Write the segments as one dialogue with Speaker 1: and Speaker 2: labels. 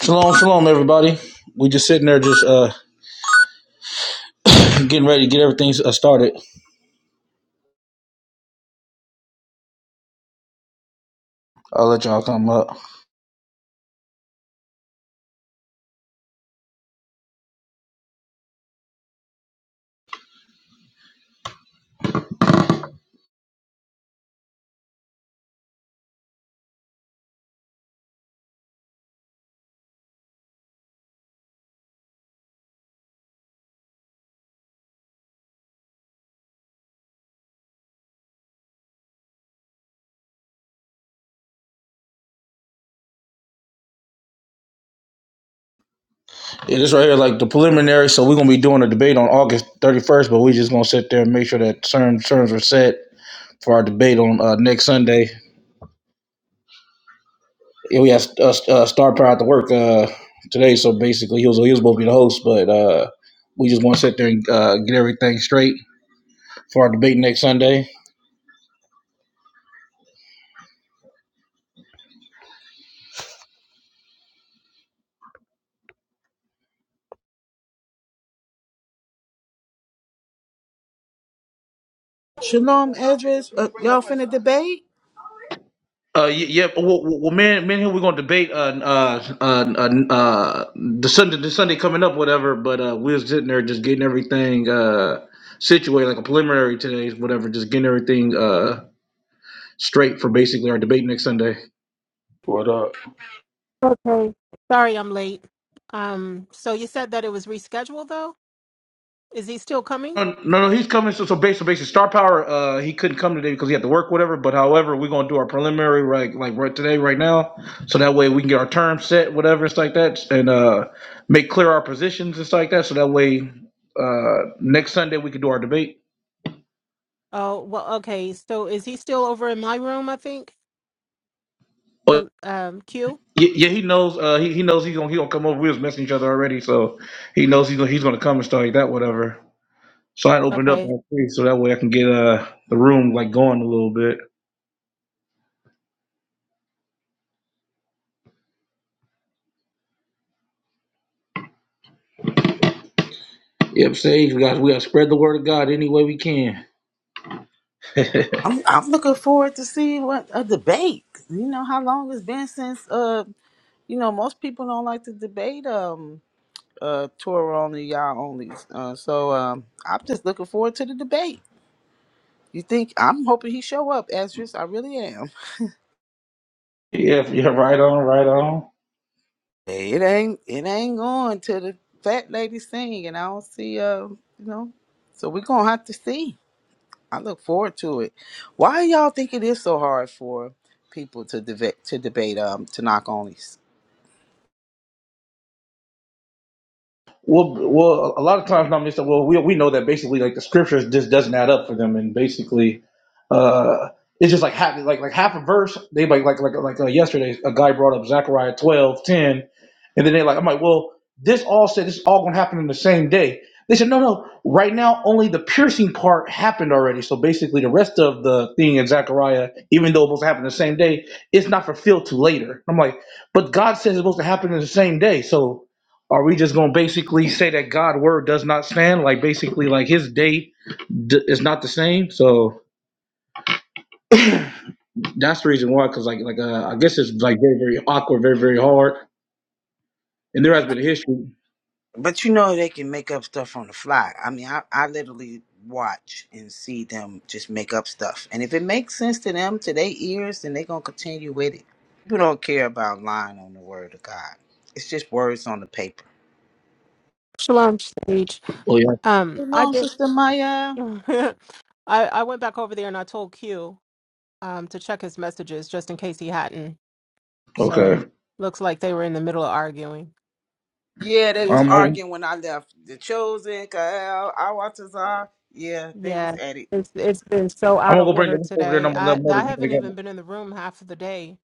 Speaker 1: Shalom, shalom, everybody. We just sitting there, just uh, getting ready to get everything uh, started. I'll let y'all come up. Yeah, this right here, like the preliminary. So we're gonna be doing a debate on August thirty first, but we just gonna sit there and make sure that certain terms are set for our debate on uh, next Sunday. Yeah, we have uh, uh, Star Power at the work uh, today, so basically he was he was supposed to be the host, but uh, we just want to sit there and uh, get everything straight for our debate next Sunday.
Speaker 2: Shalom, Edris. Uh, y'all finna debate?
Speaker 1: Uh, y- yeah. Well, well, well, man, man, here we're gonna debate uh uh uh, uh, uh the Sunday the Sunday coming up, whatever. But uh, we was sitting there just getting everything uh situated like a preliminary today, whatever. Just getting everything uh straight for basically our debate next Sunday.
Speaker 3: What up?
Speaker 4: Okay. Sorry I'm late. Um, so you said that it was rescheduled though? Is he still coming?
Speaker 1: No, no, no, he's coming. So, so based, so basically, Star Power, uh, he couldn't come today because he had to work, whatever. But however, we're gonna do our preliminary right, like right today, right now, so that way we can get our term set, whatever, it's like that, and uh, make clear our positions, it's like that. So that way, uh, next Sunday we can do our debate.
Speaker 4: Oh, well, okay. So is he still over in my room, I think?
Speaker 1: But
Speaker 4: Co- Um, Q?
Speaker 1: yeah, yeah, he knows. Uh, he, he knows he's gonna he gonna come over. We was messing each other already, so he knows he's gonna, he's gonna come and stuff like that, whatever. So I opened up
Speaker 4: Okay.
Speaker 1: that space so that way I can get uh the room like going a little bit. Yep, Sage, we got we got to spread the word of God any way we can. yeah,
Speaker 2: I'm I'm looking forward to seeing what a debate. You know how long it's been since uh you know most people don't like to debate um uh Torah only y'all only. Uh, so um I'm just looking forward to the debate. You think I'm hoping he show up, Edris? I really am.
Speaker 1: yeah, right on, right on.
Speaker 2: It ain't it ain't going to the fat lady sing, and I don't see uh you know. So we're gonna have to see. I look forward to it. Why y'all think it is so hard for people to debate to debate um to knock onlys?
Speaker 1: Well, well, a lot of times nominates say, "Well, we we know that basically like the scriptures just doesn't add up for them, and basically, uh, it's just like half like like half a verse. They like like like like uh, yesterday, a guy brought up Zechariah twelve ten, and then they like I'm like, well, this all said this all gonna happen in the same day. They said, no, no, right now only the piercing part happened already. So basically, the rest of the thing in Zechariah, even though it was happening the same day, it's not fulfilled till later. I'm like, but God says it's supposed to happen in the same day, so. Are we just gonna basically say that God word does not stand? Like basically, like His day d- is not the same. So that's the reason why. Because like like uh, I guess it's like very very awkward, very very hard. And there has been a history.
Speaker 2: But you know they can make up stuff on the fly. I mean, I, I literally watch and see them just make up stuff. And if it makes sense to them, to their ears, then they're going to continue with it. People don't care about lying on the word of God. It's just words on the paper.
Speaker 4: Shalom stage.
Speaker 1: Oh yeah.
Speaker 4: Um,
Speaker 2: You
Speaker 4: I
Speaker 2: know,
Speaker 4: did
Speaker 2: Sister Maya?
Speaker 4: I I went back over there and I told Q um to check his messages just in case he hadn't.
Speaker 1: Okay.
Speaker 4: So looks like they were in the middle of arguing.
Speaker 2: Yeah, they was
Speaker 1: Um, I'm,
Speaker 2: arguing when I left. The Chosen, Kael, Awatazar. Yeah, they was
Speaker 4: Yeah,
Speaker 2: at it.
Speaker 4: it's it's been so
Speaker 1: I'm
Speaker 4: out
Speaker 1: gonna go
Speaker 4: of
Speaker 1: bring
Speaker 4: order
Speaker 1: them over there, and I'm
Speaker 4: today.
Speaker 1: gonna let
Speaker 4: I
Speaker 1: them know
Speaker 4: I
Speaker 1: that they
Speaker 4: haven't even
Speaker 1: got.
Speaker 4: been in the room half of the day,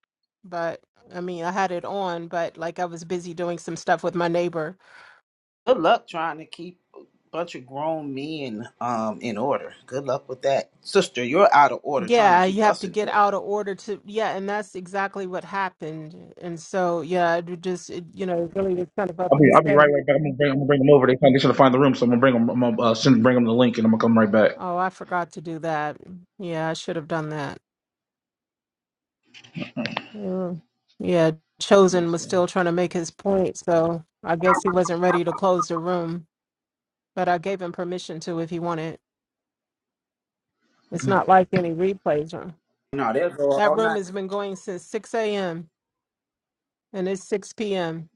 Speaker 4: but I mean, I had it on, but like I was busy doing some stuff with my neighbor.
Speaker 2: Good luck trying to keep a bunch of grown men um in order. Good luck with that. Sister, you're out of order trying to
Speaker 4: Yeah,
Speaker 2: keep
Speaker 4: you have
Speaker 2: us
Speaker 4: to
Speaker 2: in
Speaker 4: get
Speaker 2: order.
Speaker 4: out of order to yeah, and that's exactly what happened. And so yeah, it just it, you know, it really was kind of
Speaker 1: I'll be I'll be right
Speaker 4: upsetting.
Speaker 1: right back. I'm gonna bring I'm gonna bring them over. They can't they should find the room, so I'm gonna bring them. I'm gonna uh, send bring them the link, and I'm gonna come right back.
Speaker 4: Oh, I forgot to do that. Yeah, I should have done that. Mm. Yeah,
Speaker 1: Let me
Speaker 4: Chosen was
Speaker 1: see.
Speaker 4: still trying to make his point, so I guess he wasn't ready to close the room. but I gave him permission to if he wanted. It's not like any replays room.
Speaker 2: No, they'll go
Speaker 4: That
Speaker 2: all
Speaker 4: room
Speaker 2: night.
Speaker 4: has been going since 6 a.m. and it's 6 p.m.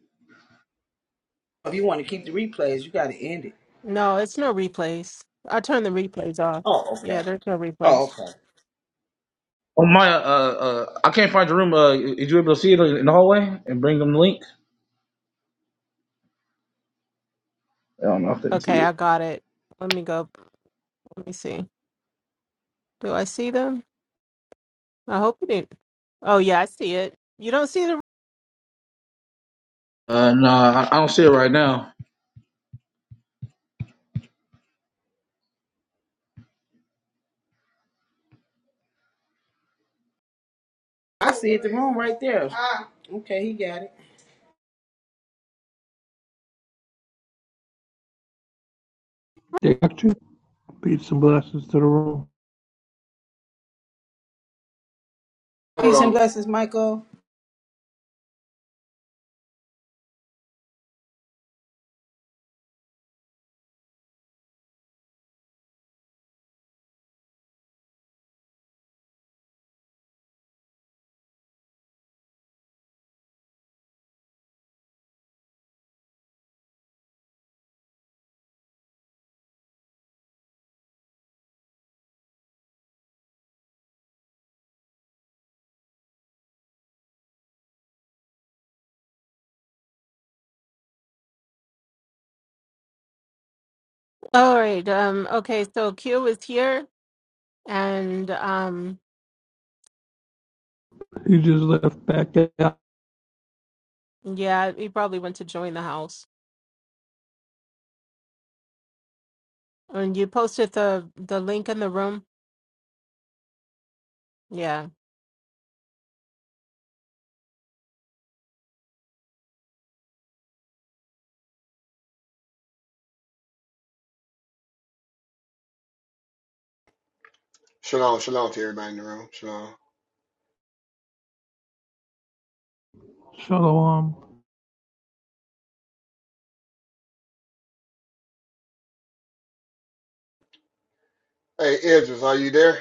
Speaker 2: If you want to keep the replays, you gotta end it.
Speaker 4: No, it's no replays. I turned the replays off.
Speaker 2: Oh,
Speaker 4: Yeah,
Speaker 2: okay.
Speaker 4: there's no
Speaker 2: Oh,
Speaker 4: replays.
Speaker 2: okay.
Speaker 1: Oh my! Uh, uh, I can't find your room. Uh, is you able to see it in the hallway and bring them the link? I don't know if they can see
Speaker 4: Okay,
Speaker 1: it.
Speaker 4: I got it. Let me go. Let me see. Do I see them? I hope you didn't. Oh yeah, I see it. You don't see the.
Speaker 1: Uh, nah, I I don't see it right now.
Speaker 2: I see it the room right there. Ah. Okay, he got it.
Speaker 5: They got you. Peace and blessings to the room.
Speaker 2: Peace and blessings, Michael.
Speaker 4: All right. Um. Okay. So Q is here, and um.
Speaker 5: You just left back out.
Speaker 4: Yeah, he probably went to join the house. And you posted the the link in the room. Yeah.
Speaker 6: Shalom, shalom to everybody in the room. Shalom.
Speaker 5: Shalom.
Speaker 6: Hey, Idris, are you there?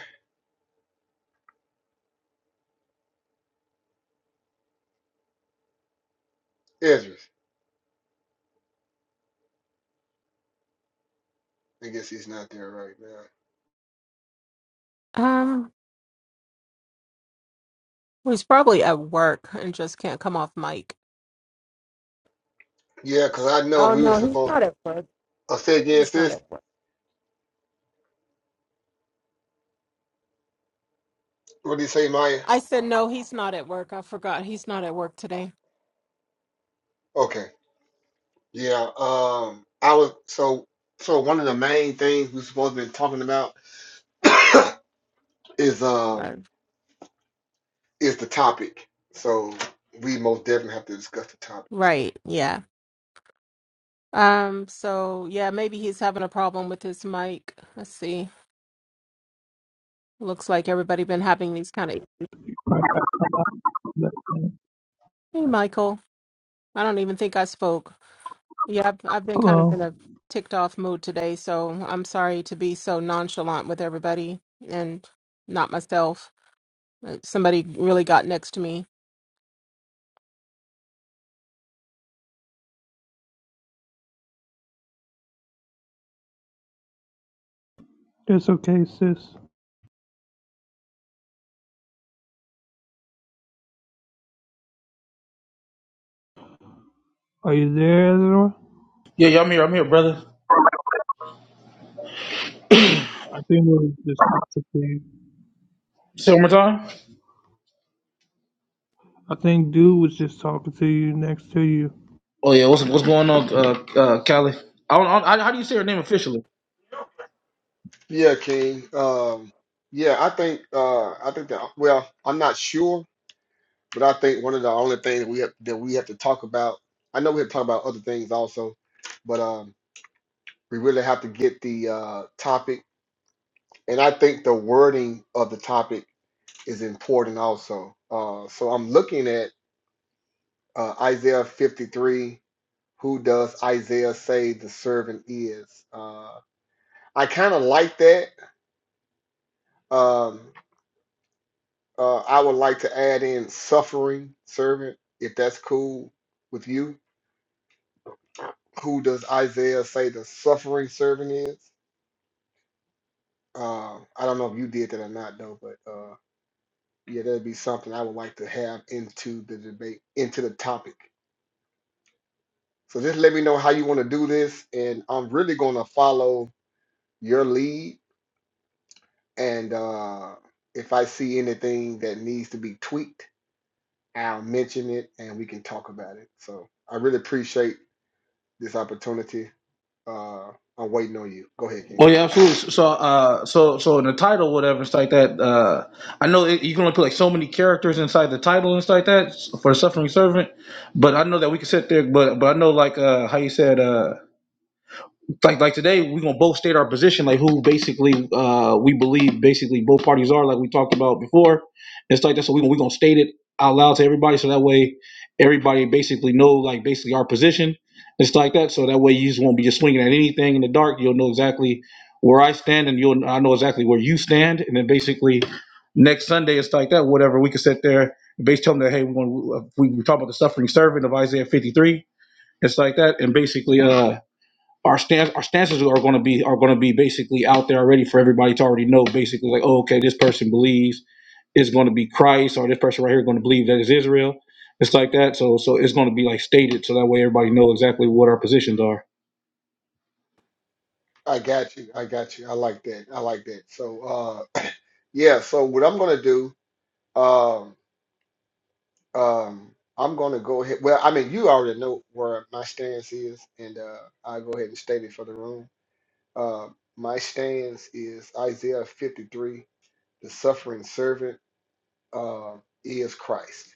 Speaker 6: Idris. I guess he's not there right now.
Speaker 4: Um, well, he's probably at work and just can't come off mic.
Speaker 6: Yeah, cause I know
Speaker 4: Oh
Speaker 6: we were
Speaker 4: no, he's
Speaker 6: supposed
Speaker 4: not at work.
Speaker 6: to say against
Speaker 4: He's not
Speaker 6: this.
Speaker 4: at work.
Speaker 6: What did you say, Maya?
Speaker 4: I said no, he's not at work. I forgot he's not at work today.
Speaker 6: Okay. Yeah. Um, I was so so one of the main things we're supposed to be talking about is um
Speaker 4: Uh,
Speaker 6: is the topic. So we most definitely have to discuss the topic. So
Speaker 4: right. Yeah. Um. So yeah, maybe he's having a problem with his mic. Let's see. Looks like everybody been having these kind of. Hey, Michael. I don't even think I spoke. Yeah, I've, I've been kind of in
Speaker 5: Hello.
Speaker 4: a ticked off mood today, so I'm sorry to be so nonchalant with everybody and not myself. Uh, Somebody really got next to me.
Speaker 5: It's okay, sis. Are you there, Ezra?
Speaker 1: Yeah, yeah, I'm here. I'm here, brother.
Speaker 5: I think we was just talking to you.
Speaker 1: Say it one more time.
Speaker 5: I think dude was just talking to you next to you.
Speaker 1: Oh yeah, what's what's going on, uh, uh, Callie? I don't, I don't- how do you say her name officially?
Speaker 6: yeah, King. Um, yeah, I think uh I think that well, I'm not sure But I think one of the only things we have, that we have to talk about, I know we have to talk about other things also, but um, we really have to get the uh, topic. And I think the wording of the topic is important also. Uh, so I'm looking at uh, Isaiah 53. Who does Isaiah say the servant is? Uh, I kind of like that. Um, uh, I would like to add in suffering servant, if that's cool with you. who does Isaiah say the suffering servant is? Uh, I don't know if you did that or not though, but uh, yeah, that'd be something I would like to have into the debate, into the topic. So just let me know how you want to do this, and I'm really going to follow your lead. And uh, if I see anything that needs to be tweaked, I'll mention it, and we can talk about it. So I really appreciate this opportunity. Uh, I'm waiting on you. Go ahead,
Speaker 1: Oh
Speaker 6: King.
Speaker 1: yeah, absolutely. So, so, uh, so, so in the title, whatever, it's like that. Uh, I know it, you can only put like so many characters inside the title and stuff like that for the suffering servant. But I know that we can sit there. But, but I know like uh, how you said. Uh, like like today we're gonna both state our position like who basically uh we believe basically both parties are like we talked about before it's like that so we're gonna, we gonna state it out loud to everybody so that way everybody basically know like basically our position it's like that so that way you just won't be just swinging at anything in the dark you'll know exactly where i stand and you'll i know exactly where you stand and then basically next sunday it's like that whatever we can sit there and basically tell them that hey we're gonna we, we talk about the suffering servant of isaiah 53 it's like that and basically uh our stance our stances are going to be are going to be basically out there already for everybody to already know basically like oh okay this person believes is going to be Christ or this person right here going to believe that is Israel it's like that so so it's going to be like stated so that way everybody know exactly what our positions are
Speaker 6: I got you. I got you. I like that. I like that. So, uh, yeah. So what I'm gonna do, um, um, I'm gonna go ahead. Well, I mean, you already know where my stance is, and uh, i go ahead and state it for the room. Uh, my stance is Isaiah 53. The suffering servant uh, is Christ.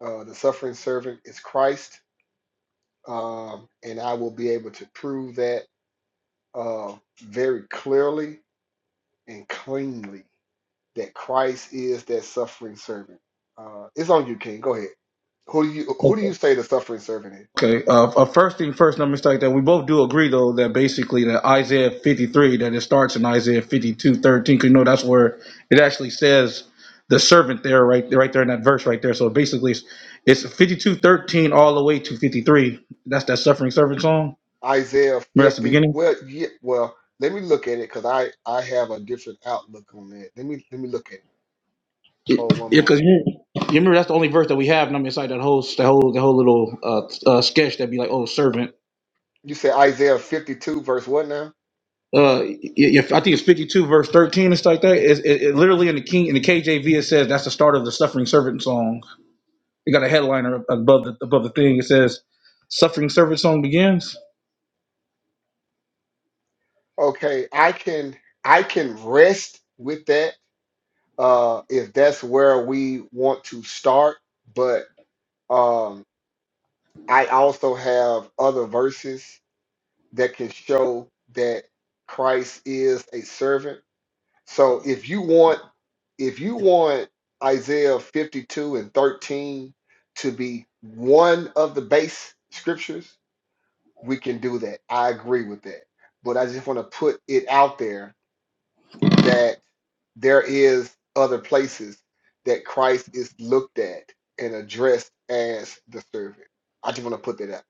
Speaker 6: Uh, the suffering servant is Christ, um, and I will be able to prove that uh, very clearly and cleanly. that Christ is that suffering servant. Uh, it's on you, King. Go ahead. Who do you who do you say the suffering servant is?
Speaker 1: Okay. Uh, uh, first thing first, let me start that we both do agree though that basically that Isaiah 53 that it starts in Isaiah 52:13. because you know that's where it actually says the servant there right right there in that verse right there. So basically it's, it's 52 thirteen all the way to 53. That's that suffering servant song.
Speaker 6: Isaiah
Speaker 1: Remember that's the
Speaker 6: fifty.
Speaker 1: beginning.
Speaker 6: Well, yeah. Well, let me look at it because I I have a different outlook on that. Let me let me look at it.
Speaker 1: Yeah,
Speaker 6: Hold one
Speaker 1: because
Speaker 6: moment.
Speaker 1: you, you remember that's the only verse that we have. And I'm inside that whole that whole that whole little uh, uh, sketch that'd be like, oh servant.
Speaker 6: You say Isaiah fifty two verse what now?
Speaker 1: uh, if I think it's 52 verse 13, it's like that. It, it, it literally in the King in the KJV it says that's the start of the Suffering Servant song. It got a headliner above the above the thing. It says Suffering Servant song begins.
Speaker 6: Okay, I can I can rest with that uh, if that's where we want to start. But um, I also have other verses that can show that Christ is a servant. So if you want if you want Isaiah 52 and 13 to be one of the base scriptures, we can do that. I agree with that. But I just want to put it out there that there is other places that Christ is looked at and addressed as the servant. I just want to put that out.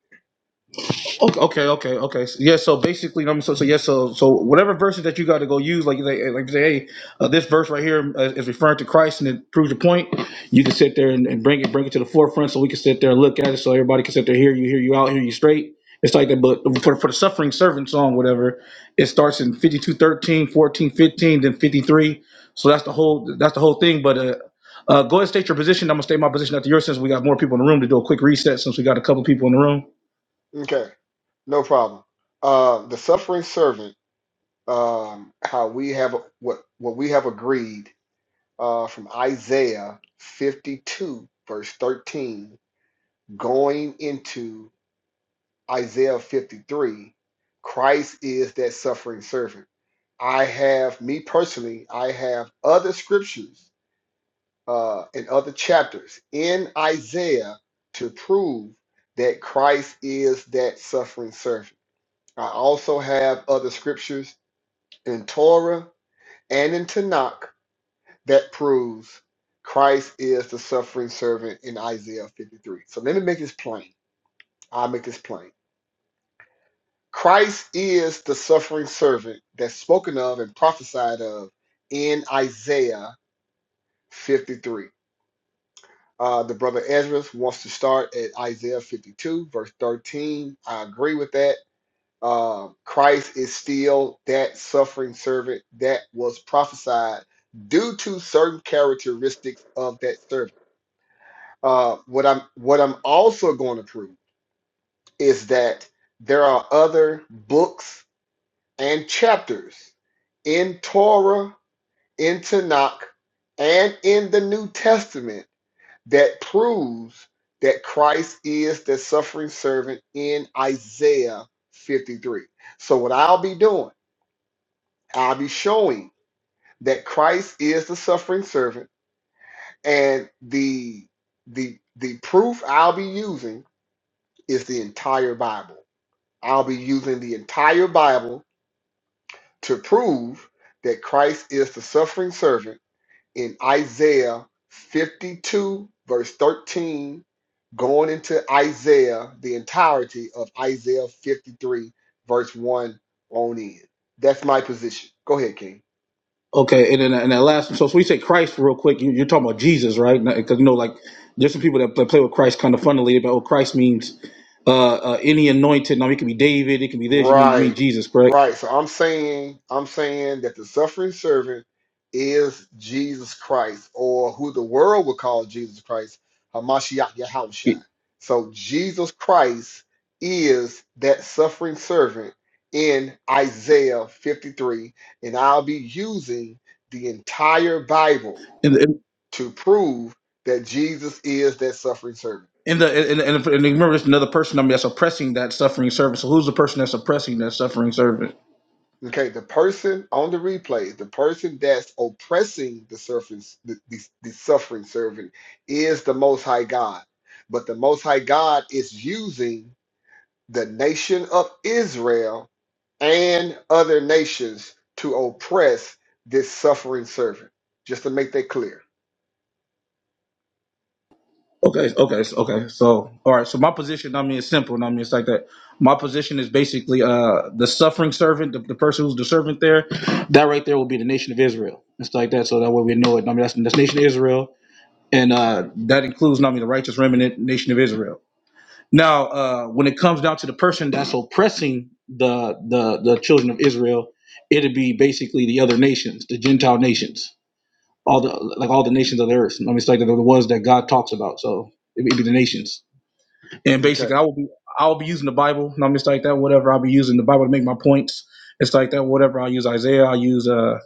Speaker 1: Okay, okay, okay, okay. So, yeah, so basically, I'm so so yes, so so whatever verses that you got to go use, like they like like, say, hey, uh, this verse right here uh, is referring to Christ and it proves your point. You can sit there and, and bring it bring it to the forefront, so we can sit there and look at it, so everybody can sit there, hear you, hear you out, hear you straight. It's like that, but for for the suffering servant song, whatever, it starts in 52, 13, 14, 15, then 53. So that's the whole that's the whole thing. But uh, uh, go ahead state your position. I'm gonna state my position after yours since we got more people in the room to do a quick reset since we got a couple people in the room.
Speaker 6: Okay, no problem. Uh, the suffering servant um, how we have what what we have agreed uh, from Isaiah 52 verse 13 going into Isaiah 53 Christ is that suffering servant I have me personally I have other scriptures uh, and other chapters in Isaiah to prove that Christ is that suffering servant I also have other scriptures in Torah and in Tanakh that proves Christ is the suffering servant in Isaiah 53. So let me make this plain. I'll make this plain. Christ is the suffering servant that's spoken of and prophesied of in Isaiah 53. Uh, the brother Ezra wants to start at Isaiah 52, verse 13. I agree with that. Uh, Christ is still that suffering servant that was prophesied due to certain characteristics of that servant. Uh, what I'm what I'm also going to prove is that there are other books and chapters in Torah, in Tanakh, and in the New Testament that proves that Christ is the suffering servant in Isaiah 53. So what I'll be doing, I'll be showing that Christ is the suffering servant, and the the the proof I'll be using is the entire Bible. I'll be using the entire Bible to prove that Christ is the suffering servant in Isaiah 52, verse 13, going into Isaiah, the entirety of Isaiah 53, verse 1 on in. That's my position. Go ahead, King.
Speaker 1: Okay, and then and that last. So, so we say Christ real quick. You, you're talking about Jesus, right? Because you know, like there's some people that play, play with Christ kind of funnily about what Christ means. Uh, uh, any anointed. Now it can be David. It can be this. You mean you mean
Speaker 6: Right,
Speaker 1: Jesus, correct?
Speaker 6: right. So I'm saying, I'm saying that the suffering servant is Jesus Christ, or who the world would call Jesus Christ, Hamashiach Yahushua.
Speaker 1: And
Speaker 6: So Jesus Christ is that suffering servant in Isaiah 53, and I'll be using the entire Bible
Speaker 1: and
Speaker 6: to prove that Jesus is that suffering servant.
Speaker 1: and the, and, and, and remember, there's another person. I mean, that's oppressing that suffering servant. So who's the person that's oppressing that suffering servant?
Speaker 6: Okay, the person on the replay, the person that's oppressing the suffering, the, the, the suffering servant, is the Most High God. But the Most High God is using the nation of Israel and other nations to oppress this suffering servant, just to make that clear.
Speaker 1: Okay, okay, so- okay. So, all right. So my position, I mean, it's simple. and I mean, it's like that. My position is basically uh the suffering servant, the, the person who's the servant there. That right there will be the nation of Israel. It's like that. So that way we know it. I mean, that's the nation of Israel, and uh that includes, I mean, the righteous remnant nation of Israel. Now, uh when it comes down to the person that's oppressing the the the children of Israel, it'd be basically the other nations, the Gentile nations all the like all the nations of the earth. I mean, it's like the, the ones that God talks about. So it would be the nations. And
Speaker 6: Okay,
Speaker 1: basically, I will be I will be using the Bible. i mean, just like that. Whatever I'll be using the Bible to make my points. It's like that. Whatever I use Isaiah, I use uh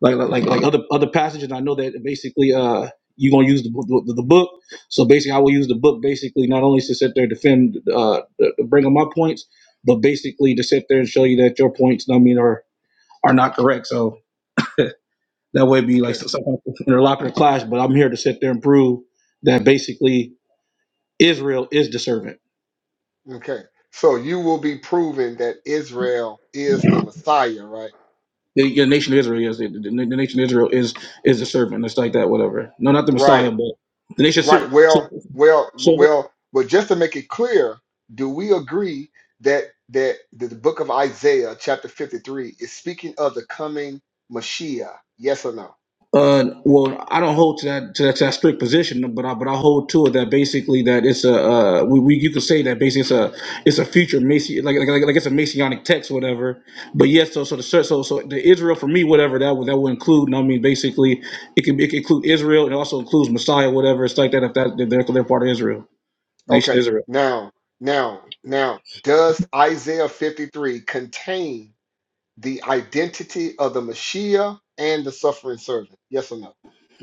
Speaker 1: like like like, like other other passages. I know that basically uh you're gonna use the, the the book. So basically, I will use the book basically not only to sit there and defend uh to bring up my points, but basically to sit there and show you that your points. I mean are are not correct. So that way, it'd be like
Speaker 6: okay,
Speaker 1: some kind of interlocutor clash. But I'm here to sit there and prove that basically Israel is the servant.
Speaker 6: okay. So you will be proving that Israel is the Messiah, right?
Speaker 1: The, the nation of Israel, yes, the, the, the nation of Israel is is the servant. It's like that, whatever. No, not the
Speaker 6: Right.
Speaker 1: Messiah, but the nation. of Sy-
Speaker 6: Right. Well,
Speaker 1: So,
Speaker 6: well,
Speaker 1: so
Speaker 6: well, well, just to make it clear, do we agree that that the the book of Isaiah, chapter 53, is speaking of the coming Mashiach? Yes or no?
Speaker 1: Uh, well, I don't hold to that to that, to that strict position, but I but I hold to it that basically that it's a uh, we, we you could say that basically it's a it's a future Mason like, like like like it's a Masonic text or whatever. But yes, so so the cer- so so the Israel for me whatever that would that would include. And I mean basically it can, it can include Israel and it also includes Messiah whatever it's like that if that if they're, they're part of Israel nation
Speaker 6: Okay.
Speaker 1: Israel.
Speaker 6: Now, now, now, does Isaiah 53 contain the identity of the Mashiach and the suffering servant? Yes or no?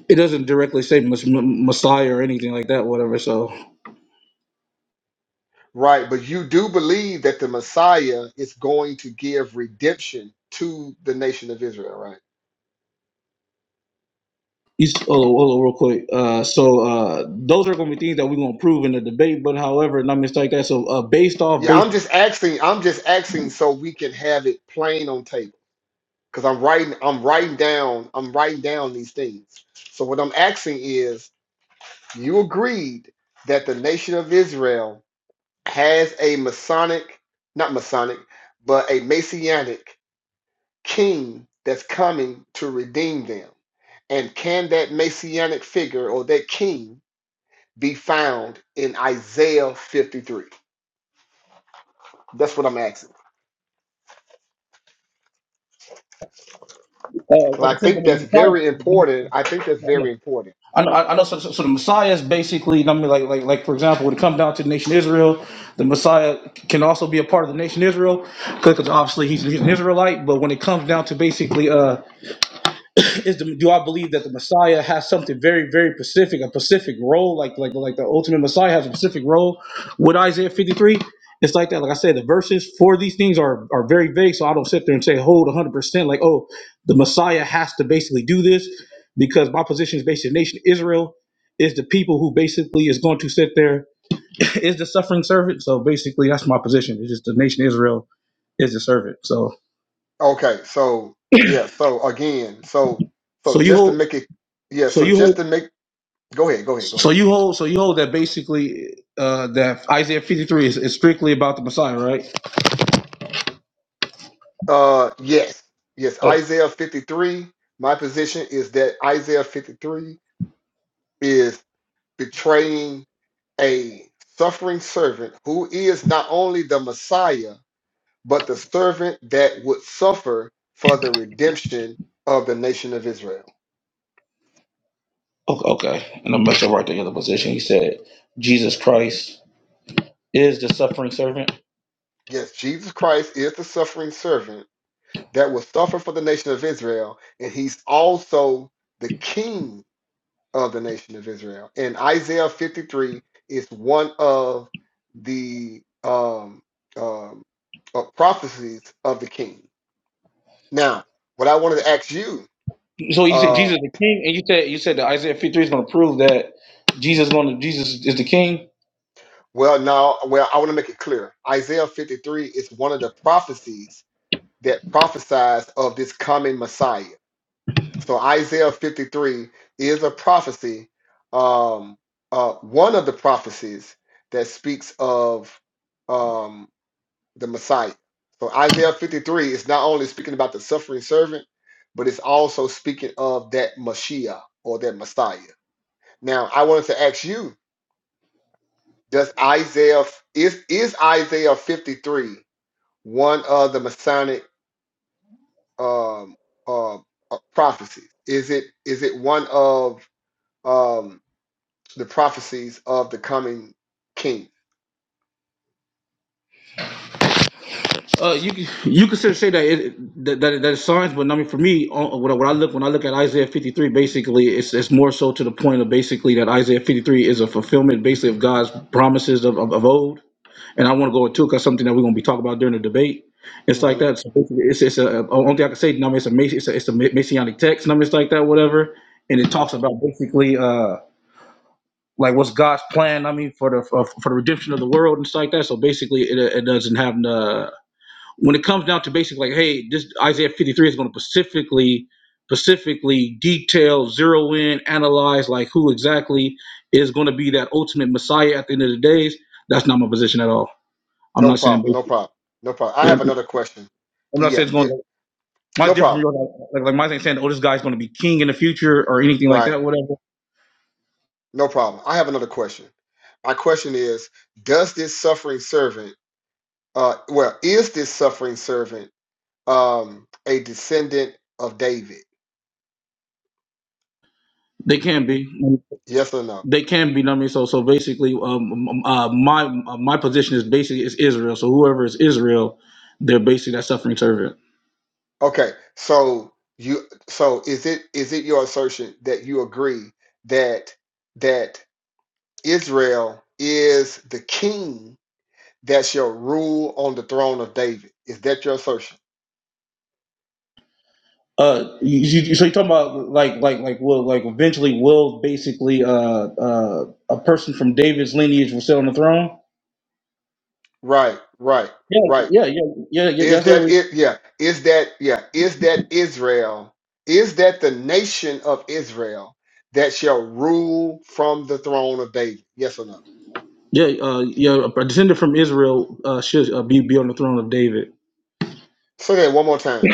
Speaker 1: It doesn't directly say Mes- M- Messiah or anything like that whatever. So
Speaker 6: Right, but you do believe that the Messiah is going to give redemption to the nation of Israel, right?
Speaker 1: You, oh, hold real quick. Uh, so uh, those are going to be things that we're going to prove in the debate. But however, not mistake that. So uh, based off
Speaker 6: Yeah,
Speaker 1: based,
Speaker 6: I'm just asking. I'm just asking so we can have it plain on table. Cause I'm writing. I'm writing down. I'm writing down these things. So what I'm asking is, you agreed that the nation of Israel has a Masonic, not Masonic, but a Messianic king that's coming to redeem them. And can that Messianic figure or that king be found in Isaiah 53? That's what I'm asking.
Speaker 1: uh, like
Speaker 6: Because
Speaker 1: I
Speaker 6: I
Speaker 1: said, I
Speaker 6: think that's
Speaker 1: mean,
Speaker 6: very
Speaker 1: the
Speaker 6: important. I think that's
Speaker 1: Messiah.
Speaker 6: very important.
Speaker 1: I know, I know. So, so so the Messiah is basically, I mean, like, like, like, for example, when it comes down to the nation Israel, the Messiah can also be a part of the nation Israel because obviously he's, he's an Israelite. But when it comes down to basically, uh, is the, do I believe that the Messiah has something very, very specific, a specific role, like like like the ultimate Messiah has a specific role with Isaiah 53? It's like that. Like I said, the verses for these things are are very vague, so I don't sit there and say hold 100 percent. Like, oh, the Messiah has to basically do this because my position is based in the nation Israel is the people who basically is going to sit there is the suffering servant. So basically, that's my position. It's just the nation Israel is the servant. So
Speaker 6: Okay, so yeah, so again, so so
Speaker 1: so you
Speaker 6: just to
Speaker 1: hold
Speaker 6: make it, yeah,
Speaker 1: so
Speaker 6: so
Speaker 1: you
Speaker 6: just
Speaker 1: hold
Speaker 6: to make, go ahead, go ahead, go
Speaker 1: So
Speaker 6: ahead.
Speaker 1: you hold so you hold that basically uh, that Isaiah 53 is, is strictly about the Messiah, right?
Speaker 6: Uh, yes, yes, Isaiah 53. My position is that Isaiah 53 is betraying a suffering servant who is not only the Messiah, but the servant that would suffer for the redemption of the nation of Israel.
Speaker 1: Okay, okay. and I'm not sure right there in the other position. He said Jesus Christ is the suffering servant.
Speaker 6: Yes, Jesus Christ is the suffering servant that will suffer for the nation of Israel, and he's also the king of the nation of Israel. And Isaiah 53 is one of the um, um, uh, prophecies of the king. Now, what I wanted to ask you,
Speaker 1: So you said
Speaker 6: uh,
Speaker 1: Jesus is the King, and you said you said that Isaiah 53 is going to prove that Jesus going to Jesus is the King.
Speaker 6: well, now, well, I want to make it clear. Isaiah 53 is one of the prophecies that prophesies of this coming Messiah. so Isaiah 53 is a prophecy, um, uh, one of the prophecies that speaks of um, the Messiah. So Isaiah 53 is not only speaking about the suffering servant, but it's also speaking of that Mashiach or that Messiah. Now, I wanted to ask you: Does Isaiah is is Isaiah 53 one of the Masonic um, uh, uh, prophecies? Is it is it one of um, the prophecies of the coming king.
Speaker 1: Uh, you can- you consider say that it, that that, that it's signs, but I mean for me, uh, when I, when I look when I look at Isaiah 53, basically it's it's more so to the point of basically that Isaiah 53 is a fulfillment basically of God's promises of of, of old and I want to go into it because something that we're going to be talking about during the debate. It's like
Speaker 6: hmm
Speaker 1: that. So basically, it's it's a a- only thing I can say. No, it's a mas- it's a, it's a ma- messianic text. No, it's like that, whatever. And it
Speaker 6: hmm
Speaker 1: talks about basically uh like what's God's plan. I mean for the for, for the redemption of the world and stuff like that. So basically, it, it doesn't have the when it comes down to basically like hey, this Isaiah 53 is going to specifically specifically detail, zero in, analyze like who exactly is going to be that ultimate Messiah at the end of the days. That's not my position at all. I'm
Speaker 6: No
Speaker 1: not saying
Speaker 6: problem. No problem. No problem. I
Speaker 1: you
Speaker 6: have
Speaker 1: know,
Speaker 6: another question.
Speaker 1: I'm not
Speaker 6: Yeah,
Speaker 1: saying it's going
Speaker 6: it,
Speaker 1: to.
Speaker 6: no
Speaker 1: Mine's different from
Speaker 6: problem.
Speaker 1: yours. Like, like mine's ain't saying, oh, this guy's going to be king in the future or anything like
Speaker 6: Right.
Speaker 1: that. Whatever.
Speaker 6: No problem. I have another question. My question is: Does this suffering servant, uh, well, is this suffering servant um, a descendant of David?
Speaker 1: They can be.
Speaker 6: Yes or no?
Speaker 1: They can be. know what I mean, so so basically, um, um, uh, my uh, my position is basically is Israel. So whoever is Israel, they're basically that suffering servant.
Speaker 6: Okay. So you, so is it is it your assertion that you agree that that Israel is the king? that shall rule on the throne of David. Is that your assertion?
Speaker 1: Uh, you, you, so you're talking about like like like will like eventually will basically uh uh a person from David's lineage will sit on the throne.
Speaker 6: Right, right,
Speaker 1: Yeah,
Speaker 6: right.
Speaker 1: yeah, yeah, yeah, yeah.
Speaker 6: Is
Speaker 1: That's literally
Speaker 6: that it? Yeah. Is that, yeah. Is that Israel? Is that the nation of Israel that shall rule from the throne of David? Yes or no?
Speaker 1: Yeah, uh, yeah, a descendant from Israel uh, should uh, be, be on the throne of David.
Speaker 6: So then one more time.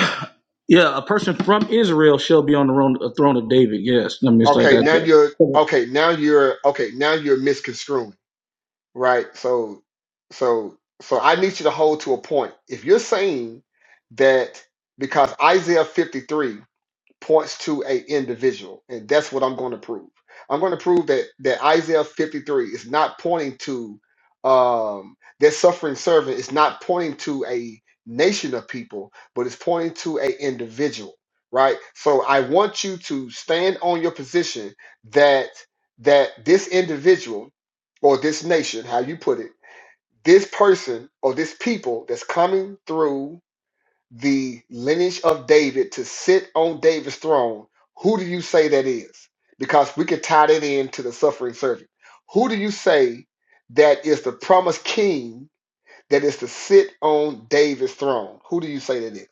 Speaker 1: Yeah, a person from Israel shall be on the throne, uh, throne of David. Yes, I mean it's like
Speaker 6: Okay, now
Speaker 1: that.
Speaker 6: you're okay, now you're okay, now you're misconstruing, right? So so so I need you to hold to a point. If you're saying that because Isaiah 53 points to a individual and that's what i'm going to prove i'm going to prove that that isaiah 53 is not pointing to um that suffering servant is not pointing to a nation of people but it's pointing to a individual right so i want you to stand on your position that that this individual or this nation how you put it this person or this people that's coming through the lineage of David to sit on David's throne, who do you say that is? Because we can tie that in to the suffering servant. Who do you say that is the promised king that is to sit on David's throne? Who do you say that is?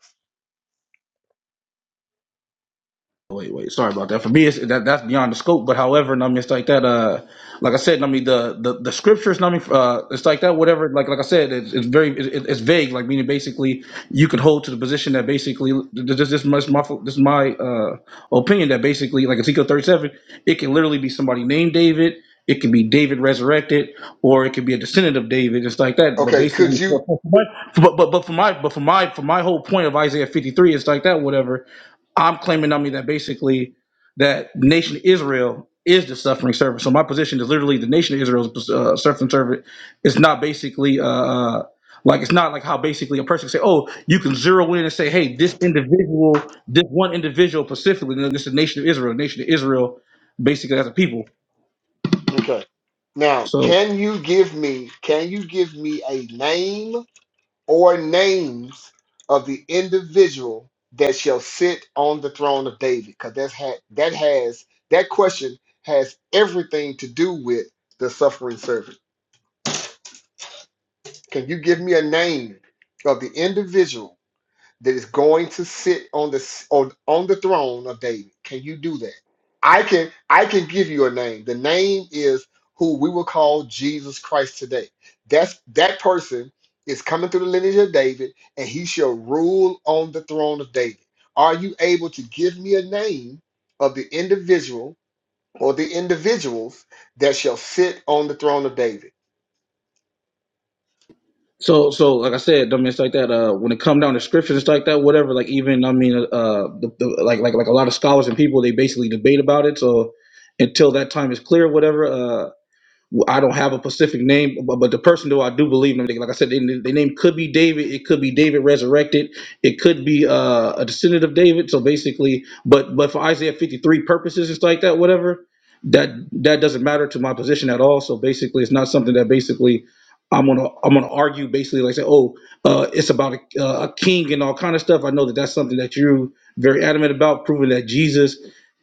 Speaker 1: Wait, wait. Sorry about that. For me, it's, that that's beyond the scope. But however, I mean, it's like that. Uh, like I said, I mean, the the, the scriptures, I mean, uh, it's like that. Whatever. Like like I said, it's, it's very it, it's vague. Like meaning, basically, you could hold to the position that basically this this this is my this is my uh opinion that basically, like Ezekiel thirty seven, it can literally be somebody named David. It can be David resurrected, or it could be a descendant of David, just like that. But
Speaker 6: Okay, could
Speaker 1: basically,
Speaker 6: you
Speaker 1: but but but for my but for my but for my for my whole point of Isaiah fifty three, it's like that. Whatever I'm claiming on me that basically that nation Israel is the suffering servant. So my position is literally the nation of Israel is uh, suffering servant. It's not basically uh, uh, like it's not like how basically a person can say, oh, you can zero in and say, hey, this individual, this one individual specifically, and then this is the nation of Israel, nation of Israel, basically as a people.
Speaker 6: okay. Now,
Speaker 1: So.
Speaker 6: can you give me can you give me a name or names of the individual that shall sit on the throne of David, because that's ha- that has that question has everything to do with the suffering servant. Can you give me a name of the individual? that is going to sit on the on, on the throne of David. Can you do that? I can I can give you a name. The name is who we will call Jesus Christ today. That's that person is coming through the lineage of David and he shall rule on the throne of David. Are you able to give me a name of the individual or the individuals that shall sit on the throne of David?
Speaker 1: So, so like I said, I mean, it's like that. Uh, when it come down to scriptures, it's like that. Whatever, like even I mean, uh, the, the, like like like a lot of scholars and people, they basically debate about it. So, until that time is clear, whatever. Uh. Well, I don't have a specific name, but, but the person though I do believe in, like I said, the, the name could be David. It could be David resurrected. It could be uh, a descendant of David. So basically, but but for Isaiah 53 purposes it's like that, whatever, that that doesn't matter to my position at all. So basically, it's not something that basically I'm gonna I'm gonna argue basically like say, oh, uh, it's about a, uh, a king and all kind of stuff. I know that that's something that you're very adamant about, proving that Jesus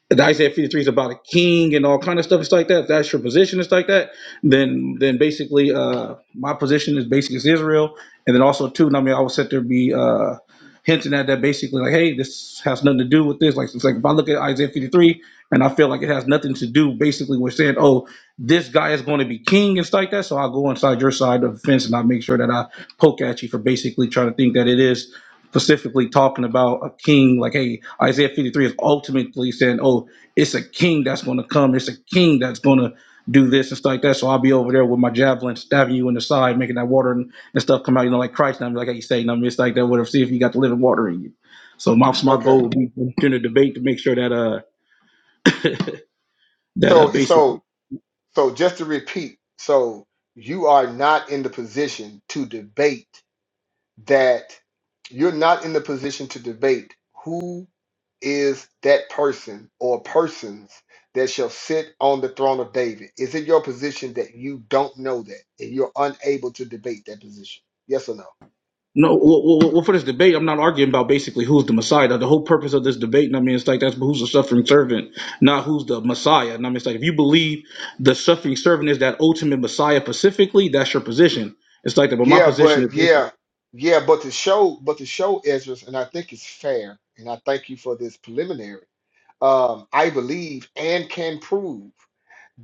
Speaker 1: the Isaiah 53 is about a king and all kind of stuff. It's like that. If that's your position, it's like that. Then, then basically, uh, my position is basically is Israel. And then also too, and I mean, I would sit there and be, uh, hinting at that basically like, hey, this has nothing to do with this. Like it's like if I look at Isaiah 53 and I feel like it has nothing to do, basically we're saying, oh, this guy is going to be king and stuff like that. So I'll go inside your side of the fence and I'll make sure that I poke at you for basically trying to think that it is specifically talking about a king. Like, hey, Isaiah 53 is ultimately saying, oh, it's a king that's going to come. It's a king that's going to do this and stuff like that. So I'll be over there with my javelin stabbing you in the side, making that water and stuff come out, you know, like Christ, and I'm like I say, and I'm just like that, whatever, see if you got the living water in you. So my, so my goal
Speaker 6: Okay.
Speaker 1: would be during the debate to make sure that, uh, that, uh,
Speaker 6: So if so
Speaker 1: basically,
Speaker 6: So just to repeat, so you are not in the position to debate that you're not in the position to debate who is that person or persons that shall sit on the throne of David. Is it your position that you don't know that and you're unable to debate that position? Yes or no?
Speaker 1: no, well, well, well, well, for this debate, I'm not arguing about basically who's the Messiah. The whole purpose of this debate, and I mean, it's like that's who's the suffering servant, not who's the Messiah. And I mean, it's like if you believe the suffering servant is that ultimate Messiah specifically, that's your position. It's like that, but my
Speaker 6: Yeah,
Speaker 1: position
Speaker 6: but
Speaker 1: is
Speaker 6: yeah, yeah, but to show but to show Ezra, and I think it's fair, and I thank you for this preliminary Um, I believe and can prove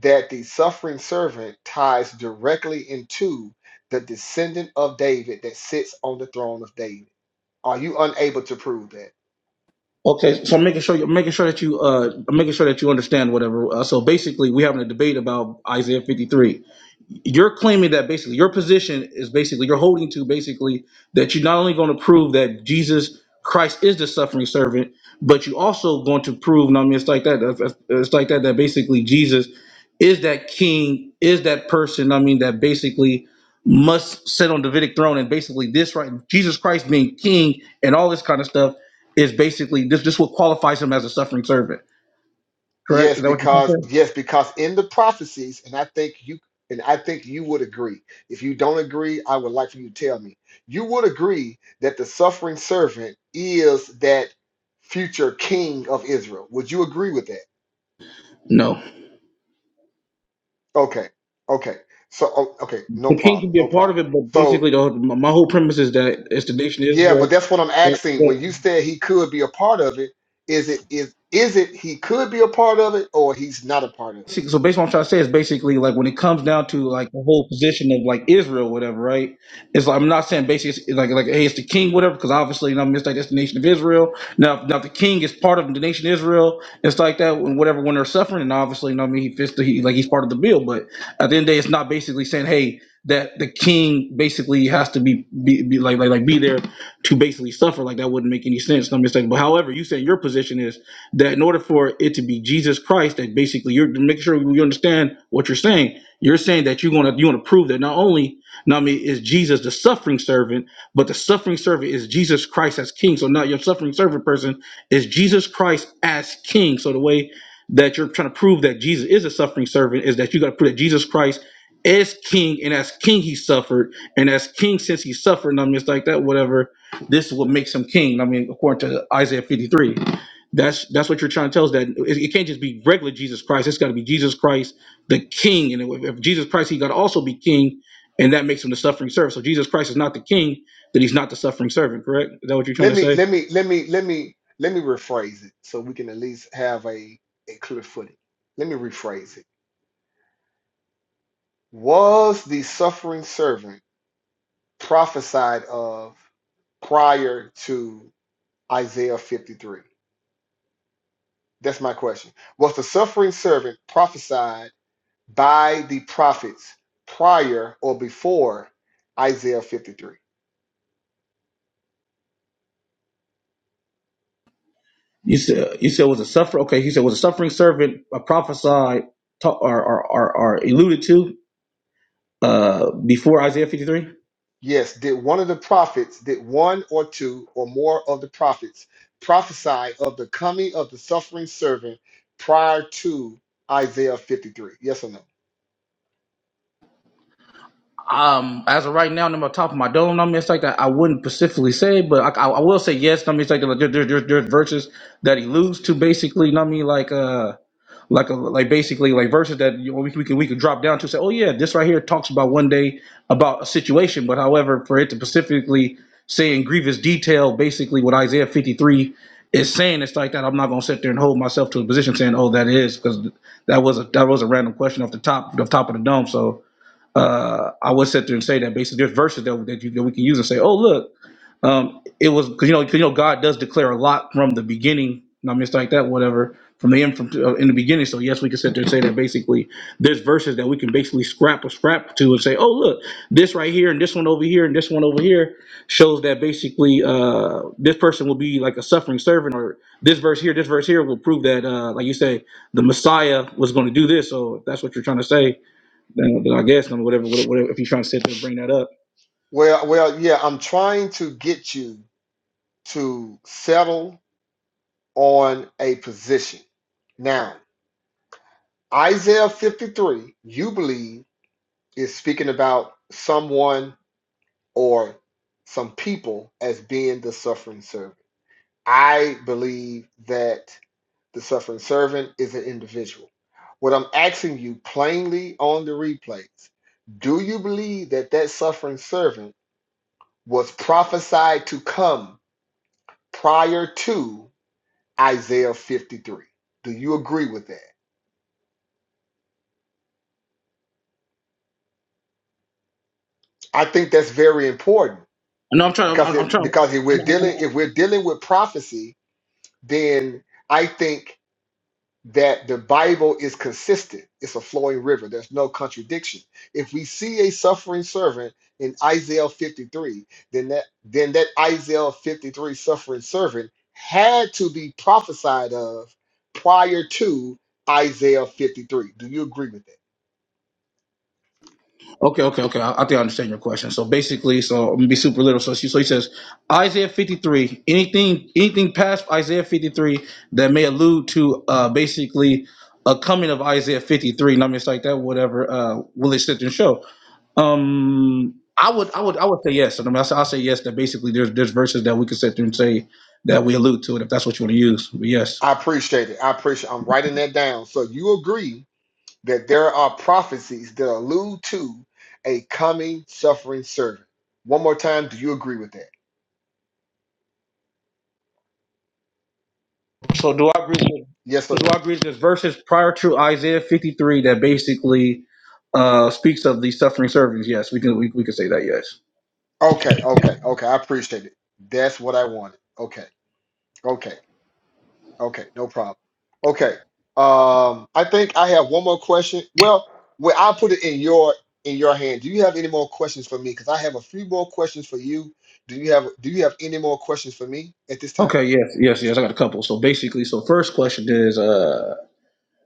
Speaker 6: that the suffering servant ties directly into the descendant of David that sits on the throne of David. Are you unable to prove that?
Speaker 1: Okay, so I'm making sure you're making sure that you uh I'm making sure that you understand whatever. Uh, so basically, we having a debate about Isaiah 53. you're claiming that basically your position is basically you're holding to basically that you're not only going to prove that Jesus Christ is the suffering servant, but you also going to prove. And I mean, it's like that. It's it's like that. That basically Jesus is that king, is that person. I mean, that basically must sit on Davidic throne, and basically this right, Jesus Christ being king and all this kind of stuff is basically this. This what qualifies him as a suffering servant. Correct?
Speaker 6: Yes,
Speaker 1: Is that what you're
Speaker 6: because
Speaker 1: saying?
Speaker 6: yes, because in the prophecies, and I think you and I think you would agree. If you don't agree, I would like for you to tell me. You would agree that the suffering servant is that future king of Israel. Would you agree with that?
Speaker 1: No.
Speaker 6: Okay. Okay. So, oh, okay, no
Speaker 1: the king can
Speaker 6: problem,
Speaker 1: be
Speaker 6: no
Speaker 1: a part
Speaker 6: problem.
Speaker 1: of it, but
Speaker 6: So,
Speaker 1: basically, the, my whole premise is that it's the nation of
Speaker 6: yeah, but
Speaker 1: Israel.
Speaker 6: that's what I'm
Speaker 1: Don't,
Speaker 6: asking.
Speaker 1: don't
Speaker 6: When you said he could be a part of it, is it is is it he could be a part of it or he's not a part of it?
Speaker 1: so basically what I'm trying to say is basically like when it comes down to like the whole position of like Israel, whatever, right? It's like I'm not saying basically it's like like hey, it's the king, whatever, because obviously you know, it's like that's the nation of Israel. Now, if- now if the king is part of the nation of Israel. It's like that when whatever when they're suffering, and obviously you know what I mean he fits the he, like he's part of the bill. But at the end of the day, it's not basically saying hey that the king basically has to be be, be like, like like be there to basically suffer. Like that wouldn't make any sense. No mistake. But however, you said your position is that in order for it to be Jesus Christ, that basically you're to make sure you understand what you're saying. You're saying that you want to you want to prove that not only not only is Jesus the suffering servant, but the suffering servant is Jesus Christ as King. So now your suffering servant person is Jesus Christ as King. So the way that you're trying to prove that Jesus is a suffering servant is that you got to prove that Jesus Christ is King, and as King he suffered, and as King since he suffered. And I mean, it's like that. Whatever. This is what makes him King. I mean, according to Isaiah 53. That's that's what you're trying to tell us that it, it can't just be regular Jesus Christ. It's got to be Jesus Christ, the King. And if, if Jesus Christ, he got to also be King, and that makes him the suffering servant. So Jesus Christ is not the King, then he's not the suffering servant. Correct? Is that what you're trying
Speaker 6: Let
Speaker 1: to
Speaker 6: me
Speaker 1: say?
Speaker 6: let me let me let me let me rephrase it so we can at least have a a clear footing. Let me rephrase it. Was the suffering servant prophesied of prior to Isaiah 53? That's my question. Was the suffering servant prophesied? by the prophets prior or before Isaiah 53.
Speaker 1: You said you said was a suffer. Okay, he said was a suffering servant, a prophesied ta- or, or, or, or alluded to uh, before Isaiah 53.
Speaker 6: Yes, did one of the prophets, did one or two or more of the prophets prophesy of the coming of the suffering servant prior to Isaiah 53? Yes or no?
Speaker 1: Um, as of right now, number top of my dome, I mean, it's like that. I wouldn't specifically say, but I, I, I will say yes. I mean, it's like like, there, there, there, there's verses that he alludes to, basically. I mean, like uh, like a, like basically like verses that you know, we can, we can we can drop down to say, oh yeah, this right here talks about one day about a situation, but however, for it to specifically say in grievous detail, basically what Isaiah 53 is saying, it's like that. I'm not gonna sit there and hold myself to a position saying, oh, that is because that was a that was a random question off the top off the top of the dome, so uh, I would sit there and say that basically there's verses that, that, you, that we can use and say, oh look, um, it was because you know 'cause, you know God does declare a lot from the beginning, I mean it's like that, whatever, from the end from uh, in the beginning. So yes, we can sit there and say that basically there's verses that we can basically scrap or scrap to and say, oh look, this right here and this one over here and this one over here shows that basically uh, this person will be like a suffering servant, or this verse here, this verse here will prove that, uh, like you say, the Messiah was going to do this. So if that's what you're trying to say then, then I guess and whatever, whatever, whatever, if you're trying to sit there and bring that up.
Speaker 6: Well, well, yeah, I'm trying to get you to settle on a position. Now, Isaiah 53, you believe, is speaking about someone or some people as being the suffering servant. I believe that the suffering servant is an individual. What I'm asking you plainly on the replays do you believe that that suffering servant was prophesied to come prior to Isaiah 53? Do you agree with that? I think that's very important
Speaker 1: No, I'm trying.
Speaker 6: because
Speaker 1: I'm, I'm
Speaker 6: it,
Speaker 1: trying.
Speaker 6: because if
Speaker 1: I'm-
Speaker 6: we're dealing
Speaker 1: I'm-
Speaker 6: if we're dealing with prophecy, then I think that the Bible is consistent. It's a flowing river. There's no contradiction. If we see a suffering servant in Isaiah 53, then that then that Isaiah 53 suffering servant had to be prophesied of prior to Isaiah 53. Do you agree with that?
Speaker 1: Okay, okay, okay. I, I think I understand your question. So basically, so I'm gonna be super little. So she, so he says Isaiah 53. Anything, anything past Isaiah 53 that may allude to uh basically a coming of Isaiah 53. And I'm just like that. Whatever. Uh, will it sit there and show? Um, I would, I would, I would say yes. I mean, I say, I'll say yes. That basically, there's there's verses that we could sit there and say that we allude to it if that's what you want to use. But yes.
Speaker 6: I appreciate it. I appreciate I'm writing that down. So you agree that there are prophecies that allude to a coming suffering servant. One more time, do you agree with that?
Speaker 1: So do I agree with
Speaker 6: Yes
Speaker 1: so
Speaker 6: or
Speaker 1: do
Speaker 6: no?
Speaker 1: I agree with this verses prior to Isaiah 53 that basically uh speaks of the suffering servants? Yes, we can we, we can say that, yes.
Speaker 6: Okay, okay, okay. I appreciate it. That's what I wanted. Okay, okay, okay. No problem. Okay. Um, I think I have one more question. Well, well, I'll put it in your in your hand. Do you have any more questions for me? Because I have a few more questions for you. Do you have Do you have any more questions for me at this time?
Speaker 1: Okay, yes, yes, yes. I got a couple. So basically, so first question is uh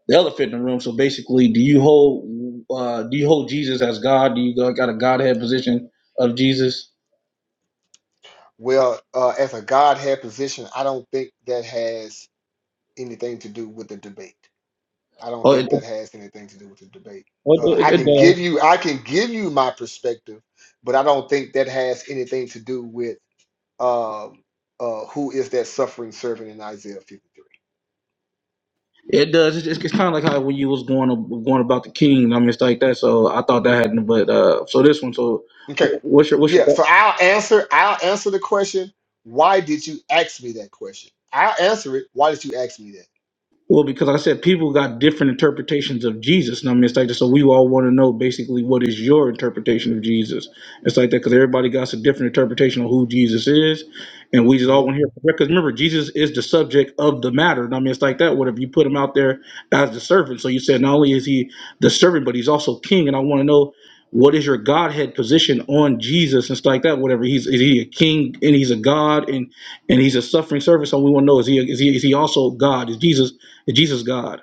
Speaker 1: the elephant in the room. So basically, do you hold uh do you hold Jesus as God? Do you got got a Godhead position of Jesus?
Speaker 6: Well, uh, as a Godhead position, I don't think that has anything to do with the debate. I don't
Speaker 1: Oh, it,
Speaker 6: think that has anything to do with the debate. Uh,
Speaker 1: it, it,
Speaker 6: I
Speaker 1: it
Speaker 6: can give
Speaker 1: does.
Speaker 6: you, I can give you my perspective, but I don't think that has anything to do with um, uh, who is that suffering servant in Isaiah 53.
Speaker 1: It does. It's, it's kind of like how when you was going going about the king. I mean, it's like that. So I thought that hadn't. But uh, so this one. So
Speaker 6: Okay,
Speaker 1: what's your what's your
Speaker 6: yeah. So I'll answer, I'll answer the question. Why did you ask me that question? I'll answer it. Why did you ask me that?
Speaker 1: Well, because I said people got different interpretations of Jesus. And I mean, it's like that. So we all want to know basically what is your interpretation of Jesus. It's like that because everybody got a different interpretation of who Jesus is. And we just
Speaker 6: Mm-hmm.
Speaker 1: all want to hear. Because remember, Jesus is the subject of the matter. And I mean, it's like that. What if you put him out there as the servant? So you said not only is he the servant, but he's also king. And I want to know what is your Godhead position on Jesus and stuff like that. Whatever he's is he a king and he's a God and and he's a suffering servant. So we want to know is he is he is he also God? Is Jesus Jesus God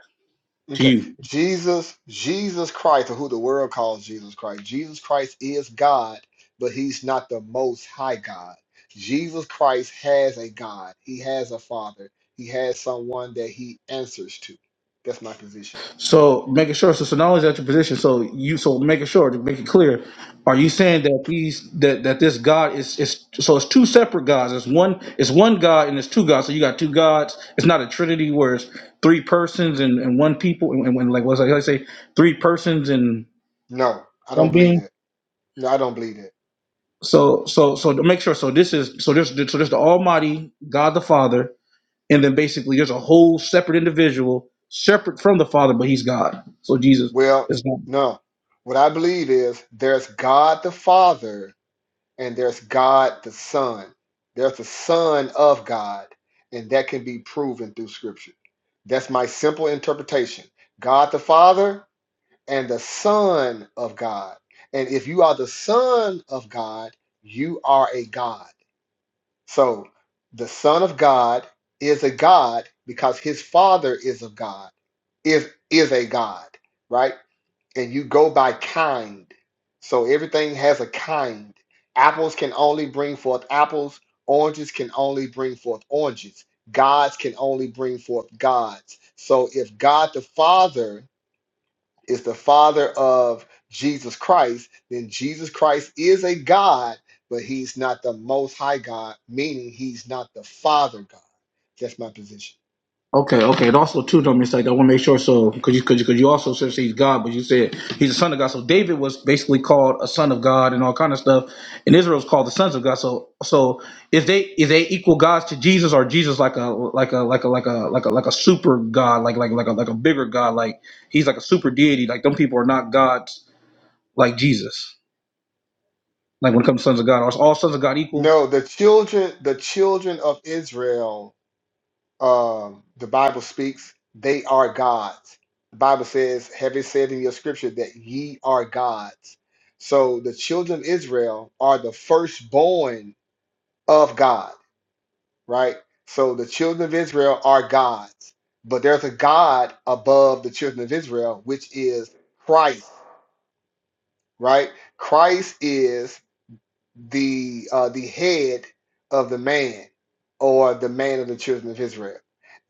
Speaker 1: to
Speaker 6: Okay.
Speaker 1: you.
Speaker 6: Jesus, Jesus Christ, or who the world calls Jesus Christ, Jesus Christ is God, but he's not the most high God. Jesus Christ has a God. He has a father. He has someone that he answers to. That's my position.
Speaker 1: So making sure, so, so now is at your position. So you, so making sure to make it clear, are you saying that these that that this God is is so it's two separate gods. It's one it's one God and it's two gods. So you got two gods. It's not a trinity where it's three persons and, and one people and, and when like what's like I say three persons and
Speaker 6: No, I
Speaker 1: one
Speaker 6: don't believe
Speaker 1: being.
Speaker 6: that. No, I don't believe that.
Speaker 1: So so so to make sure. So this is so this so this the Almighty God the Father and then basically there's a whole separate individual separate from the father but he's god so jesus
Speaker 6: Well,
Speaker 1: is not
Speaker 6: no. What I believe is there's God the Father and there's God the Son. There's the Son of God, and that can be proven through Scripture. That's my simple interpretation. God the Father and the Son of God. And if you are the Son of God, you are a God. So the Son of God is a God because his Father is of God, is is a God, right? and you go by kind. So everything has a kind. Apples can only bring forth apples, oranges can only bring forth oranges, gods can only bring forth gods. So if God the Father is the Father of Jesus Christ, then Jesus Christ is a God, but he's not the most high God, meaning he's not the Father God. That's my position.
Speaker 1: okay okay and also too don't mistake i want to make sure so because you because you, 'cause you also said he's god but you said he's the son of god so david was basically called a son of god and all kind of stuff and israel's called the sons of god so so is they is they equal gods to jesus or jesus like a like a like a like a like a like a super god like like like a like a bigger god like he's like a super deity like them people are not gods like jesus like when it comes to sons of god are all sons of god equal
Speaker 6: No, the children, the children of Israel um, the Bible speaks, they are gods. The Bible says, have it said in your scripture that ye are gods. So the children of Israel are the firstborn of God, right? So the children of Israel are gods, but there's a God above the children of Israel, which is Christ, right? Christ is the uh, the head of the man or the man of the children of Israel.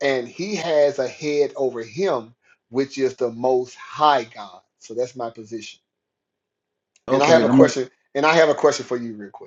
Speaker 6: And he has a head over him, which is the most high God. So that's my position. And I
Speaker 1: Okay,
Speaker 6: have a
Speaker 1: let me.
Speaker 6: question, and I have a question for you real quick.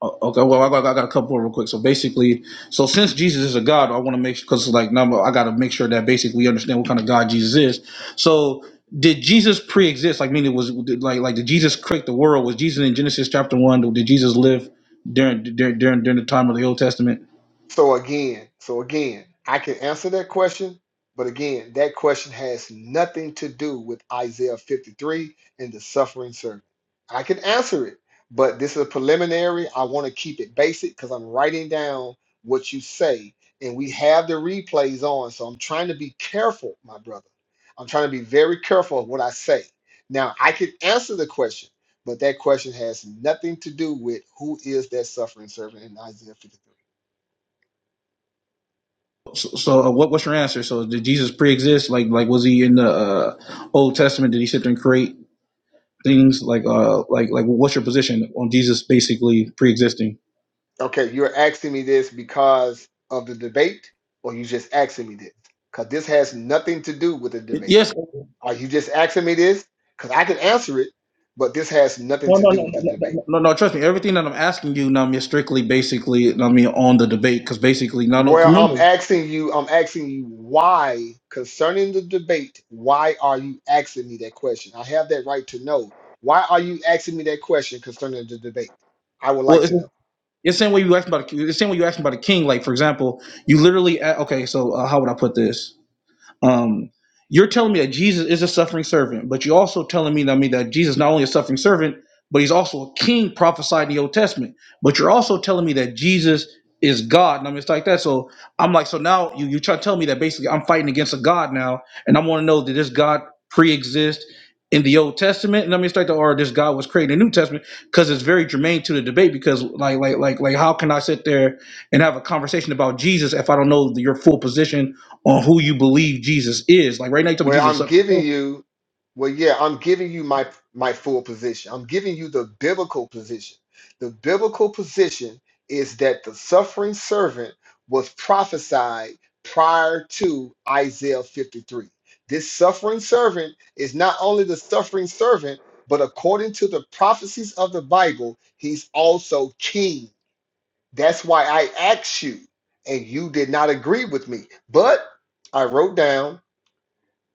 Speaker 1: o- Okay, well, I got, I got a couple real quick. So basically, so since Jesus is a God, I want to make because like now I got to make sure that basically we understand what kind of God Jesus is. So did Jesus pre-exist? Like, meaning was did, like like did Jesus create the world? Was Jesus in Genesis chapter one? Did Jesus live during during during, during the time of the Old Testament?
Speaker 6: So again, so again, I can answer that question, but again, that question has nothing to do with Isaiah 53 and the suffering servant. I can answer it, but this is a preliminary. I want to keep it basic because I'm writing down what you say, and we have the replays on. So I'm trying to be careful, my brother. I'm trying to be very careful of what I say. Now I can answer the question, but that question has nothing to do with who is that suffering servant in Isaiah 53.
Speaker 1: So, so uh, what what's your answer? So did Jesus pre-exist? Like like was he in the uh, Old Testament? Did he sit there and create things? Like uh like like what's your position on Jesus basically pre-existing?
Speaker 6: Okay, you're asking me this because of the debate, or you just asking me this? Because this has nothing to do with the debate.
Speaker 1: Yes.
Speaker 6: Are you just asking me this? Because I can answer it, but this has nothing
Speaker 1: No,
Speaker 6: to
Speaker 1: no, no,
Speaker 6: do with
Speaker 1: no,
Speaker 6: the
Speaker 1: no,
Speaker 6: debate.
Speaker 1: no, no, no. Trust me. Everything that I'm asking you, now, Nami, is strictly basically, I mean, on the debate, because basically, no, no,
Speaker 6: Where I'm
Speaker 1: community.
Speaker 6: asking you, I'm asking you why, concerning the debate, why are you asking me that question? I have that right to know. Why are you asking me that question concerning the debate? I would
Speaker 1: Well,
Speaker 6: like
Speaker 1: it's
Speaker 6: to know.
Speaker 1: it's the same way you asked about a- it's the same way you asked about a king. Like, for example, you literally a- okay. So, uh, how would I put this? Um, you're telling me that Jesus is a suffering servant, but you're also telling me, that I mean, that Jesus is not only a suffering servant, but he's also a king prophesied in the Old Testament. But you're also telling me that Jesus is God. And I mean, it's like that. So I'm like, so now you you try to tell me that basically I'm fighting against a God now, and I want to know that this God pre-exists in the Old Testament, and I mean, it's like that, or this God was created in the New Testament, because it's very germane to the debate. Because like, like, like, like, how can I sit there and have a conversation about Jesus if I don't know your full position? on who you believe Jesus is. Like right now, you tell me
Speaker 6: where
Speaker 1: Jesus. is
Speaker 6: I'm giving you, well, yeah, I'm giving you my my full position. I'm giving you the biblical position. The biblical position is that the suffering servant was prophesied prior to Isaiah 53. This suffering servant is not only the suffering servant, but according to the prophecies of the Bible, he's also king. That's why I asked you, and you did not agree with me. But I wrote down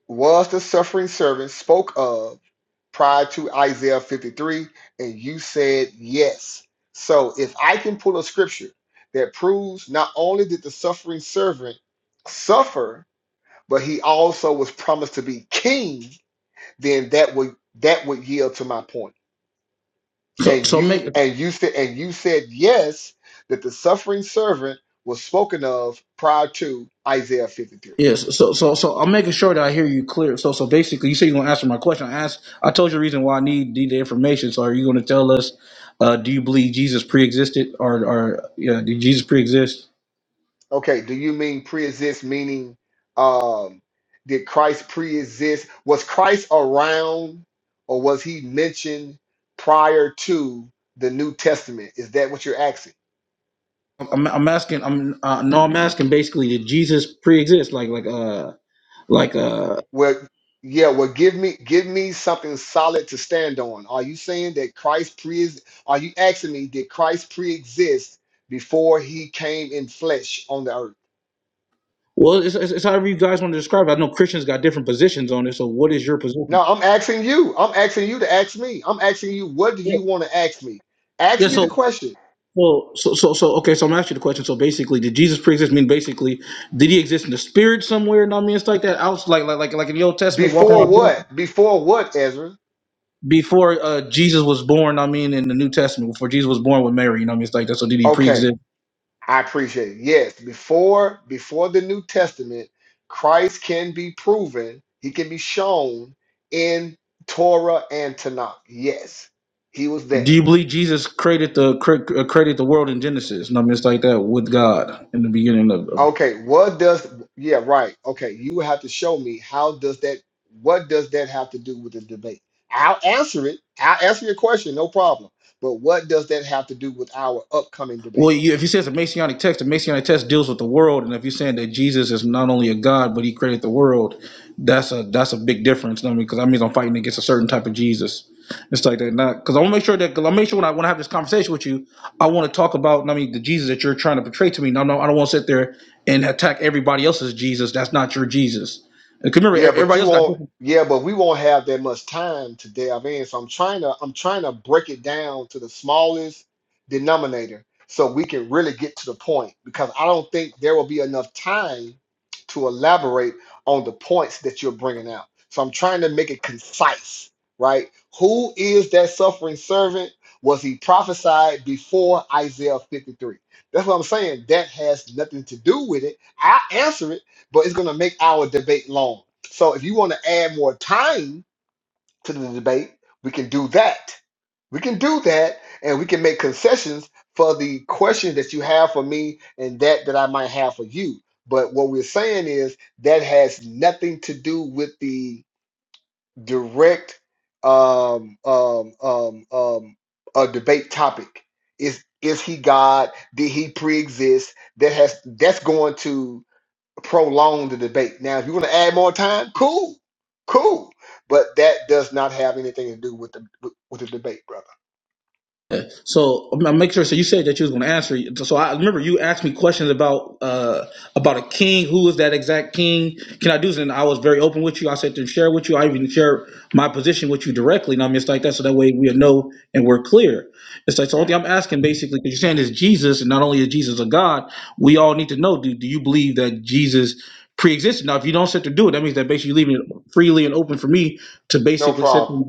Speaker 6: was the suffering servant spoke of prior to Isaiah 53, and you said yes. So if I can pull a scripture that proves not only did the suffering servant suffer, but he also was promised to be king, then that would that would yield to my point.
Speaker 1: So,
Speaker 6: And
Speaker 1: so
Speaker 6: you
Speaker 1: make
Speaker 6: and you said and you said yes that the suffering servant was spoken of prior to Isaiah 53.
Speaker 1: yes. So, so, so I'm making sure that I hear you clear. So, so basically, you say you're gonna answer my question. I asked. I told you the reason why I need, need the information. So, are you gonna tell us? Uh, do you believe Jesus pre-existed, or, or yeah, did Jesus pre-exist?
Speaker 6: Okay, do you mean pre-exist meaning um did Christ pre-exist? Was Christ around or was he mentioned prior to the New Testament? Is that what you're asking?
Speaker 1: I'm, I'm asking. I'm uh, no. I'm asking basically, did Jesus pre-exist? Like, like, uh, like, uh,
Speaker 6: Well, yeah, well give me give me something solid to stand on. Are you saying that Christ pre are you asking me did Christ pre-exist before he came in flesh on the earth?
Speaker 1: Well, it's, it's, it's however you guys want to describe it. I know Christians got different positions on it. So, what is your
Speaker 6: No,
Speaker 1: position?
Speaker 6: I'm asking you. I'm asking you to ask me. I'm asking you what do
Speaker 1: Yeah.
Speaker 6: you want to ask me? Ask
Speaker 1: Yeah.
Speaker 6: me the
Speaker 1: So,
Speaker 6: question.
Speaker 1: well, so, so, so, okay. So, I'm asking you the question. So, basically, did Jesus pre-exist? I mean, basically, did he exist in the spirit somewhere? And I mean, it's like that. I was like, like, like, like in the Old Testament, walking
Speaker 6: Before
Speaker 1: around
Speaker 6: what? Before what, Ezra?
Speaker 1: before uh, Jesus was born. I mean, in the New Testament, before Jesus was born with Mary. You know, what I mean, it's like that. So, did he
Speaker 6: Okay,
Speaker 1: pre-exist?
Speaker 6: I appreciate it. Yes, before before the New Testament, Christ can be proven, he can be shown in Torah and Tanakh. Yes, he was
Speaker 1: Do you
Speaker 6: there.
Speaker 1: believe Jesus created the cre- uh, created the world in Genesis? You know, what I mean, it's like that with God in the beginning of,
Speaker 6: Okay, what does yeah, right. Okay, you would have to show me how does that what does that have to do with the debate? I'll answer it. I'll answer your question, no problem. But what does that have to do with our upcoming debate?
Speaker 1: Well, you, if you say it's a Messianic text, the Messianic text deals with the world, and if you're saying that Jesus is not only a God but He created the world, that's a that's a big difference. You know what I mean, because that means I'm fighting against a certain type of Jesus. It's like that, not because I want to make sure that because I make sure when I want to have this conversation with you, I want to talk about. You know what I mean, the Jesus that you're trying to portray to me. No, no, I don't want to sit there and attack everybody else's Jesus. That's not your Jesus. Because remember, e-
Speaker 6: Yeah, but
Speaker 1: everybody
Speaker 6: you
Speaker 1: else got
Speaker 6: won't. Yeah, but we won't have that much time to delve in. So I'm trying to I'm trying to break it down to the smallest denominator so we can really get to the point because I don't think there will be enough time to elaborate on the points that you're bringing out. So I'm trying to make it concise, right? Who is that suffering servant? Was he prophesied before Isaiah 53? That's what I'm saying. That has nothing to do with it. I answer it, but it's going to make our debate long. So if you want to add more time to the debate, we can do that. We can do that, and we can make concessions for the questions that you have for me and that that I might have for you. But what we're saying is that has nothing to do with the direct um, um, um, um, uh, debate topic. Is is he God? Did he pre-exist? That has that's going to prolong the debate. Now, if you want to add more time, cool, cool. But that does not have anything to do with the with, with the debate, brother.
Speaker 1: Yeah. So I'm I'm making sure. So you said that you was going to answer. So I remember you asked me questions about uh about a king. Who is that exact king? Can I do this? And I was very open with you. I said to share with you. I even share my position with you directly. And I mean, it's like that. So that way we know and we're clear. It's like so. the Only thing I'm asking basically because you're saying is Jesus, and not only is Jesus a God, we all need to know. Do Do you believe that Jesus? pre-existed now if you don't sit to do it that means that basically you're leaving it freely and open for me to
Speaker 6: No
Speaker 1: basically said
Speaker 6: problem.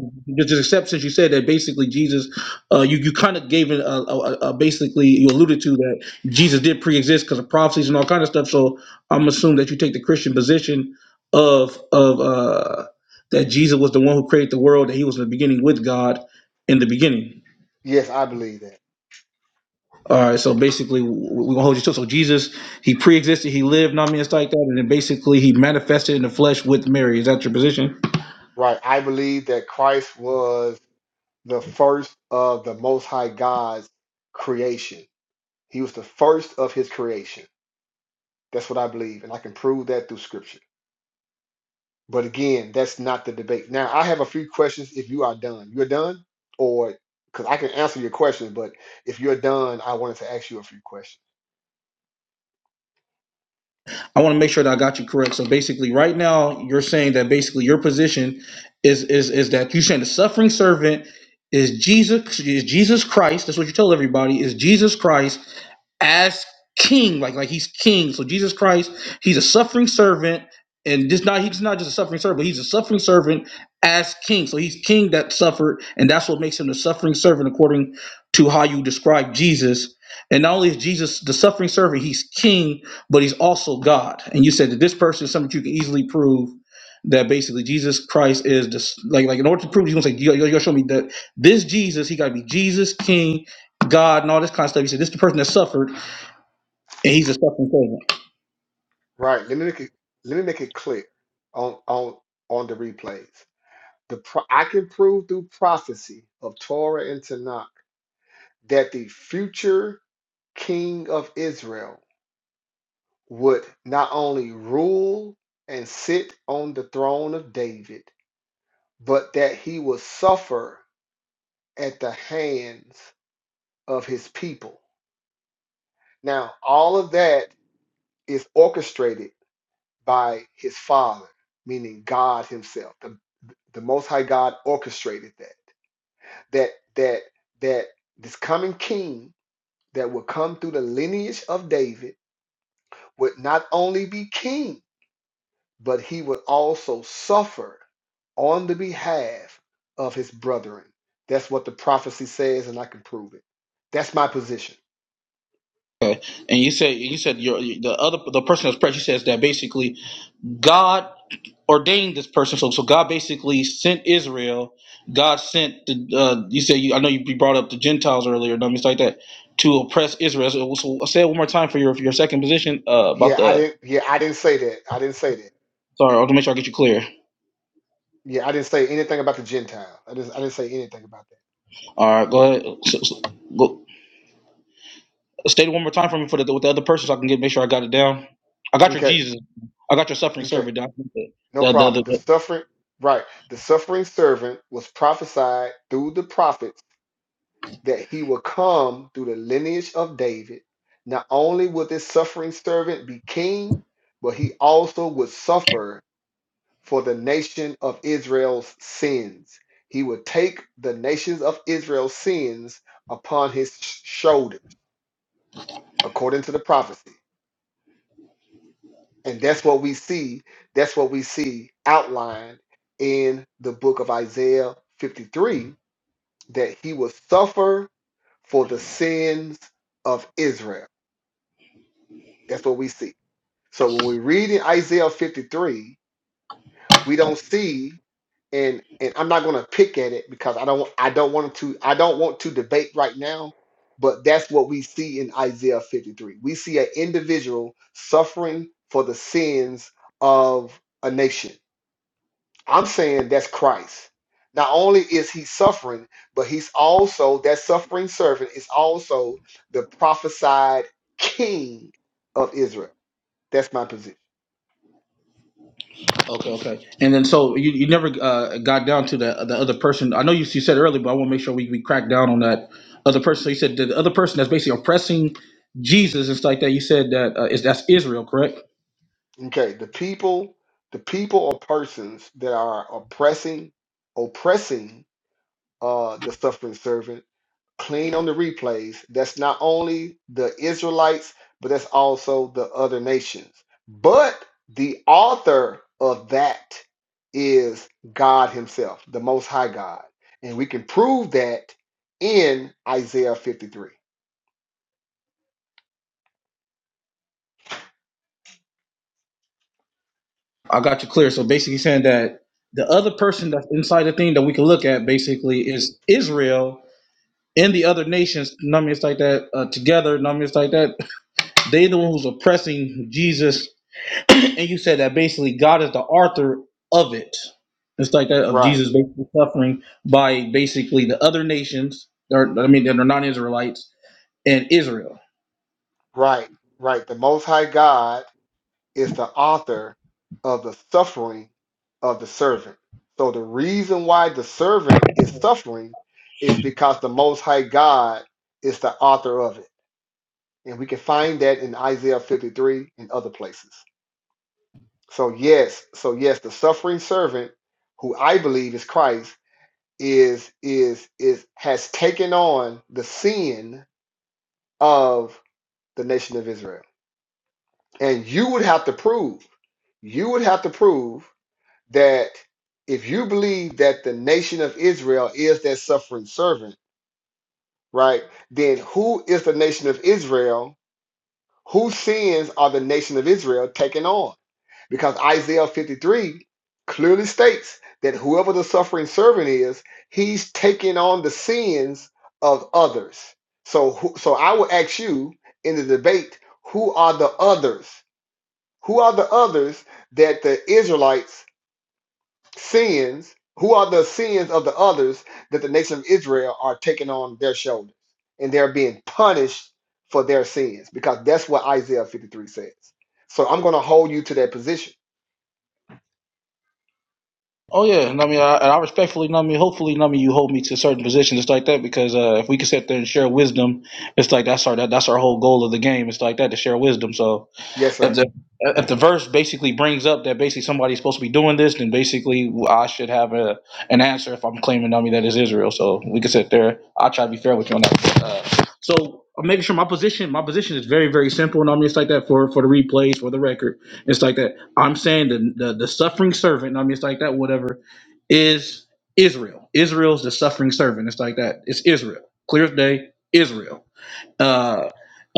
Speaker 1: just accept since you said that basically Jesus, uh, you you kind of gave it a, a, a a- basically you alluded to that Jesus did pre-exist because of prophecies and all kind of stuff. So I'm assuming that you take the Christian position of of uh, that Jesus was the one who created the world, that He was in the beginning with God in the beginning.
Speaker 6: Yes, I believe that.
Speaker 1: All right, so basically we- we're gonna hold you to so Jesus he pre-existed, he lived, not I mean it's like that, and then basically he manifested in the flesh with Mary. Is that your position?
Speaker 6: Right. I believe that Christ was the first of the Most High God's creation. He was the first of His creation. That's what I believe, and I can prove that through Scripture. But again, that's not the debate. Now, I have a few questions if you are done. You're done? Or because I can answer your question, but if you're done, I wanted to ask you a few questions.
Speaker 1: I want to make sure that I got you correct. So basically, right now you're saying that basically your position is is is that you're saying the suffering servant is Jesus is Jesus Christ. That's what you tell everybody is Jesus Christ as king, like like he's king. So Jesus Christ, he's a suffering servant, and just not he's not just a suffering servant, but he's a suffering servant as king. So he's king that suffered, and that's what makes him the suffering servant according to how you describe Jesus. And not only is Jesus the suffering servant, he's king, but he's also God. And you said that this person is something you can easily prove that basically Jesus Christ is just like like in order to prove you're gonna say you gotta show me that this Jesus he gotta be Jesus King God and all this kind of stuff. You said this is the person that suffered and he's a suffering servant.
Speaker 6: Right. Let me make it let me make it clear on on on the replays. The pro- I can prove through prophecy of Torah and Tanakh that the future king of Israel would not only rule and sit on the throne of David, but that he would suffer at the hands of his people. Now, all of that is orchestrated by his father, meaning God himself. The, the most high God orchestrated that. That that that this coming king that would come through the lineage of David would not only be king, but he would also suffer on the behalf of his brethren. That's what the prophecy says, and I can prove it. That's my position.
Speaker 1: Okay. And you said you said your the other the person that's precious says that basically God ordained this person. So so God basically sent Israel. God sent the uh, you said you, I know you you brought up the Gentiles earlier, and things like that, to oppress Israel. So, so say it one more time for your for your second position uh, about
Speaker 6: Yeah, I
Speaker 1: the.
Speaker 6: didn't. Yeah, I didn't say that. I didn't say that.
Speaker 1: Sorry, I want to make sure I get you clear.
Speaker 6: Yeah, I didn't say anything about the Gentile. I just I didn't say anything about
Speaker 1: All right, go ahead. So, so, go, state it one more time for me for the with the other person so I can get make sure I got it down. I
Speaker 6: that.
Speaker 1: got your
Speaker 6: Okay,
Speaker 1: Jesus. I got your suffering
Speaker 6: okay,
Speaker 1: servant down. The,
Speaker 6: no
Speaker 1: the, the,
Speaker 6: problem. The
Speaker 1: the,
Speaker 6: suffering, right? The suffering servant was prophesied through the prophets that he would come through the lineage of David. Not only would this suffering servant be king, but he also would suffer for the nation of Israel's sins. He would take the nations of Israel's sins upon his sh- shoulders, according to the prophecy. And that's what we see. That's what we see outlined in the book of Isaiah 53 that he will suffer for the sins of Israel. That's what we see. So when we read in Isaiah 53, we don't see and and I'm not going to pick at it because I don't I don't want to I don't want to debate right now, but that's what we see in Isaiah 53. We see an individual suffering for the sins of a nation I'm saying that's Christ. Not only is he suffering, but he's also that suffering servant is also the prophesied king of Israel. That's my position.
Speaker 1: Okay, okay. And then so you, you never uh, got down to the the other person. I know you, you said earlier, but I want to make sure we, we crack down on that other person. So you said the other person that's basically oppressing Jesus and stuff like that. You said that uh, is that's Israel, correct?
Speaker 6: Okay, the people, the people or persons that are oppressing, oppressing uh the suffering servant clean on the replays. That's not only the Israelites, but that's also the other nations. But the author of that is God Himself, the Most High God. And we can prove that in Isaiah 53.
Speaker 1: I got you clear. So basically saying that the other person that's inside the thing that we can look at basically is Israel and the other nations, numbers like that, uh, together, numbers like that. They the one who's oppressing Jesus and you said that basically God is the author of it. It's like that of
Speaker 6: Right,
Speaker 1: Jesus basically suffering by basically the other nations, or I mean, that are non-Israelites and Israel.
Speaker 6: right, right. The Most High God is the author of the suffering of the servant. So the reason why the servant is suffering is because the Most High God is the author of it. And we can find that in Isaiah 53 and other places. So yes, so yes, the suffering servant, who I believe is Christ, is is is has taken on the sin of the nation of Israel. And you would have to prove, you would have to prove that if you believe that the nation of Israel is that suffering servant, right, then who is the nation of Israel? Whose sins are the nation of Israel taking on? Because Isaiah 53 clearly states that whoever the suffering servant is, he's taking on the sins of others. So, who, so I will ask you in the debate, who are the others? Who are the others that the Israelites sins, who are the sins of the others that the nation of Israel are taking on their shoulders and they're being punished for their sins because that's what Isaiah 53 says. So I'm going to hold you to that position.
Speaker 1: Oh yeah, and I mean, I, and I respectfully, and I mean, hopefully, and I mean, you hold me to certain positions just like that because uh, if we can sit there and share wisdom, it's like that's our that, that's our whole goal of the game. It's like that to share wisdom. So
Speaker 6: Yes,
Speaker 1: if
Speaker 6: sir.
Speaker 1: the if the verse basically brings up that basically somebody's supposed to be doing this, then basically I should have a an answer if I'm claiming on me that is Israel. So we can sit there. I'll try to be fair with you on that. Uh, so I'm making sure my position my position is very very simple, and I mean it's like that for for the replays for the record. It's like that. I'm saying the the, the suffering servant. I mean it's like that. Whatever is Israel. Israel's the suffering servant. It's like that. It's Israel. Clear as day. Israel uh,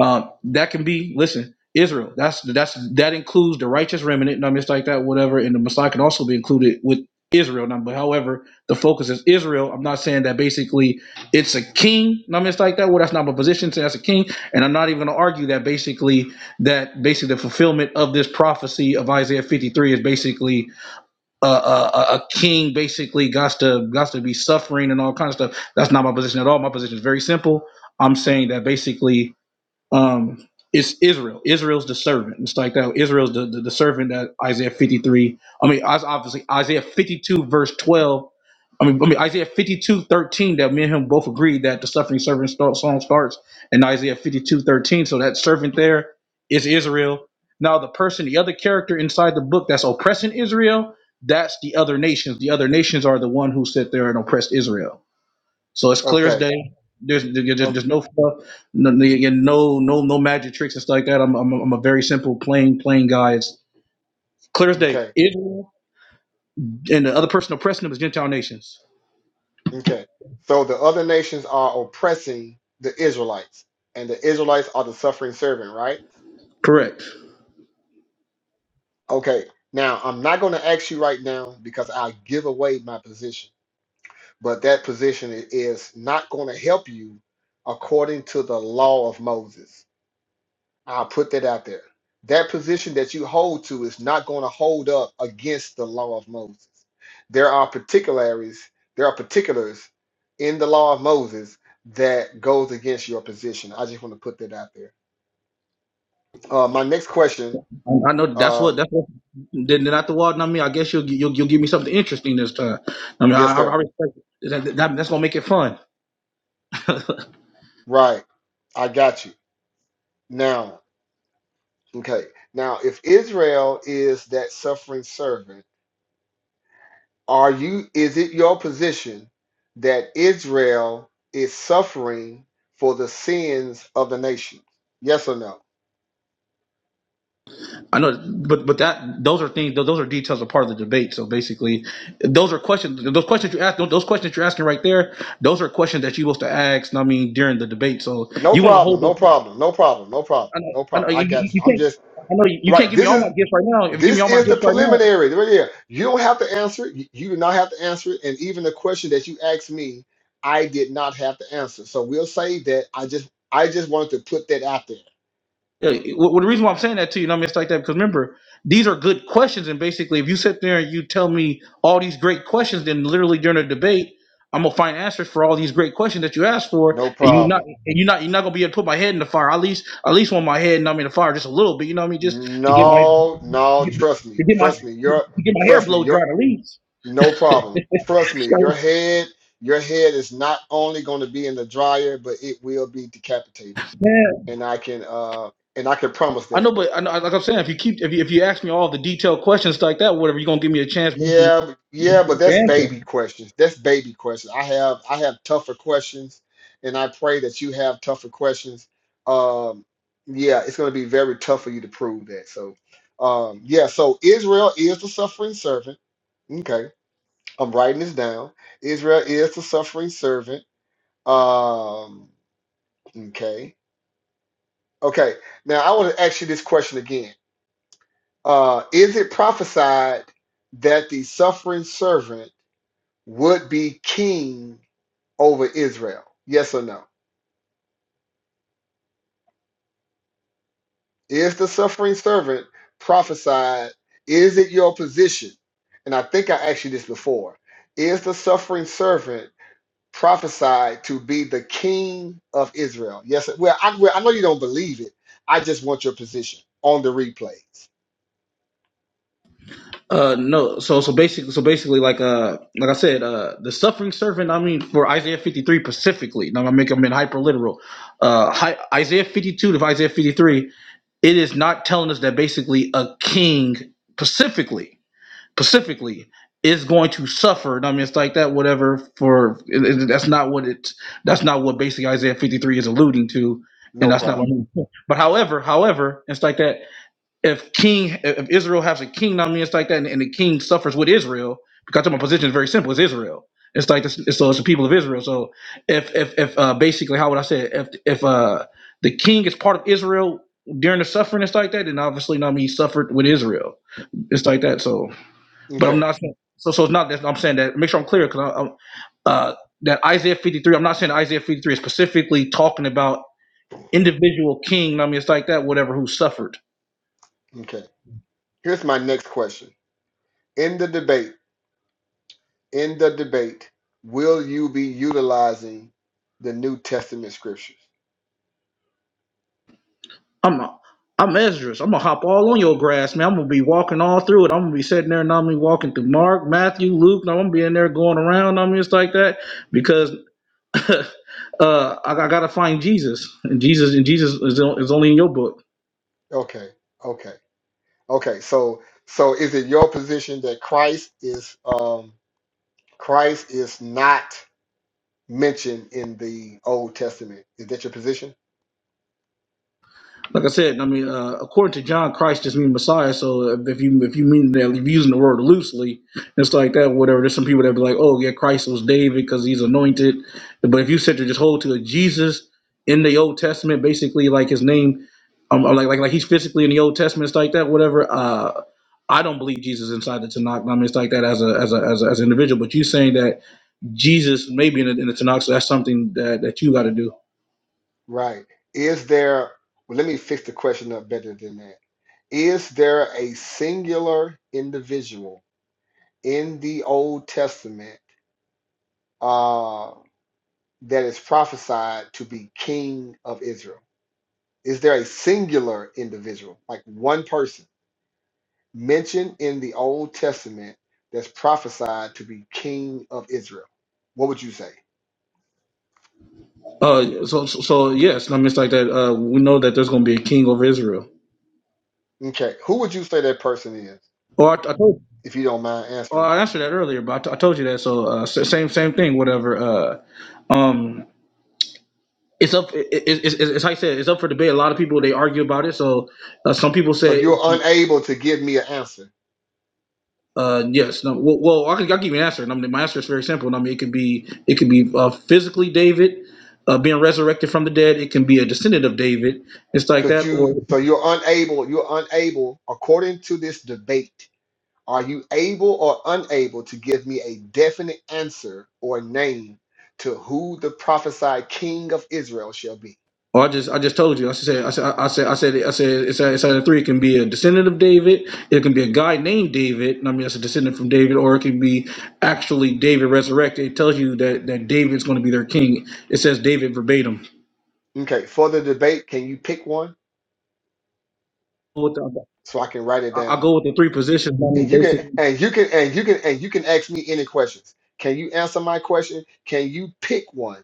Speaker 1: um, that can be listen israel that's that's that includes the righteous remnant not just like that whatever and the messiah can also be included with israel now but however the focus is israel i'm not saying that basically it's a king not just like that well that's not my position saying that's a king and i'm not even going to argue that basically that basically the fulfillment of this prophecy of isaiah 53 is basically uh, a, a, a king basically got to got to be suffering and all kinds of stuff that's not my position at all my position is very simple i'm saying that basically um it's Israel. Israel's the servant. It's like that. Israel's the, the, the servant that Isaiah 53. I mean, Is- obviously Isaiah 52 verse 12. I mean, I mean Isaiah 52 13. that me and him both agreed that the suffering servant start, song starts in Isaiah 52 13. So that servant there is Israel. Now the person, the other character inside the book that's oppressing Israel, that's the other nations. The other nations are the one who sit there and oppressed Israel. So it's clear as
Speaker 6: Okay.
Speaker 1: day. There's there- there's,
Speaker 6: Oh,
Speaker 1: there's no fluff, no no yeah, no no no magic tricks and stuff like that. I'm I'm, I'm a very simple, plain plain guy. It's clear as day.
Speaker 6: okay.
Speaker 1: Israel and the other person oppressing them is Gentile nations.
Speaker 6: Okay. So the other nations are oppressing the Israelites and the Israelites are the suffering servant, right?
Speaker 1: Correct.
Speaker 6: Okay. Now, I'm not going to ask you right now because I give away my position. but that position is not going to help you according to the law of Moses. I'll put that out there. That position that you hold to is not going to hold up against the law of Moses. There are particularities, there are particulars in the law of Moses that goes against your position. I just want to put that out there. Uh, my next question,
Speaker 1: I I know that's
Speaker 6: uh,
Speaker 1: what that's what. Then then after a while, I mean, I guess you'll you'll, you'll give me something interesting this time. I mean,
Speaker 6: yes,
Speaker 1: I, I I
Speaker 6: sir.
Speaker 1: respect it. That, that- that's gonna make it fun.
Speaker 6: Right. I got you. Now, okay. Now, if Israel is that suffering servant, Are you is it your position that Israel is suffering for the sins of the nation? Yes or no?
Speaker 1: I know, but but that those are things. Those are details are part of the debate. So basically, those are questions. Those questions you ask. Those questions you're asking right there. Those are questions that you're supposed to ask. I mean, during the debate. So
Speaker 6: No
Speaker 1: you want to
Speaker 6: problem,
Speaker 1: hold.
Speaker 6: no
Speaker 1: Those,
Speaker 6: problem, no problem, no problem,
Speaker 1: I know.
Speaker 6: no
Speaker 1: I know.
Speaker 6: problem. I
Speaker 1: You, you
Speaker 6: got you.
Speaker 1: you
Speaker 6: I'm
Speaker 1: can't.
Speaker 6: just
Speaker 1: I know you, you can't
Speaker 6: right.
Speaker 1: give me
Speaker 6: This
Speaker 1: all my
Speaker 6: is
Speaker 1: gifts right now. If you give me
Speaker 6: this
Speaker 1: all my
Speaker 6: is the
Speaker 1: gifts right now,
Speaker 6: preliminary right here. You don't have to answer it. You you do not have to answer it. And even the question that you asked me, I did not have to answer. So we'll say that I just I just wanted to put that out there.
Speaker 1: Yeah, it- well, the reason why I'm saying that to you, and I mean, it's like that because remember, these are good questions, and basically, if you sit there and you tell me all these great questions, then literally during a debate, I'm gonna find answers for all these great questions that you asked for, and
Speaker 6: No
Speaker 1: you're
Speaker 6: problem.
Speaker 1: not, and you're not, you're not gonna be able to put my head in the fire. At least, at least want my head, and I mean, the fire just a little bit. You know what I mean? Just to get my,
Speaker 6: No,
Speaker 1: to
Speaker 6: no, trust me.
Speaker 1: get my,
Speaker 6: Trust me. Your
Speaker 1: to get my hair
Speaker 6: trust me,
Speaker 1: blow
Speaker 6: your
Speaker 1: dried at least.
Speaker 6: no problem. Trust me, your
Speaker 1: So,
Speaker 6: head, your head is not only going to be in the dryer, but it will be decapitated.
Speaker 1: man,
Speaker 6: And I can uh and I can promise
Speaker 1: I
Speaker 6: that.
Speaker 1: know, but I know, like I'm saying, if you keep, if you, if you ask me all the detailed questions like that, whatever, you're gonna give me a chance to
Speaker 6: Yeah, but- yeah, but that's
Speaker 1: answer.
Speaker 6: baby questions. That's baby questions. I have I have tougher questions, and I pray that you have tougher questions. Um yeah, it's going to be very tough for you to prove that. So um yeah, so Israel is the suffering servant. Okay I'm writing this down. Israel is the suffering servant. Um, okay. Okay. Now I want to ask you this question again. Uh, is it prophesied that the suffering servant would be king over Israel? Yes or no? Is the suffering servant prophesied? Is it your position? And I think I asked you this before. Is the suffering servant prophesied to be the king of Israel. Yes, well, I, well, I know you don't believe it. I just want your position on the replays.
Speaker 1: Uh no so so basically so basically like uh like I said uh the suffering servant I mean for Isaiah 53 specifically now I'm making them in hyper literal uh hi, Isaiah 52 to Isaiah 53 it is not telling us that basically a king specifically specifically is going to suffer I mean it's like that whatever for it, it- that's not what it that's not what basically Isaiah 53 is alluding to and
Speaker 6: No
Speaker 1: that's not
Speaker 6: problem.
Speaker 1: what but however however it's like that if king if Israel has a king I mean it's like that and, and the king suffers with Israel because my position is very simple it's Israel it's like this, it's- so it's the people of Israel so if if if uh, basically how would I say it? if if uh the king is part of Israel during the suffering it's like that then obviously I mean he suffered with Israel it's like that so but I'm
Speaker 6: Okay,
Speaker 1: not saying so so it's not that I'm saying that make sure I'm clear because I, I'm uh that Isaiah 53 I'm not saying Isaiah 53 is specifically talking about individual king I mean it's like that whatever who suffered
Speaker 6: okay. Here's my next question. In the debate, in the debate, will you be utilizing the New Testament scriptures?
Speaker 1: I'm a, I'm Esdras. I'm gonna hop all on your grass, man. I'm gonna be walking all through it. I'm gonna be sitting there and I'm gonna be walking through Mark, Matthew, Luke. and I'm gonna be in there going around. I'm It's like that because uh, I, I gotta find Jesus, and Jesus and Jesus is, on- is only in your book.
Speaker 6: Okay, okay, okay. So, so is it your position that Christ is um Christ is not mentioned in the Old Testament? Is that your position?
Speaker 1: Like I said, I mean, uh, according to John, Christ just means Messiah. So if if you if you mean that, if you're using the word loosely, it's like that. Whatever. There's some people that be like, oh yeah, Christ was David because he's anointed. But if you said to just hold to a Jesus in the Old Testament, basically like his name, um, like like like he's physically in the Old Testament, it's like that. Whatever. Uh, I don't believe Jesus inside the Tanakh. I mean, it's like that as a as a as, a, as an individual. But you saying that Jesus maybe in the, in the Tanakh, so that's something that that you got to do.
Speaker 6: Right. Is there, well, let me fix the question up better than that. Is there a singular individual in the Old Testament uh, that is prophesied to be king of Israel? Is there a singular individual, like one person mentioned in the Old Testament that's prophesied to be king of Israel? What would you say?
Speaker 1: Uh, so, so, so yes, I mean, it's like that. Uh, we know that there's going to be a king over Israel.
Speaker 6: Okay. Who would you say that person is,
Speaker 1: Or I, I told,
Speaker 6: if you don't mind
Speaker 1: or
Speaker 6: answering?
Speaker 1: I answered that earlier, but I, t- I told you that. So, uh, s- same, same thing. Whatever. Uh, um, it's up. It, it, it's it's it's like I said. It's up for debate. A lot of people they argue about it. So, uh, some people
Speaker 6: So
Speaker 1: say,
Speaker 6: you're unable to give me an answer.
Speaker 1: uh, yes. No, well, well I can, I'll give you an answer. And I mean, my answer is very simple. And I mean, it could be, it could be uh, physically David. Uh, being resurrected from the dead, it can be a descendant of David. It's like
Speaker 6: Could
Speaker 1: that,
Speaker 6: you,
Speaker 1: or
Speaker 6: so you're unable, you're unable, according to this debate, are you able or unable to give me a definite answer or name to who the prophesied king of Israel shall be?
Speaker 1: Or I just I just told you. I said I said I said I said I said it's a, it's either three. It can be a descendant of David. It can be a guy named David. and I mean, that's a descendant from David, or it can be actually David resurrected. It tells you that that David's going to be their king. It says David verbatim.
Speaker 6: Okay, for the debate, can you pick one
Speaker 1: With the,
Speaker 6: so I can write it
Speaker 1: I, I
Speaker 6: down?
Speaker 1: go with the three positions. I
Speaker 6: And
Speaker 1: mean,
Speaker 6: you can,
Speaker 1: basically,
Speaker 6: and you can, and you can, and you can ask me any questions. Can you answer my question? Can you pick one?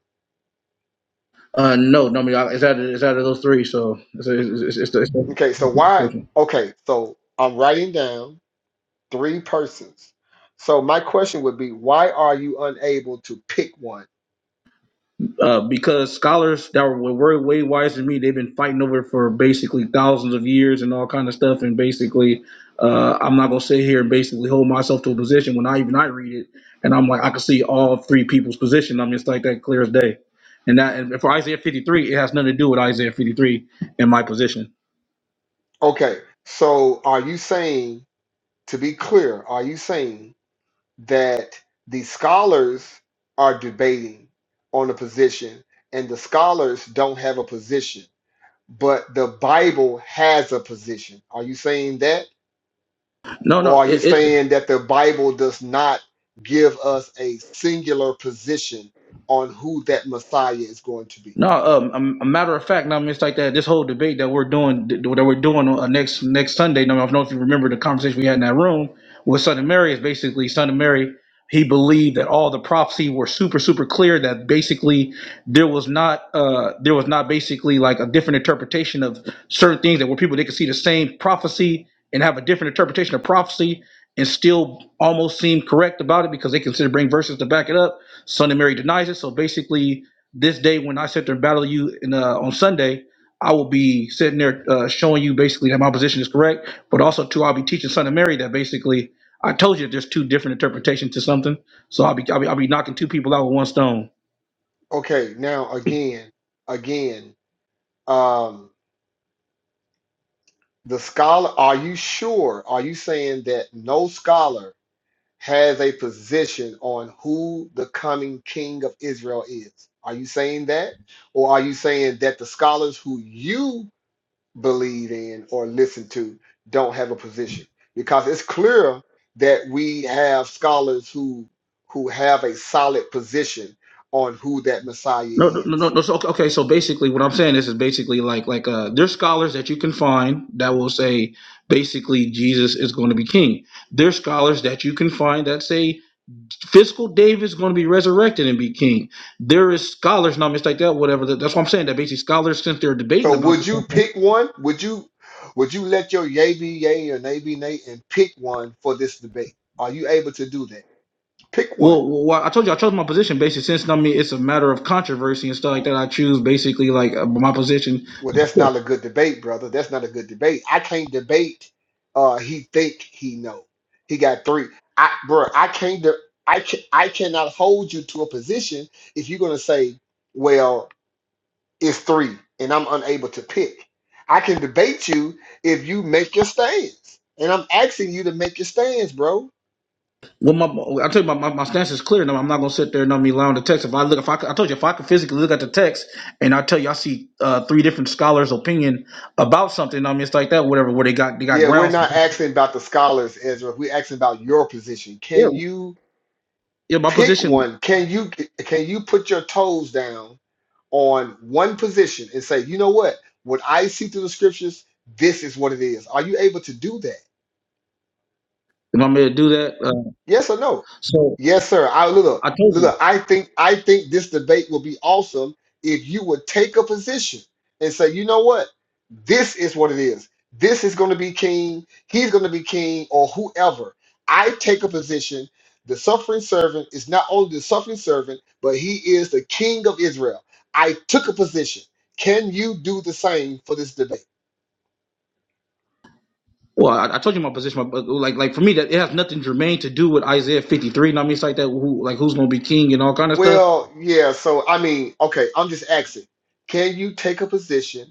Speaker 1: uh, no, no, I mean, I, it's out of it's out of those three. So it's it's, it's, it's, the-
Speaker 6: Okay, so
Speaker 1: it's
Speaker 6: why?
Speaker 1: the-
Speaker 6: Okay, so I'm writing down Three persons. So my question would be, why are you unable to pick one?
Speaker 1: uh, because scholars that were, were way wiser than me, they've been fighting over it for basically thousands of years and all kind of stuff. And basically, uh, I'm not gonna sit here and basically hold myself to a position when I even I read it, and I'm like I can see all three people's position. I mean, it's like that clear as day. And that and for Isaiah 53, it has nothing to do with Isaiah 53 and my position.
Speaker 6: Okay, so are you saying, to be clear, are you saying that the scholars are debating on a position and the scholars don't have a position, but the Bible has a position? Are you saying that?
Speaker 1: No,
Speaker 6: Or
Speaker 1: no,
Speaker 6: are you
Speaker 1: it, it,
Speaker 6: saying that the Bible does not give us a singular position on who that Messiah is going to be?
Speaker 1: No, um, um, a matter of fact, now I mean, it's like that. This whole debate that we're doing, that we're doing uh, next next Sunday. Now, I don't know if you remember the conversation we had in that room with Son of Mary. Is basically Son of Mary. He believed that all the prophecy were super super clear. That basically there was not uh there was not basically like a different interpretation of certain things that where people they could see the same prophecy and have a different interpretation of prophecy and still almost seem correct about it because they consider bring verses to back it up. Son of Mary denies it. So basically this day when I sit there and battle you in, uh, on Sunday, I will be sitting there uh, showing you basically that my position is correct, but also too, I'll be teaching Son of Mary that basically I told you there's two different interpretations to something. So I'll be I'll be, I'll be knocking two people out with one stone.
Speaker 6: Okay, now again, again, um, the scholar, are you sure? Are you saying that no scholar has a position on who the coming king of Israel is? Are you saying that? Or are you saying that the scholars who you believe in or listen to don't have a position? Because it's clear that we have scholars who who have a solid position on who that Messiah
Speaker 1: No,
Speaker 6: is.
Speaker 1: no, no, no. So okay, okay, so basically, what I'm saying is, is basically like like uh, there's scholars that you can find that will say basically Jesus is going to be king. There's scholars that you can find that say Fiscal David's going to be resurrected and be king. There is scholars, not mistake that, whatever. that- That's what I'm saying. That basically scholars, since they're debating
Speaker 6: So
Speaker 1: about
Speaker 6: would
Speaker 1: this,
Speaker 6: you pick one? Would you would you let your yay be yay or nay be nay and pick one for this debate? Are you able to do that? Pick one.
Speaker 1: well, well, I told you I chose my position basically since I mean it's a matter of controversy and stuff like that. I choose basically like uh, my position.
Speaker 6: Well, that's not a good debate, brother. That's not a good debate. I can't debate. Uh, he think he know. He got three. I, bro, I can't. De- I can, I cannot hold you to a position if you're gonna say, well, it's three, and I'm unable to pick. I can debate you if you make your stands, and I'm asking you to make your stands, bro.
Speaker 1: Well, my I told you my, my, my stance is clear. No, I'm not going to sit there and not me allowing the text. If I look, if I, could- I told you if I could physically look at the text and I tell you I see uh, three different scholars' opinion about something, no, I mean it's like that, whatever. Where they got they got
Speaker 6: Yeah, we're
Speaker 1: grounds.
Speaker 6: not asking about the scholars, Ezra. We're asking about your position.
Speaker 1: Yeah,
Speaker 6: Can you
Speaker 1: yeah. My
Speaker 6: pick
Speaker 1: position.
Speaker 6: one? Can you can you put your toes down on one position and say, you know what? What I see through the scriptures, this is what it is. Are you able to do that?
Speaker 1: If I'm going to do that, uh,
Speaker 6: Yes or no?
Speaker 1: so
Speaker 6: Yes, sir. I Lula,
Speaker 1: I told you.
Speaker 6: Lula, I think I think this debate will be awesome if you would take a position and say, you know what? This is what it is. This is going to be king. He's going to be king or whoever. I take a position. The suffering servant is not only the suffering servant, but he is the king of Israel. I took a position. Can you do the same for this debate?
Speaker 1: Well, I, I told you my position. But like, like for me, that it has nothing germane to do with Isaiah 53. You know what I mean, it's like that. Who, like, who's going to be king and all kind of stuff.
Speaker 6: Well, yeah. So, I mean, okay, I'm just asking. Can you take a position?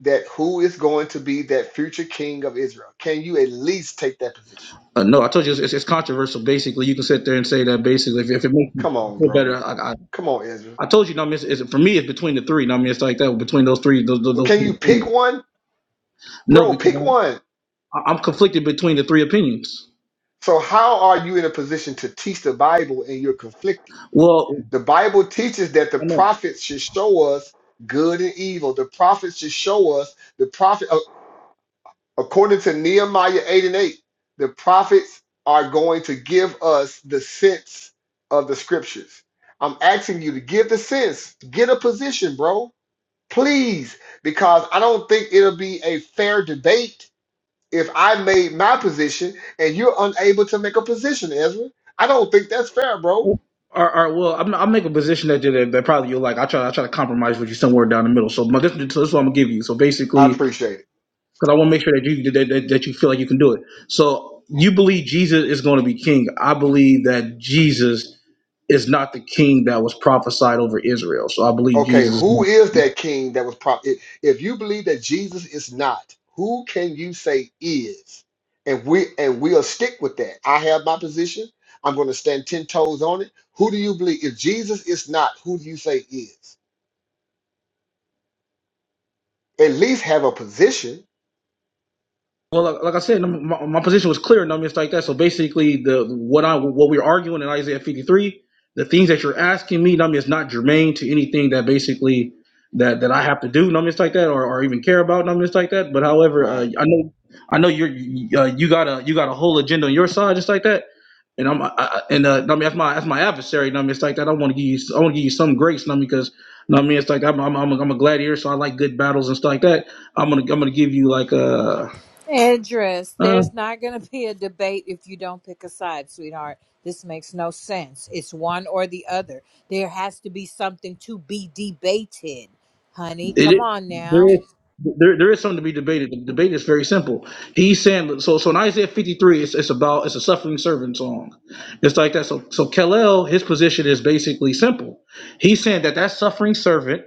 Speaker 6: that who is going to be that future king of Israel? Can you at least take that position?
Speaker 1: Uh, no, I told you it's, it's, it's controversial. Basically, you can sit there and say that. Basically, if, if it makes you
Speaker 6: Come on,
Speaker 1: feel better,
Speaker 6: bro.
Speaker 1: I, I,
Speaker 6: Come on, Ezra.
Speaker 1: I told you. you know what I mean, it's, it's, for me, it's between the three. You know what I mean, it's like that between those three. Those, those,
Speaker 6: Well,
Speaker 1: those
Speaker 6: can
Speaker 1: three
Speaker 6: you pick
Speaker 1: opinions.
Speaker 6: one?
Speaker 1: No,
Speaker 6: Bro,
Speaker 1: because
Speaker 6: pick one.
Speaker 1: I, I'm conflicted between the three opinions.
Speaker 6: So, how are you in a position to teach the Bible and you're conflicted?
Speaker 1: Well,
Speaker 6: The Bible teaches that the
Speaker 1: I know.
Speaker 6: prophets should show us good and evil. The prophets should show us the prophet. uh, According to Nehemiah 8 and 8, the prophets are going to give us the sense of the scriptures. I'm asking you to give the sense, get a position, bro. Please, because I don't think it'll be a fair debate if I made my position and you're unable to make a position, Ezra. I don't think that's fair, bro.
Speaker 1: Or, or well, I'm, I'll make a position that, that that probably you'll like. I try I try to compromise with you somewhere down the middle. So, my, this, so this is what I'm gonna give you. So
Speaker 6: I
Speaker 1: basically,
Speaker 6: appreciate it.
Speaker 1: because I want to make sure that you that, that, that you feel like you can do it. So you believe Jesus is going to be king. I believe that Jesus is not the king that was prophesied over Israel. So I believe
Speaker 6: Okay,
Speaker 1: Jesus. is
Speaker 6: who
Speaker 1: not.
Speaker 6: is that king that was prop? i- If you believe that Jesus is not, who can you say is? And we and we'll stick with that. I have my position. I'm going to stand ten toes on it. Who do you believe? If Jesus is not, who do you say is? At least have a position,
Speaker 1: Well, like, like I said, no, my, my position was clear and numbness like that. So basically, the what I what we are arguing in Isaiah 53, the things that you're asking me, numbness not germane to anything that basically that that I have to do, numbness like that, or, or even care about numbness like that. But however, uh,
Speaker 6: right?
Speaker 1: I know I know you're you- uh, you got a you got a whole agenda on your side just like that. And I'm I, I- and uh, I mean that's my that's my adversary. I like that. I want to give you I want to give you some grace. I because no, I mean it's like I'm I'm I'm a, I'm a gladiator, so I like good battles and stuff like that. I'm gonna I'm gonna give you like a.
Speaker 7: Andress, there's not going to be a debate if you don't pick a side, sweetheart. This makes no sense. It's one or the other. There has to be something to be debated, honey.
Speaker 1: It
Speaker 7: Come
Speaker 1: is,
Speaker 7: on now.
Speaker 1: there is there, there is something to be debated. The debate is very simple. He's saying so so in Isaiah 53, it's, it's about it's a suffering servant song. It's like that. So so Kalel, his position is basically simple. He's saying that that suffering servant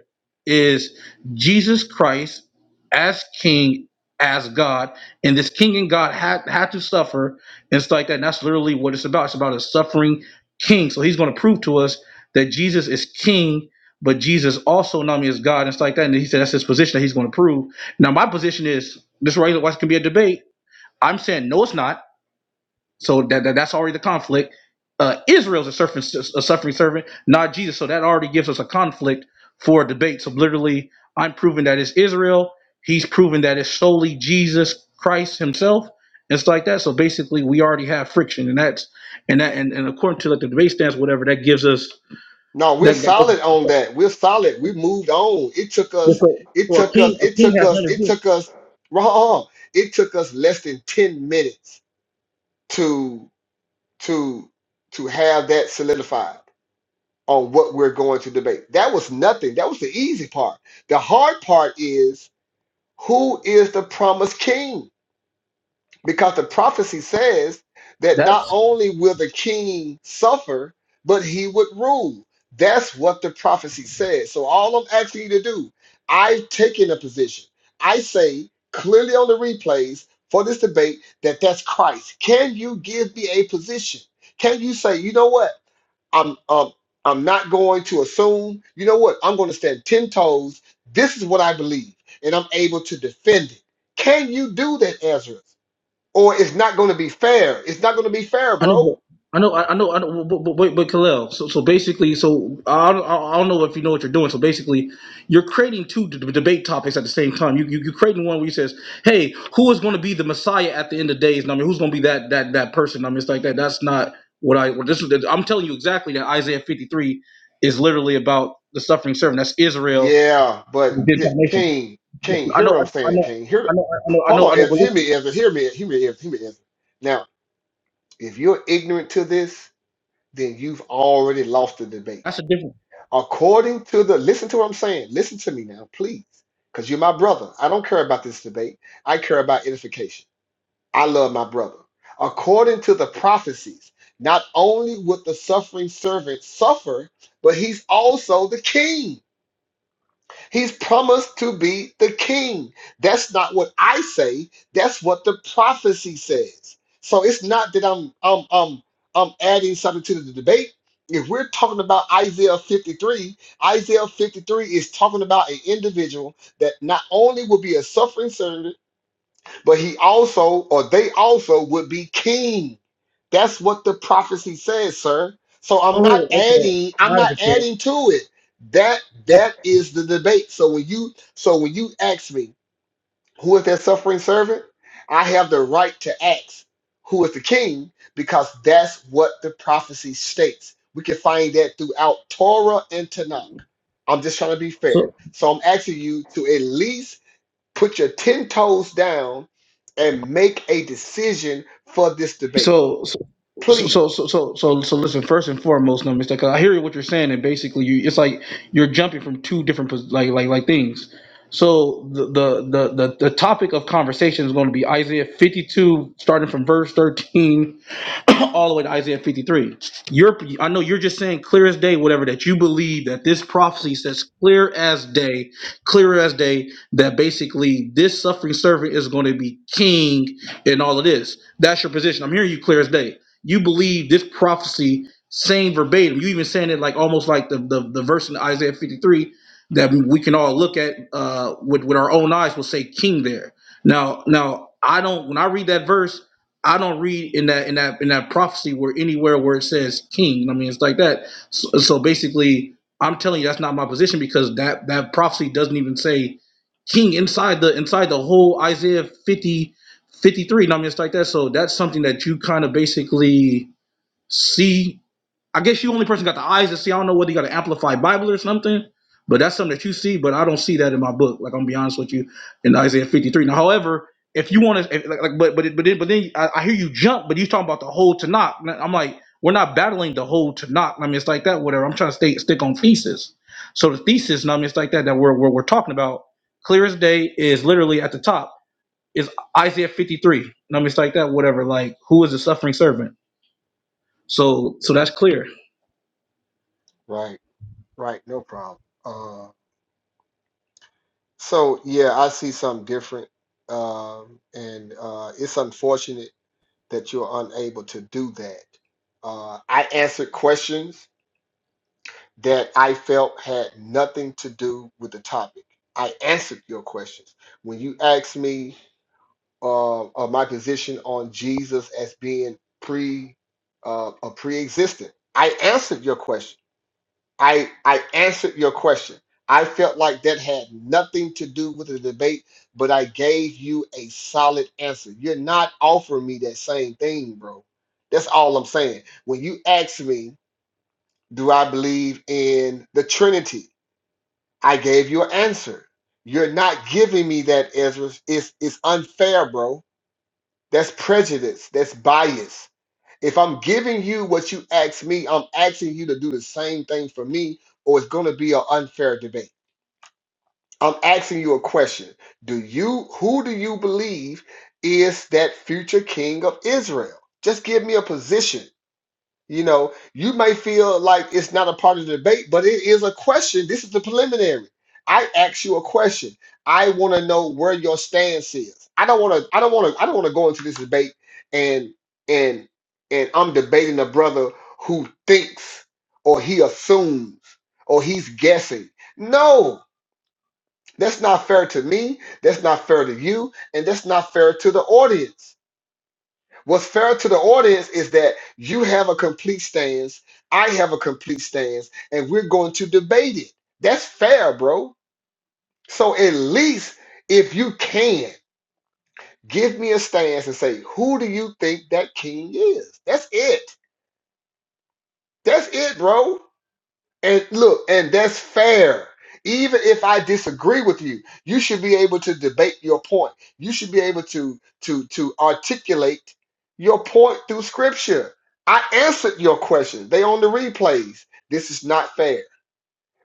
Speaker 1: is Jesus Christ as King, as God, and this King and God had had to suffer. And it's like that. And that's literally what it's about. It's about a suffering King. So he's going to prove to us that Jesus is King but Jesus also not only is God and stuff like that. And he said that's his position that he's going to prove. Now my position is this right why can be a debate. I'm saying no, it's not. So that, that that's already the conflict. Uh, Israel's a suffering a suffering servant, not Jesus. So that already gives us a conflict for a debate. So literally, I'm proving that it's Israel. He's proving that it's solely Jesus Christ Himself. and stuff like that. So basically, we already have friction, and that's and that and, and according to like the debate stance, whatever that gives us
Speaker 6: No, we're
Speaker 1: that.
Speaker 6: solid
Speaker 1: that
Speaker 6: on that. We're solid. We moved on. It took
Speaker 1: Yeah,
Speaker 6: us.
Speaker 1: so,
Speaker 6: It
Speaker 1: so a
Speaker 6: took us.
Speaker 1: king, a
Speaker 6: It
Speaker 1: king
Speaker 6: took
Speaker 1: has
Speaker 6: us.
Speaker 1: nothing
Speaker 6: It
Speaker 1: to do.
Speaker 6: took us. Wrong. It took us less than ten minutes to. to to have that solidified on what we're going to debate. That was nothing. That was the easy part. The hard part is who is the promised king? Because the prophecy says that
Speaker 1: That
Speaker 6: not only will the king suffer, but he would rule. That's what the prophecy says. So all I'm asking you to do, I've taken a position. I say clearly on the replays for this debate that that's Christ. Can you give me a position? Can you say, you know what? I'm um, I'm not going to assume. You know what? I'm going to stand ten toes. This is what I believe, and I'm able to defend it. Can you do that, Ezra? Or it's not going to be fair. It's not going to be fair,
Speaker 1: I know,
Speaker 6: bro.
Speaker 1: but I know, I I know, I know. But, but wait, but Kalel. So, so basically, so I don't, I don't know if you know what you're doing. So basically, you're creating two d- debate topics at the same time. You, you, you're creating one where you says, "Hey, who is going to be the Messiah at the end of days?" And I mean, who's going to be that that that person? I mean, it's like that. That's not what I. What this is. I'm telling you exactly that Isaiah 53 is literally about the suffering servant. That's Israel,
Speaker 6: Yeah,
Speaker 1: the
Speaker 6: but th-
Speaker 1: Gentile nation.
Speaker 6: King, King,
Speaker 1: I
Speaker 6: hear
Speaker 1: know,
Speaker 6: what
Speaker 1: I,
Speaker 6: I'm
Speaker 1: I
Speaker 6: saying,
Speaker 1: know,
Speaker 6: King.
Speaker 1: I know,
Speaker 6: Hear,
Speaker 1: I know, I
Speaker 6: hold
Speaker 1: know, I
Speaker 6: on,
Speaker 1: know.
Speaker 6: Ezra.
Speaker 1: But
Speaker 6: Hear
Speaker 1: listen,
Speaker 6: me, Ezra. Hear me, hear me, Ezra. Hear me, Ezra. Now, if you're ignorant to this, then you've already lost the debate.
Speaker 1: that's a different.
Speaker 6: According to the, listen to what I'm saying. Listen to me now, please. Because you're my brother. I don't care about this debate. I care about edification. I love my brother. According to the prophecies, not only would the suffering servant suffer, but he's also the king. He's promised to be the king. That's not what I say. That's what the prophecy says. So it's not that I'm I'm I'm, I'm adding something to the debate. If we're talking about Isaiah 53, Isaiah 53 is talking about an individual that not only will be a suffering servant, but he also, or they also, would be king. That's what the prophecy says, sir. So I'm not
Speaker 1: Oh, okay.
Speaker 6: adding, I'm
Speaker 1: I
Speaker 6: not
Speaker 1: understand.
Speaker 6: adding to it. That
Speaker 1: Oh,
Speaker 6: that is the debate. So when you so when you ask me who is that suffering servant, I have the right to ask who is the king because that's what the prophecy states. We can find that throughout Torah and Tanakh. I'm just trying to be fair.
Speaker 1: So,
Speaker 6: So I'm asking you to at least Put your 10 toes down and make a decision for this debate.
Speaker 1: so, so, so,
Speaker 6: Please.
Speaker 1: so, so, so, so so listen. First and foremost, no mistake. 'cause I hear what you're saying, and basically, you it's like you're jumping from two different pos- like like like things. So the the the the, the topic of conversation is going to be Isaiah 52, starting from verse 13 all the way to Isaiah 53. You're, I know you're just saying clear as day, whatever, that you believe that this prophecy says clear as day, clear as day, that basically this suffering servant is going to be king in all of this. That's your position. I'm hearing you clear as day. You believe this prophecy same verbatim. You even saying it like almost like the, the, the verse in Isaiah 53 that we can all look at uh, with, with our own eyes will say king there. Now, now I don't, when I read that verse, I don't read in that in that in that prophecy where anywhere where it says king. I mean, it's like that. So, so basically, I'm telling you that's not my position because that that prophecy doesn't even say king inside the inside the whole Isaiah 50 53. I mean, it's like that. So that's something that you kind of basically see I guess you only person got the eyes to see. I don't know whether you got an amplified Bible or something, but that's something that you see. But I don't see that in my book. Like I'm gonna be honest with you, in Isaiah 53. Now, however, if you want to, like, like, but but but then, but then I, I hear you jump, but you talking about the whole Tanakh. And I'm like, we're not battling the whole Tanakh. I mean, it's like that. Whatever. I'm trying to stay stick on thesis. So the thesis, and I mean, it's like that that we're we're, we're talking about. Clear as day is literally at the top is Isaiah 53. And I mean, it's like that. Whatever. Like, who is the suffering servant? So so that's clear.
Speaker 6: Right, right, no problem. Uh, so, yeah, I see something different. Um, and uh, it's unfortunate that you're unable to do that. Uh, I answered questions that I felt had nothing to do with the topic. I answered your questions. When you asked me uh, uh, my position on Jesus as being pre uh, a pre-existent. I answered your question. I I answered your question. I felt like that had nothing to do with the debate, but I gave you a solid answer. You're not offering me that same thing, bro. That's all I'm saying. When you asked me, do I believe in the Trinity? I gave you an answer. You're not giving me that, Ezra. It's it's unfair, bro that's prejudice. That's bias. If I'm giving you what you ask me, I'm asking you to do the same thing for me, or it's going to be an unfair debate. I'm asking you a question. Do you who do you believe is that future king of Israel? Just give me a position. You know, you may feel like it's not a part of the debate, but it is a question. This is the preliminary. I ask you a question. I want to know where your stance is. I don't want to. I don't want to. I don't want to go into this debate and and and I'm debating a brother who thinks or he assumes or he's guessing. No, that's not fair to me. That's not fair to you, and that's not fair to the audience. What's fair to the audience is that you have a complete stance, I have a complete stance, and we're going to debate it. That's fair, bro. So at least if you can, give me a stance and say, who do you think that king is? That's it. That's it, bro. And look, and that's fair. Even if I disagree with you, you should be able to debate your point. You should be able to to to articulate your point through scripture. I answered your question. They on the replays. This is not fair.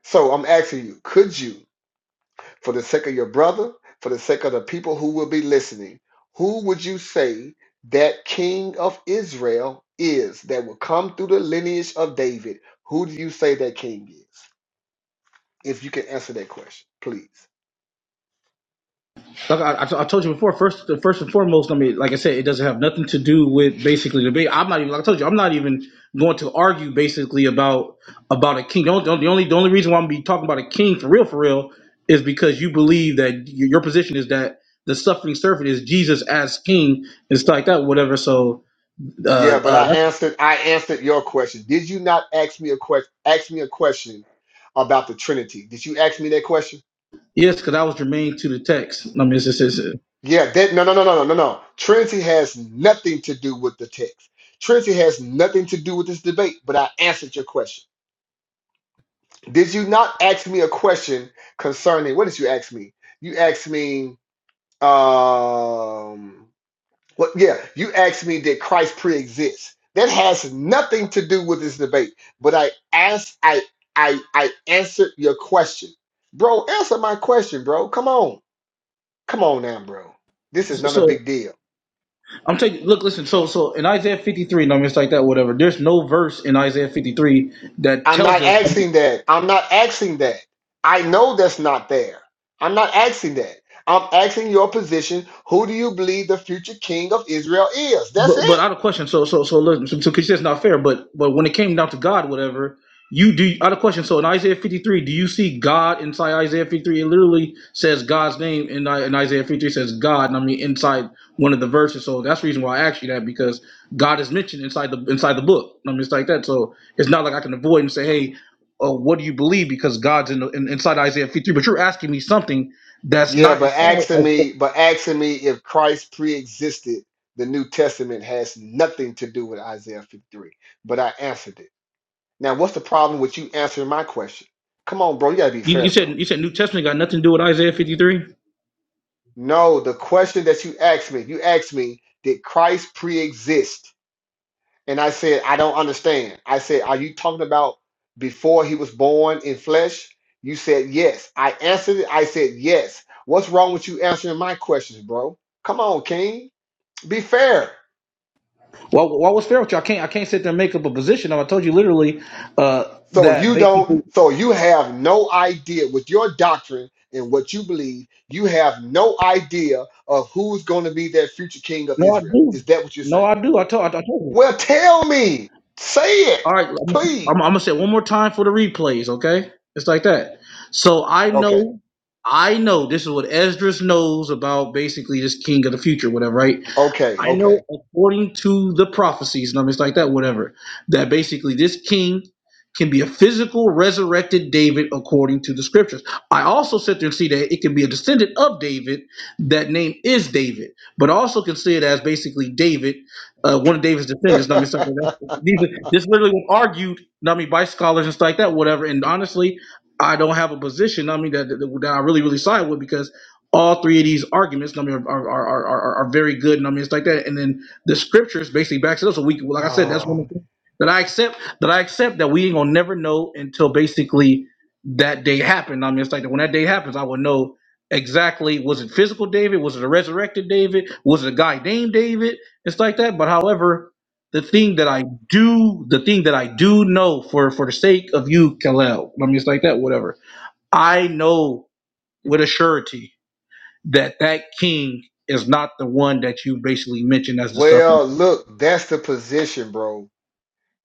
Speaker 6: So I'm asking you, could you, for the sake of your brother, for the sake of the people who will be listening, who would you say that king of Israel is that will come through the lineage of David? Who do you say that king is? If you can answer that question, please.
Speaker 1: Like I I told you before, first first and foremost, I mean, like I said, it doesn't have nothing to do with basically debate. I'm not even like I told you, I'm not even going to argue basically about about a king. The only the only, the only reason why I'm gonna be talking about a king for real for real is because you believe that y- your position is that the suffering servant is Jesus as king and stuff like that, whatever. So uh,
Speaker 6: Yeah, but
Speaker 1: uh,
Speaker 6: I
Speaker 1: that-
Speaker 6: answered I answered your question. Did you not ask me a question ask me a question about the Trinity? Did you ask me that question?
Speaker 1: yes, because I was germane to the text. I mean, it's, it's, it's,
Speaker 6: Yeah, that no no no no no no no. Trinity has nothing to do with the text. Trinity has nothing to do with this debate, but I answered your question. Did you not ask me a question concerning what did you ask me? You asked me um Well, yeah, you asked me did Christ pre-exist. That has nothing to do with this debate. But I asked, I, I, I answered your question, bro. Answer my question, bro. Come on, come on now, bro. This is not a
Speaker 1: so
Speaker 6: big deal.
Speaker 1: I'm taking look, listen. So, so in Isaiah 53, no, it's like that, whatever. There's no verse in Isaiah 53 that
Speaker 6: I'm not
Speaker 1: tells us
Speaker 6: asking that. I'm not asking that. I know that's not there. I'm not asking that. I'm asking your position. Who do you believe the future king of Israel is? That's it.
Speaker 1: But but out of question. So so so listen. So, so 'cause that's not fair. But but when it came down to God, whatever you do, out of question. So in Isaiah fifty three, do you see God inside Isaiah fifty three? It literally says God's name, and in, in Isaiah fifty three says God. And I mean inside one of the verses. So that's the reason why I asked you that because God is mentioned inside the inside the book. I mean it's like that. So it's not like I can avoid and say, hey, uh, what do you believe? Because God's in, the, in inside Isaiah fifty three. But you're asking me something that's
Speaker 6: Yeah,
Speaker 1: not
Speaker 6: but
Speaker 1: inside.
Speaker 6: asking
Speaker 1: Isaiah.
Speaker 6: me, but asking me if Christ pre-existed the New Testament has nothing to do with Isaiah 53. But I answered it. Now, what's the problem with you answering my question? Come on, bro, you gotta be
Speaker 1: You, you
Speaker 6: fair,
Speaker 1: said
Speaker 6: bro.
Speaker 1: you said New Testament got nothing to do with Isaiah fifty three.
Speaker 6: No, the question that you asked me, you asked me, did Christ pre-exist? And I said, I don't understand. I said, are you talking about before he was born in flesh? You said yes. I answered it. I said yes. What's wrong with you answering my questions, bro? Come on, King. Be fair.
Speaker 1: Well, what was fair with you? I can't. I can't sit there and make up a position. I told you literally uh,
Speaker 6: So
Speaker 1: that
Speaker 6: you don't,
Speaker 1: basically.
Speaker 6: so you have no idea with your doctrine and what you believe, you have no idea of who's going to be that future king of
Speaker 1: No, I
Speaker 6: Israel.
Speaker 1: do.
Speaker 6: Is that what you're
Speaker 1: No,
Speaker 6: saying?
Speaker 1: I do. I told. I, told you.
Speaker 6: Well, tell me. Say it,
Speaker 1: All right. I'm,
Speaker 6: please.
Speaker 1: I'm gonna say it one more time for the replays. Okay, it's like that. So I
Speaker 6: Okay,
Speaker 1: know. I know this is what Esdras knows about basically this king of the future, whatever, right?
Speaker 6: okay,
Speaker 1: I
Speaker 6: okay.
Speaker 1: know according to the prophecies, and I mean, it's like that, whatever, that basically this king can be a physical resurrected David according to the scriptures. I also sit there and see that it can be a descendant of David. That name is David, but I also can see it as basically David, uh, one of David's descendants. I mean, it's like that. These are- This literally was argued, I mean, by scholars and stuff like that, whatever. And honestly, I don't have a position, I mean, that, that, that I really, really side with because all three of these arguments I mean, are, are, are, are, are very good and I mean it's like that and then the scriptures basically backs it up so we like I said that's one
Speaker 6: oh,
Speaker 1: of the things that I accept that I accept that we ain't gonna never know until basically that day happened I mean it's like that when that day happens I will know exactly was it physical David was it a resurrected David was it a guy named David it's like that but however the thing that I do the thing that I do know for for the sake of you Kalel I mean it's like that whatever I know with a surety that that king is not the one that you basically mentioned as the suffering.
Speaker 6: well, look, that's the position, bro.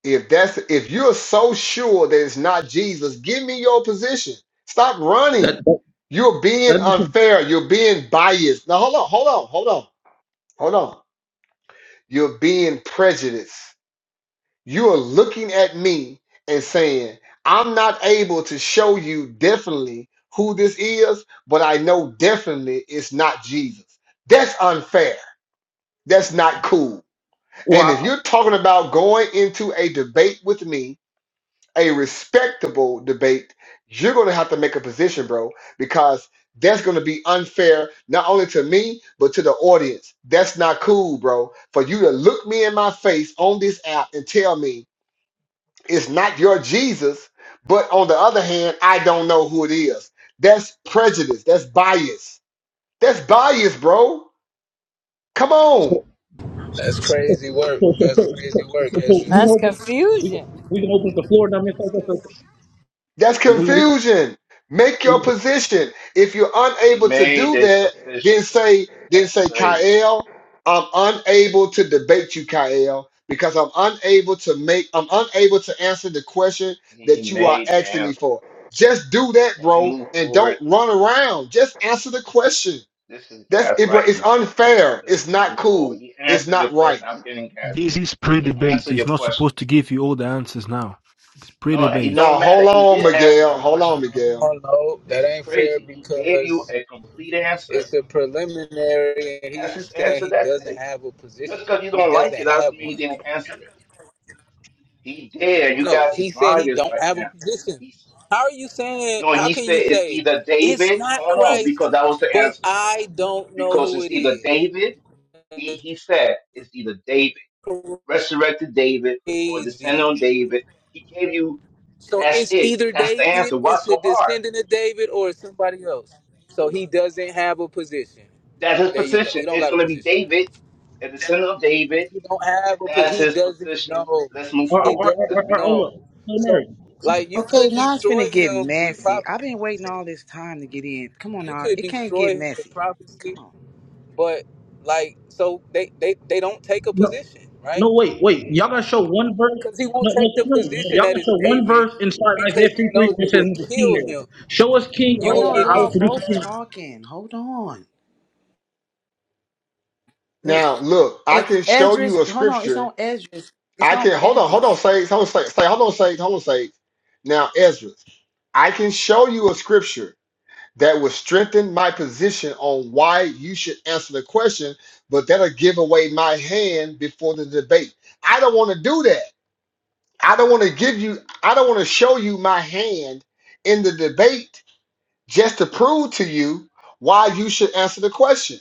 Speaker 6: If that's if you're so sure that it's not Jesus, give me your position. Stop
Speaker 1: That
Speaker 6: running.
Speaker 1: that,
Speaker 6: You're being
Speaker 1: that doesn't-
Speaker 6: unfair. You're being biased. Now hold on, hold on, hold on, hold on. You're being prejudiced. You are looking at me and saying, I'm not able to show you definitely who this is, but I know definitely it's not Jesus. That's unfair. That's not cool. And if
Speaker 1: well,
Speaker 6: you're talking about going into a debate with me a respectable debate, you're going to have to make a position, bro, because that's going to be unfair not only to me but to the audience. That's not cool, bro. For you to look me in my face on this app and tell me it's not your Jesus, but on the other hand, I don't know who it is. That's prejudice. That's bias. That's bias, bro. Come
Speaker 1: I-
Speaker 6: on.
Speaker 1: so, so, so, so,
Speaker 8: That's
Speaker 1: so,
Speaker 8: crazy work. That's
Speaker 1: so,
Speaker 8: crazy
Speaker 1: so, so,
Speaker 8: work,
Speaker 1: so we
Speaker 8: Ezra.
Speaker 1: gonna
Speaker 7: That's
Speaker 1: open we
Speaker 7: confusion.
Speaker 1: we can open the floor. now. mean, so, so, so,
Speaker 6: That's
Speaker 1: we, we,
Speaker 6: confusion. Make your
Speaker 1: we,
Speaker 6: position. If you're
Speaker 9: He
Speaker 6: unable to
Speaker 9: made
Speaker 6: do
Speaker 9: this
Speaker 6: that, then
Speaker 9: position.
Speaker 6: say, then
Speaker 9: That's
Speaker 6: say,
Speaker 9: crazy.
Speaker 6: Kyle, I'm unable to debate you, Kyle, because I'm unable to make, I'm unable to answer the question
Speaker 9: He
Speaker 6: that you are
Speaker 9: made the
Speaker 6: asking me
Speaker 9: answer.
Speaker 6: for. Just do that,
Speaker 9: Can we
Speaker 6: bro,
Speaker 9: move
Speaker 6: and don't
Speaker 9: forward?
Speaker 6: run around. Just answer the question.
Speaker 9: This is
Speaker 6: That's it, bro.
Speaker 9: gaslighting
Speaker 6: It's
Speaker 9: the brother.
Speaker 6: unfair.
Speaker 9: Let's
Speaker 6: It's not
Speaker 9: move forward.
Speaker 6: cool.
Speaker 9: He
Speaker 6: It's
Speaker 9: answered your
Speaker 6: not right.
Speaker 9: question. I'm getting
Speaker 10: This
Speaker 9: gaslit.
Speaker 10: is
Speaker 9: He
Speaker 10: pre-debate.
Speaker 9: answered
Speaker 10: He's
Speaker 9: your
Speaker 10: not
Speaker 9: question.
Speaker 10: supposed to give you all the answers now. It's
Speaker 9: No, it
Speaker 10: pre-debate.
Speaker 6: Now,
Speaker 9: don't matter.
Speaker 6: hold
Speaker 9: He
Speaker 6: on,
Speaker 9: did answer the
Speaker 6: Miguel. Hold
Speaker 8: I
Speaker 6: on,
Speaker 9: question.
Speaker 6: Miguel.
Speaker 8: don't know. That
Speaker 9: This is
Speaker 8: ain't fair
Speaker 9: crazy. He gave you
Speaker 8: because
Speaker 9: a complete answer.
Speaker 8: it's a preliminary, and
Speaker 9: That's his
Speaker 8: he's saying
Speaker 9: answer.
Speaker 8: he
Speaker 9: That's
Speaker 8: doesn't
Speaker 9: it.
Speaker 8: have a position.
Speaker 9: Just because you
Speaker 8: He
Speaker 9: don't like it,
Speaker 8: doesn't
Speaker 9: that
Speaker 8: have
Speaker 9: doesn't mean he
Speaker 8: one.
Speaker 9: didn't answer it. He did. You
Speaker 8: No,
Speaker 9: guys
Speaker 8: he
Speaker 9: is
Speaker 8: said he
Speaker 9: liars
Speaker 8: don't
Speaker 9: right
Speaker 8: have a
Speaker 9: now.
Speaker 8: position.
Speaker 9: He's,
Speaker 8: How are you saying?
Speaker 9: no,
Speaker 8: How
Speaker 9: he
Speaker 8: can
Speaker 9: said
Speaker 8: you
Speaker 9: it's
Speaker 8: say
Speaker 9: either
Speaker 8: it's
Speaker 9: David.
Speaker 8: not
Speaker 9: Hold on, because
Speaker 8: Christ,
Speaker 9: that was the
Speaker 8: but
Speaker 9: answer.
Speaker 8: I don't know
Speaker 9: because
Speaker 8: who
Speaker 9: it's
Speaker 8: it
Speaker 9: either
Speaker 8: is?
Speaker 9: David, he,
Speaker 8: That's
Speaker 9: he said it's either David, resurrected David, or descendant
Speaker 8: crazy.
Speaker 9: on David. He gave you
Speaker 8: So
Speaker 9: that's
Speaker 8: it's
Speaker 9: it.
Speaker 8: either
Speaker 9: That's the answer.
Speaker 8: David,
Speaker 9: What's
Speaker 8: it's a
Speaker 9: so hard?
Speaker 8: descendant of David, or it's somebody else. So he doesn't have a position.
Speaker 9: That's his
Speaker 8: There you go. He
Speaker 9: position.
Speaker 8: don't
Speaker 9: It's
Speaker 8: got a
Speaker 9: going to be
Speaker 8: position, man.
Speaker 9: David, the descendant of David.
Speaker 8: He don't have a. po-
Speaker 9: That's
Speaker 8: He
Speaker 9: his
Speaker 8: doesn't
Speaker 9: position.
Speaker 8: know.
Speaker 9: Let's move
Speaker 1: our, our,
Speaker 8: He
Speaker 1: our,
Speaker 9: forward. Let's
Speaker 8: doesn't
Speaker 1: our, our,
Speaker 9: be going.
Speaker 8: know.
Speaker 1: hold up, Hail
Speaker 8: So
Speaker 1: Mary.
Speaker 8: like you
Speaker 2: Okay,
Speaker 8: could
Speaker 2: now it's finna
Speaker 8: destroy
Speaker 2: get
Speaker 8: him with
Speaker 2: messy.
Speaker 8: prophecy.
Speaker 2: I've been waiting all this time to get in. Come on
Speaker 8: You
Speaker 2: now.
Speaker 8: could
Speaker 2: It can't get
Speaker 8: destroy him with
Speaker 2: messy.
Speaker 8: prophecy,
Speaker 2: Come on.
Speaker 8: but like so they they they don't take a
Speaker 1: No,
Speaker 8: position, right?
Speaker 1: no, wait, wait. Y'all gotta show one verse.
Speaker 8: Because he won't
Speaker 1: No, no,
Speaker 8: take the
Speaker 1: no, no.
Speaker 8: position
Speaker 1: Y'all
Speaker 8: that
Speaker 1: gotta
Speaker 8: is
Speaker 1: show one
Speaker 8: David,
Speaker 1: verse inside Isaiah
Speaker 8: because he
Speaker 1: 53 where
Speaker 8: knows you
Speaker 1: it says
Speaker 8: will
Speaker 1: he's a king
Speaker 8: kill him.
Speaker 1: there. Show us king, and I
Speaker 8: You
Speaker 2: Hold
Speaker 8: will
Speaker 1: will,
Speaker 2: on,
Speaker 8: get
Speaker 1: I will
Speaker 2: y'all
Speaker 8: destroyed
Speaker 1: produce a
Speaker 2: both
Speaker 1: king
Speaker 2: talking. Hold on.
Speaker 6: Now, look, I
Speaker 2: Ed-
Speaker 6: can show
Speaker 2: Edris,
Speaker 6: you a
Speaker 2: hold on, it's
Speaker 6: scripture
Speaker 2: on Edris. It's
Speaker 6: I
Speaker 2: on
Speaker 6: can hold on, hold on,
Speaker 2: Edris.
Speaker 6: say, hold on, say, say, hold on, say, hold on, say. Now, Ezra, I can show you a scripture that will strengthen my position on why you should answer the question, but that'll give away my hand before the debate. I don't want to do that. I don't want to give you, I don't want to show you my hand in the debate just to prove to you why you should answer the question.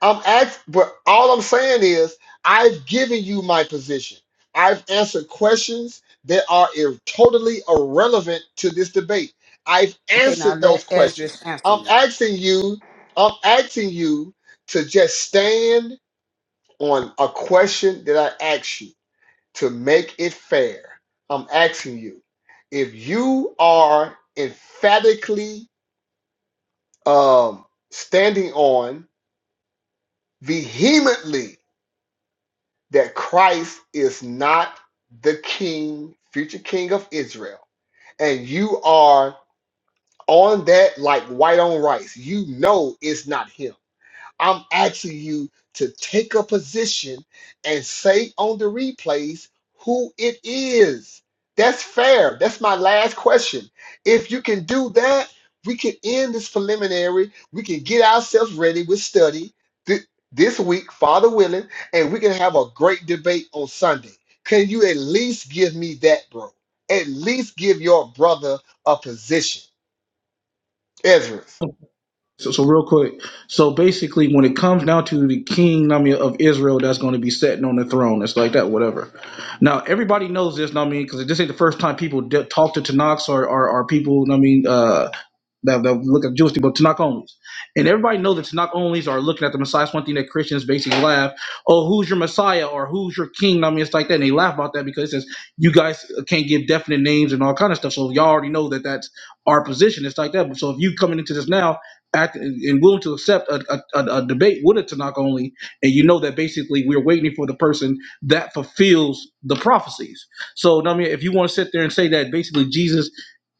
Speaker 6: I'm act, but all I'm saying is I've given you my position. I've answered questions that are ir- totally irrelevant to this debate. I've
Speaker 2: Okay, now
Speaker 6: answered
Speaker 2: let
Speaker 6: those questions.
Speaker 2: Edris answer
Speaker 6: I'm
Speaker 2: you.
Speaker 6: asking you, I'm asking you to just stand on a question that I asked you to make it fair. I'm asking you if you are emphatically um, standing on vehemently that Christ is not the king, future king of Israel, and you are on that like white on rice. You know it's not him I'm asking you to take a position and say on the replays who it is. That's fair. That's my last question. If you can do that, we can end this preliminary. We can get ourselves ready with study th- this week, Father willing, and we can have a great debate on Sunday. Can you at least give me that, bro? At least give your brother a position, Ezra.
Speaker 1: So, so real quick. So basically, when it comes down to the king, know what I mean, of Israel, that's going to be sitting on the throne. It's like that, whatever. Now, everybody knows this, know what I mean, because this ain't the first time people d- talk to Tanakh or, or, or people, know what I mean, uh, that, that look at Jewish people, Tanakh onlys. And everybody knows that Tanakh onlys are looking at the Messiah. It's one thing that Christians basically laugh, oh, who's your Messiah or who's your king? I mean, it's like that. And they laugh about that because it says you guys can't give definite names and all kind of stuff. So y'all already know that that's our position. It's like that. But So if you coming into this now act, and willing to accept a, a, a a debate with a Tanakh only, and you know that basically we're waiting for the person that fulfills the prophecies. So, I mean, if you want to sit there and say that basically Jesus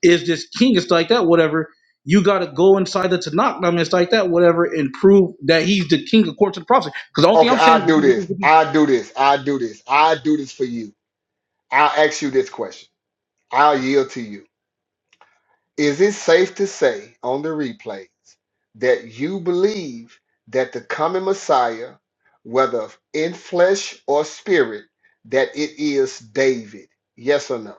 Speaker 1: is this king, it's like that, whatever you got to go inside the Tanakh, I mean, it's like that, whatever, and prove that he's the king of courts the prophecy. Because the only thing
Speaker 6: Okay,
Speaker 1: I'm saying,
Speaker 6: I'll do
Speaker 1: with- with-
Speaker 6: this.
Speaker 1: with-
Speaker 6: I'll do this. I'll do this. I'll do this for you. I'll ask you this question. I'll yield to you. Is it safe to say on the replays that you believe that the coming Messiah, whether in flesh or spirit, that it is David? Yes or no?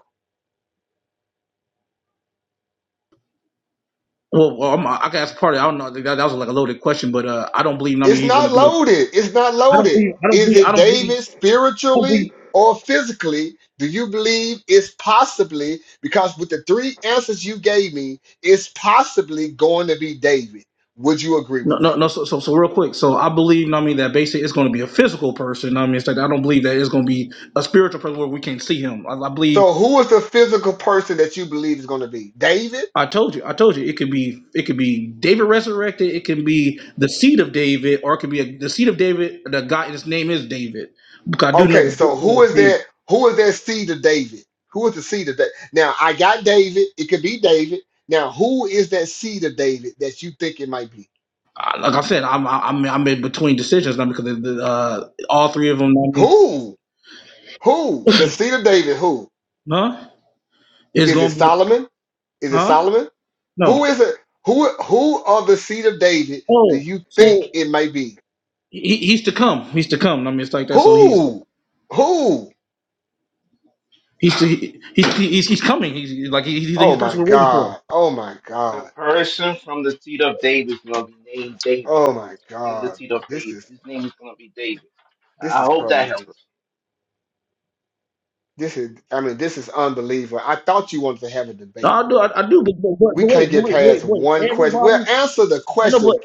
Speaker 1: well, well I'm, I can ask part of it. I don't know. That, that was like a loaded question, but uh, I don't believe. I
Speaker 6: It's
Speaker 1: mean, he's going to
Speaker 6: not
Speaker 1: be. I
Speaker 6: loaded. It's not
Speaker 1: don't
Speaker 6: loaded.
Speaker 1: believe. I don't
Speaker 6: Is
Speaker 1: believe. I
Speaker 6: it
Speaker 1: don't believe.
Speaker 6: David
Speaker 1: I don't
Speaker 6: spiritually
Speaker 1: believe.
Speaker 6: or physically? Do you believe it's possibly, because with the three answers you gave me, it's possibly going to be David? Would you agree
Speaker 1: No,
Speaker 6: with
Speaker 1: no,
Speaker 6: that?
Speaker 1: no. So, so, so real quick. So, I believe. I mean, that basically it's going to be a physical person. I mean, it's like I don't believe that it's going to be a spiritual person where we can see him. I, I believe.
Speaker 6: So, who is the physical person that you believe is going to be? David?
Speaker 1: I told you. I told you. It could be. It could be David resurrected. It can be the seed of David, or it could be a, the seed of David. The guy. His name is David. Because I do know
Speaker 6: Okay,
Speaker 1: the book
Speaker 6: so who
Speaker 1: says
Speaker 6: is
Speaker 1: David.
Speaker 6: that? Who is that seed of David? Who is the seed of David? Now, I got David. It could be David. Now, who is that seed of David that you think it might be?
Speaker 1: Uh, Like I said, I'm I'm I'm in between decisions now because of the, uh, all three of them. I mean,
Speaker 6: Who? Who? The seed of David, who?
Speaker 1: huh? It's
Speaker 6: Is it
Speaker 1: gonna be
Speaker 6: Solomon? Is it
Speaker 1: huh?
Speaker 6: Solomon? Who
Speaker 1: No.
Speaker 6: is it? Who who of the seed of David do
Speaker 1: Oh,
Speaker 6: you think
Speaker 1: so
Speaker 6: it may be?
Speaker 1: he, he's to come. He's to come. I mean, it's like that. So he's
Speaker 6: Who? Who?
Speaker 1: he's he, he's, he's he's coming. He's like he, he's, he's
Speaker 6: Oh
Speaker 1: the
Speaker 6: my
Speaker 1: person we're waiting for.
Speaker 6: God. Oh my
Speaker 9: The
Speaker 6: God.
Speaker 9: person from the seed of David is going to be named David.
Speaker 6: Oh my
Speaker 9: From the
Speaker 6: God,
Speaker 9: seed of
Speaker 6: bro. This
Speaker 9: David,
Speaker 6: is
Speaker 9: his name is going to be David.
Speaker 6: this
Speaker 9: I
Speaker 6: is
Speaker 9: hope that
Speaker 6: crazy. bro.
Speaker 9: helps.
Speaker 6: This is I mean, this is unbelievable. I thought you wanted to have a
Speaker 1: No,
Speaker 6: debate,
Speaker 1: I do.
Speaker 6: bro.
Speaker 1: I, I do. But, but, but wait,
Speaker 6: We
Speaker 1: but
Speaker 6: can't get
Speaker 1: wait, but wait,
Speaker 6: past
Speaker 1: but
Speaker 6: one
Speaker 1: wait.
Speaker 6: question. Well,
Speaker 1: Everybody
Speaker 6: answer the
Speaker 1: I know, but
Speaker 6: question,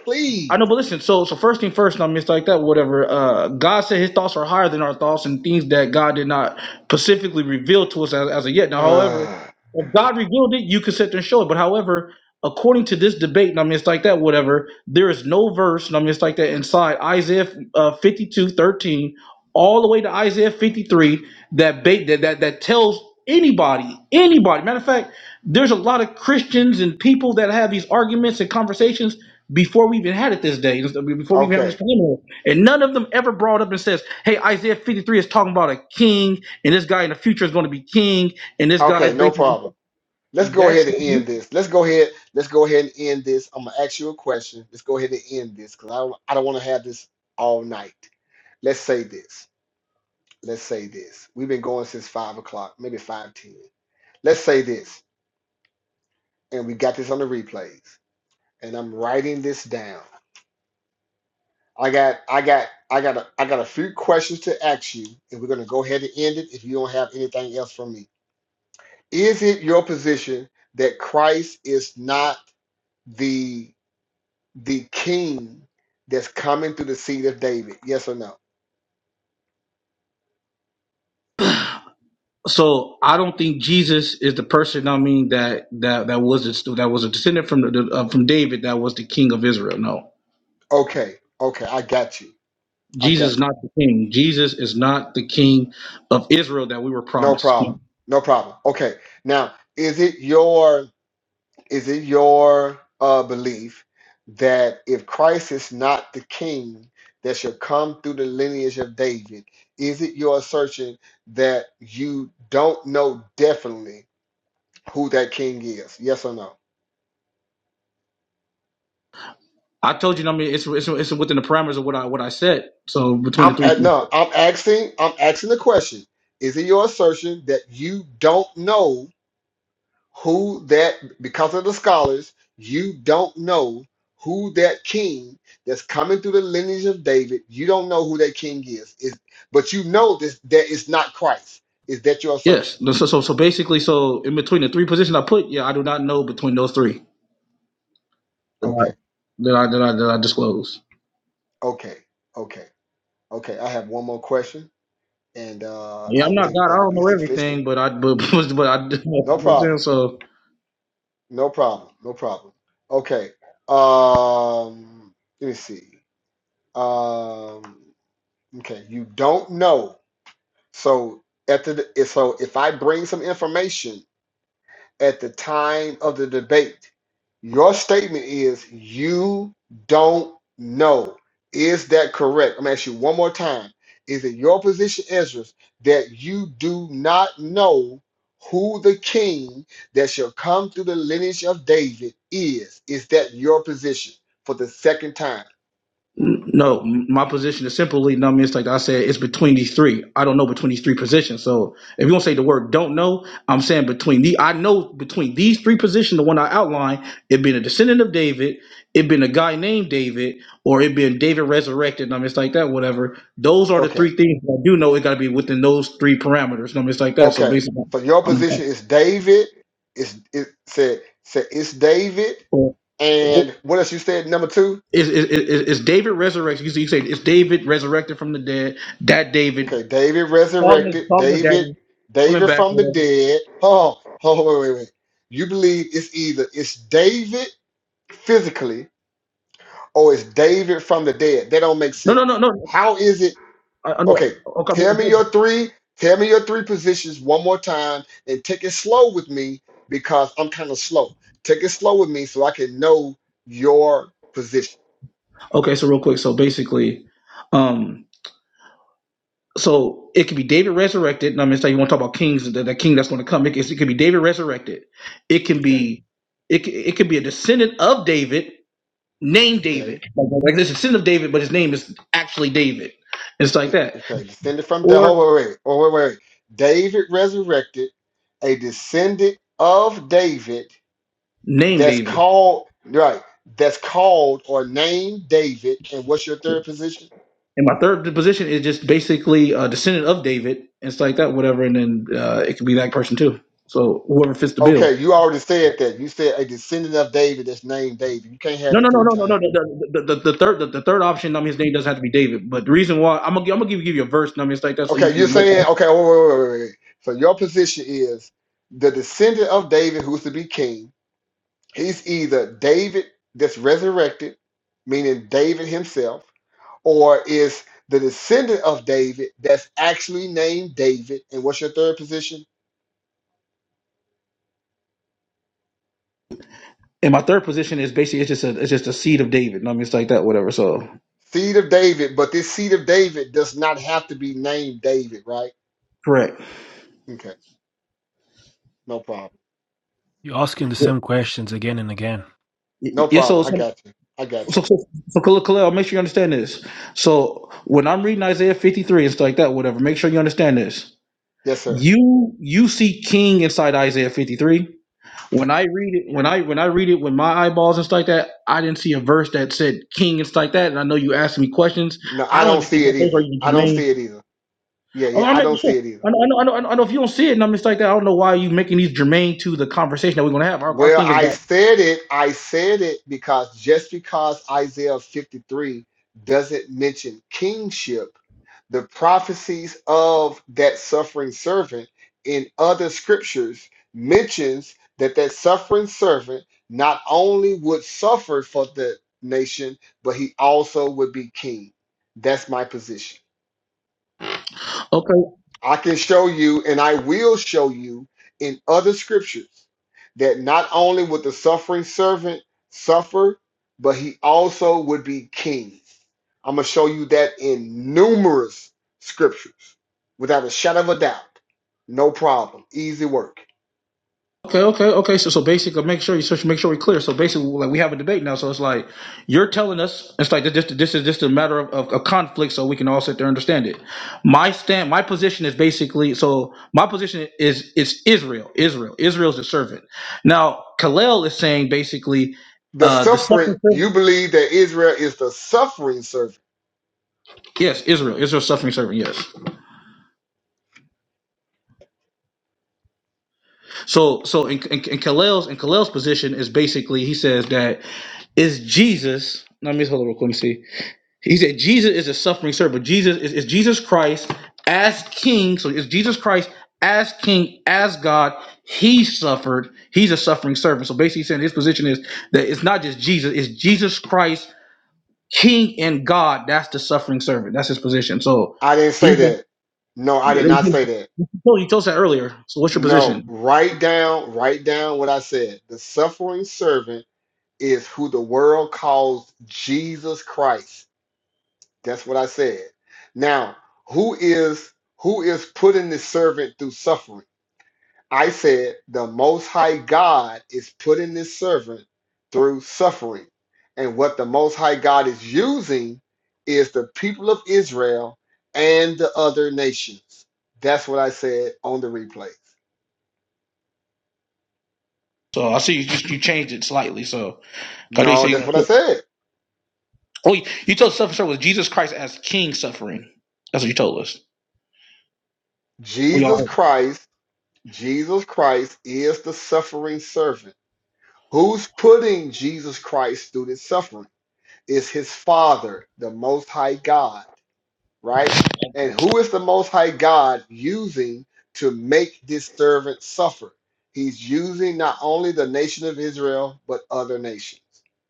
Speaker 1: I
Speaker 6: please.
Speaker 1: know, but listen. So, so first thing first, I mean, it's like that. Whatever. Uh, God said His thoughts are higher than our thoughts, and things that God did not specifically reveal to us as, as of yet. Now, however,
Speaker 6: Ah,
Speaker 1: if God revealed it, you can sit there and show it. But however, according to this debate, and I mean, it's like that. Whatever. There is no verse, and I mean, it's like that inside Isaiah uh, fifty-two thirteen, all the way to Isaiah fifty-three that bait that that that tells anybody, anybody. Matter of fact, there's a lot of Christians and people that have these arguments and conversations before we even had it this day, before we even had this
Speaker 6: okay.
Speaker 1: preliminary. And none of them ever brought up and says, hey, Isaiah 53 is talking about a king, and this guy in the future is going to be king, and this guy is
Speaker 6: Okay, no
Speaker 1: basically
Speaker 6: problem. Let's go ahead
Speaker 1: that's
Speaker 6: and end this. Let's go ahead. Let's go ahead and end this. I'm gonna ask you a question. Let's go ahead and end this because I don't. I don't want to have this all night. Let's say this. Let's say this. We've been going since five o'clock, maybe five ten. Let's say this, and we got this on the replays. And I'm writing this down. I got. I got. I got. A, I got a few questions to ask you, and we're gonna go ahead and end it. If you don't have anything else from me, is it your position that Christ is not the the king that's coming through the seed of David? Yes or no?
Speaker 1: so I don't think Jesus is the person. I mean that that that was a, that was a descendant from the, uh, from David that was the king of Israel. No,
Speaker 6: Okay, okay, I got you. I got
Speaker 1: Jesus is not the king. Jesus is not the king of Israel that we were
Speaker 6: you. No
Speaker 1: promised.
Speaker 6: problem. No problem. Okay. Now, is it your is it your uh belief that if Christ is not the king that shall come through the lineage of David, is it your assertion that you don't know definitely who that king is? Yes or no?
Speaker 1: I told you. I mean, it's it's, it's within the parameters of what I what I said. So between the
Speaker 6: I'm at
Speaker 1: three.
Speaker 6: no, I'm asking, I'm asking the question. Is it your assertion that you don't know who that because of the scholars, you don't know who that king that's coming through the lineage of David, you don't know who that king is. Is but you know this that it's not Christ. Is that your assertion?
Speaker 1: Yes. No, So, so so basically, so in between the three positions I put, yeah, I do not know between those three that
Speaker 6: Okay,
Speaker 1: I that I that I, that I disclose.
Speaker 6: okay, okay, okay. I have one more question and uh
Speaker 1: Yeah,
Speaker 6: I
Speaker 1: I'm not
Speaker 6: think
Speaker 1: God. I
Speaker 6: that'll
Speaker 1: don't
Speaker 6: be
Speaker 1: know
Speaker 6: sufficient.
Speaker 1: everything, but I but but, I
Speaker 6: No problem.
Speaker 1: so.
Speaker 6: No problem. No problem. Okay. Um, let me see. Um, okay. You don't know. So at the so if I bring some information at the time of the debate. Your statement is you don't know. Is that correct? I'm gonna ask you one more time. Is it your position, Ezra, that you do not know who the king that shall come through the lineage of David is? Is that your position for the second time?
Speaker 1: No, my position is simply, no, I mean, it's like I said, it's between these three. I don't know between these three positions. So if you want to say the word don't know, I'm saying between the, I know between these three positions, the one I outlined, it being a descendant of David, it being a guy named David, or it being David resurrected, I mean, it's like that, whatever. Those are the
Speaker 6: Okay,
Speaker 1: three things that I do know. It got to be within those three parameters, I mean, it's like that. So
Speaker 6: okay.
Speaker 1: basically,
Speaker 6: So your
Speaker 1: I'm,
Speaker 6: position is David. It's it said said it's David?
Speaker 1: or, or-
Speaker 6: And what else you said? Number two.
Speaker 1: is, is, is is David resurrected? You say you say, it's David resurrected from the dead. That David
Speaker 6: Okay, David
Speaker 1: Call me,
Speaker 6: resurrected.
Speaker 1: call me
Speaker 6: David,
Speaker 1: daddy. Coming
Speaker 6: David
Speaker 1: back,
Speaker 6: from the
Speaker 1: whatever.
Speaker 6: dead. Oh, oh, wait, wait, wait. You believe it's either it's David physically or it's David from the dead. That don't make
Speaker 1: No, no, no,
Speaker 6: sense.
Speaker 1: no.
Speaker 6: How is it?
Speaker 1: I, I know.
Speaker 6: Okay,
Speaker 1: Okay,
Speaker 6: tell me your three. Tell me your three positions one more time, and take it slow with me because I'm kind of slow. Take it slow with me so I can know your position.
Speaker 1: okay. So real quick. So basically, um, so it could be David resurrected. And I'm gonna say you want to talk about kings, the, the king that's going to come. It, could- it could be David resurrected. It can
Speaker 6: Okay,
Speaker 1: be, it c- it could be a descendant of David named
Speaker 6: okay.
Speaker 1: David. Like, like this descendant of David, but his name is actually David. It's like that,
Speaker 6: Okay, descended from the
Speaker 1: or
Speaker 6: oh, wait, wait, oh, wait, wait. wait. David resurrected, a descendant of David
Speaker 1: named
Speaker 6: that's
Speaker 1: David.
Speaker 6: called right, that's called or named David. And what's your third position?
Speaker 1: And my third position is just basically a descendant of David and stuff like that, whatever. And then uh, it could be that person too. So whoever fits the bill.
Speaker 6: Okay, you already said that. You said a descendant of David that's named David. You can't have
Speaker 1: No, no,
Speaker 6: it
Speaker 1: no,
Speaker 6: three
Speaker 1: no, no,
Speaker 6: times.
Speaker 1: no. The, the, the, the third, the, the third option. I mean, his name doesn't have to be David, but the reason why I'm gonna, gi- I'm gonna give, give you a verse. I mean, it's like that, so
Speaker 6: Okay,
Speaker 1: you can.
Speaker 6: you're
Speaker 1: Look
Speaker 6: saying
Speaker 1: up.
Speaker 6: okay. Wait, wait, wait, wait, wait. So your position is the descendant of David who's to be king. He's either David that's resurrected, meaning David himself or is the descendant of David that's actually named David. And what's your third position?
Speaker 1: And my third position is basically it's just a, it's just a seed of David. I mean, it's like that, whatever. So
Speaker 6: Seed of David, but this seed of David does not have to be named David, right?
Speaker 1: correct.
Speaker 6: Okay, no problem.
Speaker 10: You're asking the
Speaker 1: Yeah.
Speaker 10: same questions again and again.
Speaker 1: yeah,
Speaker 6: No
Speaker 1: yeah, So,
Speaker 6: problem. I
Speaker 1: so,
Speaker 6: got you. I got
Speaker 1: so,
Speaker 6: you.
Speaker 1: so, so Khalil, Khalil, make sure you understand this. So when I'm reading Isaiah 53 and stuff like that, whatever, make sure you understand this.
Speaker 6: Yes, sir.
Speaker 1: You you see King inside Isaiah 53. When I read it, when I when I read it with my eyeballs and stuff like that, I didn't see a verse that said King and stuff like that. And I know you asked me questions.
Speaker 6: No,
Speaker 1: I
Speaker 6: I
Speaker 1: don't
Speaker 6: don't
Speaker 1: even think
Speaker 6: see it
Speaker 1: that those are
Speaker 6: either.
Speaker 1: even
Speaker 6: I don't see
Speaker 1: germane.
Speaker 6: it either. Yeah,
Speaker 1: Oh,
Speaker 6: yeah,
Speaker 1: I'm
Speaker 6: I
Speaker 1: making
Speaker 6: don't
Speaker 1: sure.
Speaker 6: see it either.
Speaker 1: I know, I know, I know, I know I know if you don't see it and I'm just like that, I don't know why you making these germane to the conversation that we're gonna have. Our, our
Speaker 6: Well,
Speaker 1: thing is
Speaker 6: I
Speaker 1: about
Speaker 6: said it. I said it because just because Isaiah 53 doesn't mention kingship, the prophecies of that suffering servant in other scriptures mentions that that suffering servant not only would suffer for the nation, but he also would be king. That's my position.
Speaker 1: okay.
Speaker 6: I can show you, and I will show you in other scriptures that not only would the suffering servant suffer, but he also would be king. I'm going to show you that in numerous scriptures without a shadow of a doubt. No problem. Easy work.
Speaker 1: Okay, okay, okay. So, so basically, make sure you so make sure we're clear. So basically, like we have a debate now. So it's like you're telling us it's like this. This is just a matter of, of, of conflict, so we can all sit there and understand it. My stand, my position is basically so. My position is it's Israel. Israel. Israel's the servant. Now, Kalel is saying basically
Speaker 6: The
Speaker 1: uh the
Speaker 6: suffering,
Speaker 1: suffering servant.
Speaker 6: you believe that Israel is the suffering servant.
Speaker 1: Yes, Israel. Israel's suffering servant. Yes. So, so in, in, in Kalel's in Kalel's position is basically he says that is Jesus. Let me hold on real quick. Let me see. He said Jesus is a suffering servant. Jesus is, is Jesus Christ as King. So it's Jesus Christ as King, as God. He suffered. He's a suffering servant. So basically, saying his position is that it's not just Jesus. It's Jesus Christ, King and God. That's the suffering servant. That's his position. So
Speaker 6: I didn't
Speaker 1: he.
Speaker 6: say that. No, I did not say that.
Speaker 1: Oh, you told us that earlier. So what's your
Speaker 6: No,
Speaker 1: position?
Speaker 6: write down, write down what I said. The suffering servant is who the world calls Jesus Christ. That's what I said. Now, who is who is putting this servant through suffering? I said the most high God is putting this servant through suffering. And what the most high God is using is the people of Israel and the other nations. That's what I said on the replays.
Speaker 1: So I see you, just you changed it slightly. So God, they
Speaker 6: No,
Speaker 1: say
Speaker 6: that's what I
Speaker 1: you.
Speaker 6: said.
Speaker 1: Oh, you, told us suffering servant was Jesus Christ as King suffering. That's what you told us. We all
Speaker 6: Jesus Christ, Jesus Christ is the suffering servant Who's putting Jesus Christ through this suffering? Is his Father, the Most High God, right? And who is the Most High God using to make this servant suffer? He's using not only the nation of Israel, but other nations.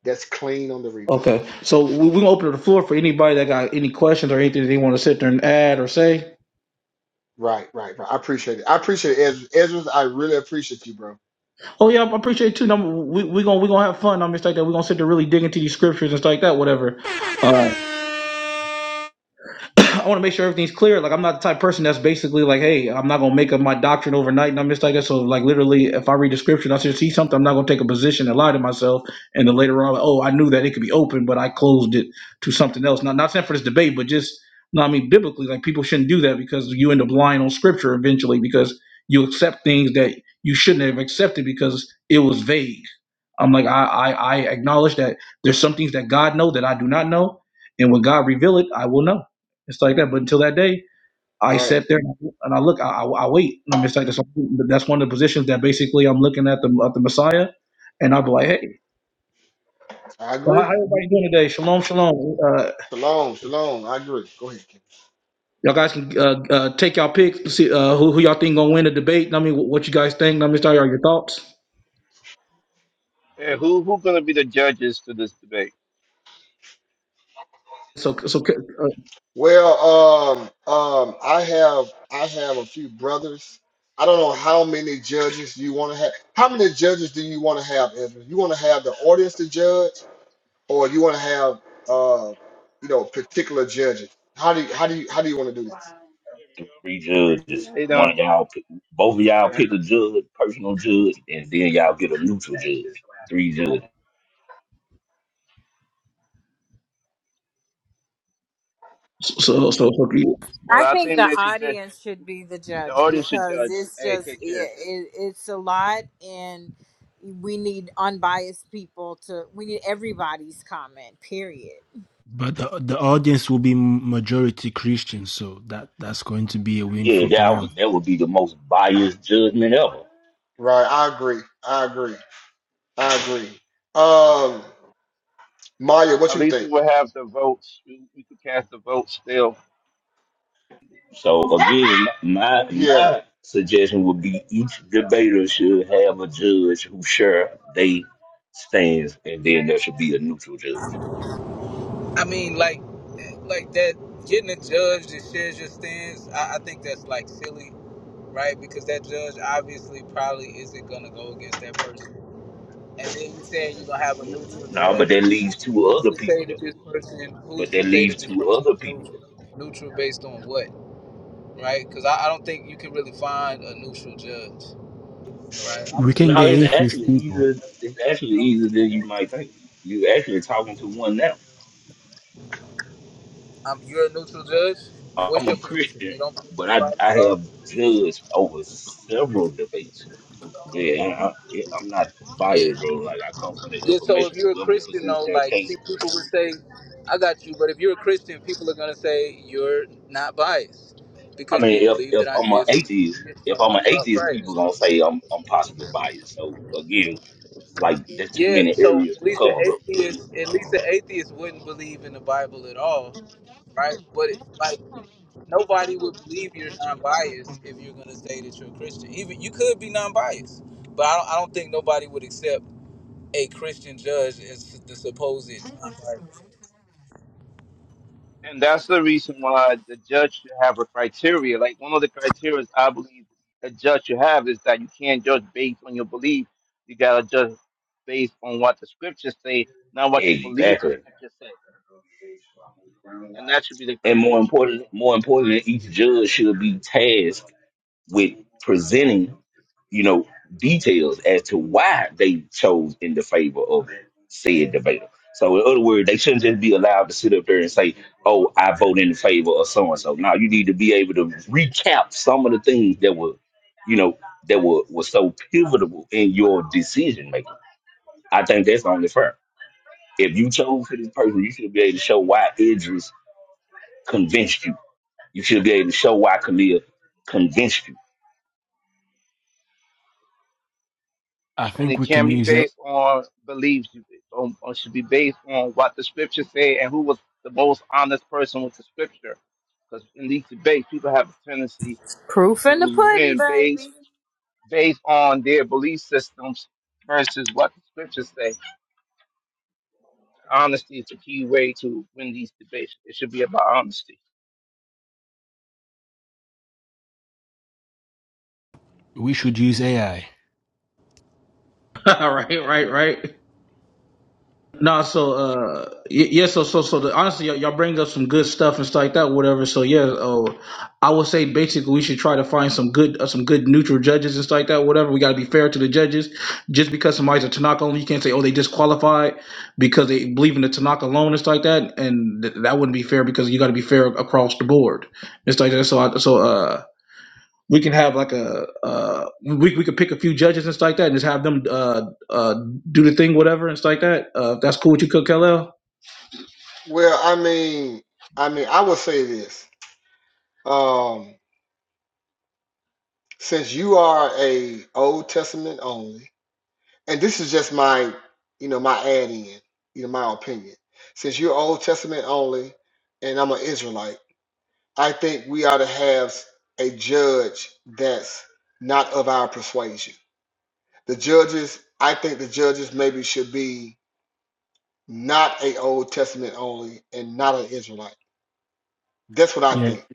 Speaker 6: That's clean on the replays.
Speaker 1: Okay, so we we gonna open the floor for anybody that got any questions or anything that they want to sit there and add or say.
Speaker 6: Right, right, right. I appreciate it. I appreciate it, Ezra. Ezra, I really appreciate you, bro.
Speaker 1: Oh yeah, I appreciate it too. Now, we we gonna we gonna have fun. I'm just like that. We are gonna sit there really dig into these scriptures and stuff like that. Whatever. Um,
Speaker 6: Right,
Speaker 1: I want to make sure everything's clear. Like I'm not the type of person that's basically like, hey, I'm not gonna make up my doctrine overnight and I'm just like that. So like literally, if I read the scripture and I see something, I'm not gonna take a position and lie to myself. And then later on, like, oh, I knew that it could be open, but I closed it to something else. Not not saying for this debate, but just no, I mean biblically, like people shouldn't do that because you end up lying on scripture eventually because you accept things that you shouldn't have accepted because it was vague. I'm like I I, I acknowledge that there's some things that God know that I do not know, and when God reveal it, I will know. It's like that. But until that day, I
Speaker 6: right.
Speaker 1: sat there and I look, I, I, wait, and I'm just like, that's, that's one of the positions that basically I'm looking at the at the Messiah, and I'll be like, hey,
Speaker 6: I
Speaker 1: well, how,
Speaker 6: agree.
Speaker 1: how everybody doing today? Shalom, shalom. Uh,
Speaker 6: Shalom, shalom. I agree. Go ahead. Ken.
Speaker 1: y'all guys can uh, uh, take y'all picks, see uh, who who y'all think gonna win the debate. I mean, what, what you guys think? Let me start you your thoughts.
Speaker 9: And who who going to be the judges to this debate?
Speaker 1: So so uh,
Speaker 6: Well, um, um, I have I have a few brothers. I don't know how many judges you want to have. How many judges do you want to have, Ezra? You want to have the audience to judge, or you want to have uh, you know, particular judges? How do you, how do you how do you want to do this?
Speaker 11: three judges.
Speaker 9: They
Speaker 11: One of
Speaker 9: don't.
Speaker 11: y'all, pick, both of y'all
Speaker 9: Okay.
Speaker 11: pick a judge, personal judge, and then y'all get a neutral judge. Three judges.
Speaker 1: so so, so, so
Speaker 9: Well,
Speaker 7: I
Speaker 9: I
Speaker 7: think
Speaker 9: think
Speaker 7: the
Speaker 9: that you did.
Speaker 7: audience should be the
Speaker 9: The
Speaker 7: judge
Speaker 9: audience should
Speaker 7: because
Speaker 9: judge.
Speaker 7: it's
Speaker 9: Hey,
Speaker 7: just
Speaker 9: take
Speaker 7: it,
Speaker 9: care.
Speaker 7: it, it's a lot, and we need unbiased people to. We need everybody's comment. Period.
Speaker 10: But the, the audience will be majority Christian, so that, that's going to be a win
Speaker 11: Yeah,
Speaker 10: for
Speaker 11: that
Speaker 10: Kaleo.
Speaker 11: would, that would be the most biased judgment ever.
Speaker 6: Right, I agree. I agree. I agree. Um, Maya, what
Speaker 9: At
Speaker 6: you
Speaker 9: least we
Speaker 6: think?
Speaker 9: will have the votes. We, we could cast the vote still.
Speaker 11: So again, my
Speaker 6: Yeah.
Speaker 11: my suggestion would be each debater should have a judge who share they stands, and then there should be a neutral judge.
Speaker 8: I mean, like, like that getting a judge that shares your stance. I, I think that's like silly, right? Because that judge obviously probably isn't gonna go against that person. And then you saying you're gonna have a neutral
Speaker 11: No, but
Speaker 8: judge.
Speaker 11: that leaves two
Speaker 8: Who's
Speaker 11: other
Speaker 8: to say
Speaker 11: people
Speaker 8: that
Speaker 11: though.
Speaker 8: this person?
Speaker 11: But
Speaker 8: Who's to
Speaker 11: that
Speaker 8: say
Speaker 11: leaves
Speaker 8: that this
Speaker 11: two
Speaker 8: person
Speaker 11: other
Speaker 8: is
Speaker 11: people.
Speaker 8: neutral? Neutral based on what, right? Because I, I don't think you can really find a neutral judge, right? I'm,
Speaker 10: We can
Speaker 11: No,
Speaker 10: get
Speaker 11: it's
Speaker 10: atheist
Speaker 11: actually
Speaker 10: people.
Speaker 11: easier. It's actually easier than you might think. You actually talking to one now.
Speaker 8: I'm, you're a neutral judge. What's
Speaker 11: I'm
Speaker 8: your
Speaker 11: a
Speaker 8: position?
Speaker 11: Christian,
Speaker 8: You don't believe in
Speaker 11: but
Speaker 8: the
Speaker 11: I
Speaker 8: Bible at
Speaker 11: I
Speaker 8: all?
Speaker 11: have judged over several debates. Yeah, and I, I'm not
Speaker 8: Yeah.
Speaker 11: biased, bro. Like I come for the
Speaker 8: Yeah, so if
Speaker 11: information.
Speaker 8: you're a
Speaker 11: Whoever
Speaker 8: Christian,
Speaker 11: presents
Speaker 8: though,
Speaker 11: their
Speaker 8: like,
Speaker 11: case.
Speaker 8: see, people would say, I got you. But if you're a Christian, people are going to say you're not biased
Speaker 11: I
Speaker 8: because you
Speaker 11: mean, if
Speaker 8: believe that
Speaker 11: if I'm an
Speaker 8: Isaiah
Speaker 11: atheist,
Speaker 8: 53 is
Speaker 11: if
Speaker 8: talking
Speaker 11: I'm an
Speaker 8: about
Speaker 11: atheist, people
Speaker 8: Christ.
Speaker 11: gonna say I'm I'm possibly biased. So again, like there's too
Speaker 8: Yeah,
Speaker 11: many
Speaker 8: so
Speaker 11: areas
Speaker 8: at
Speaker 11: to
Speaker 8: least the
Speaker 11: cover, bro.
Speaker 8: atheist, at least the atheist wouldn't believe in the Bible at all, right? But it's like nobody would believe you're non-biased if you're going to say that you're a Christian. Even you could be non-biased, but I don't, I don't think nobody would accept a Christian judge as the supposed non-biased.
Speaker 9: And that's the reason why the judge should have a criteria. Like one of the criteria I believe a judge should have is that you can't judge based on your belief. You gotta judge based on what the scriptures say, not what you believe the
Speaker 11: Exactly.
Speaker 9: scriptures say. And that should be the
Speaker 11: And more
Speaker 9: criteria.
Speaker 11: important, more importantly, each judge should be tasked with presenting, you know, details as to why they chose in the favor of said debater. So in other words, they shouldn't just be allowed to sit up there and say, "Oh, I vote in favor of so and so." Now you need to be able to recap some of the things that were, you know, that were were so pivotal in your decision making. I think that's only fair. If you chose for this person, you should be able to show why Idris convinced you. You should be able to show why Khalil convinced you
Speaker 10: I
Speaker 9: and
Speaker 10: think
Speaker 9: it
Speaker 10: we can
Speaker 9: can be
Speaker 10: use it.
Speaker 9: based on beliefs on, on should be based on what the scripture say and who was the most honest person with the scripture because in these debates people have a tendency
Speaker 7: Proof in the
Speaker 9: to
Speaker 7: pudding,
Speaker 9: win based
Speaker 7: baby.
Speaker 9: based on their belief systems versus what the scriptures say honesty is the key way to win these debates it should be about honesty
Speaker 10: We should use AI.
Speaker 1: all right, right, right. No, so uh, y- yeah, so so so the, honestly, y'all y'all bring up some good stuff and stuff like that, whatever. So yeah, uh, I would say basically we should try to find some good uh, some good neutral judges and stuff like that, whatever. We got to be fair to the judges. Just because somebody's a Tanakh only, you can't say oh they disqualified because they believe in the Tanakh alone and stuff like that, and th- that wouldn't be fair because you got to be fair across the board and stuff like that. So I, so uh we can have like a uh, we we could pick a few judges and stuff like that, and just have them uh, uh, do the thing, whatever, and stuff like that. Uh, if that's cool with you, Cook LL.
Speaker 6: Well, I mean, I mean, I would say this. Um, since you are a Old Testament only. and this is just my you know my add in you know my opinion since you're old testament only and i'm an israelite i think we ought to have a judge that's not of our persuasion the judges i think the judges maybe should be not a old testament only and not an israelite that's what i
Speaker 10: Yeah,
Speaker 6: think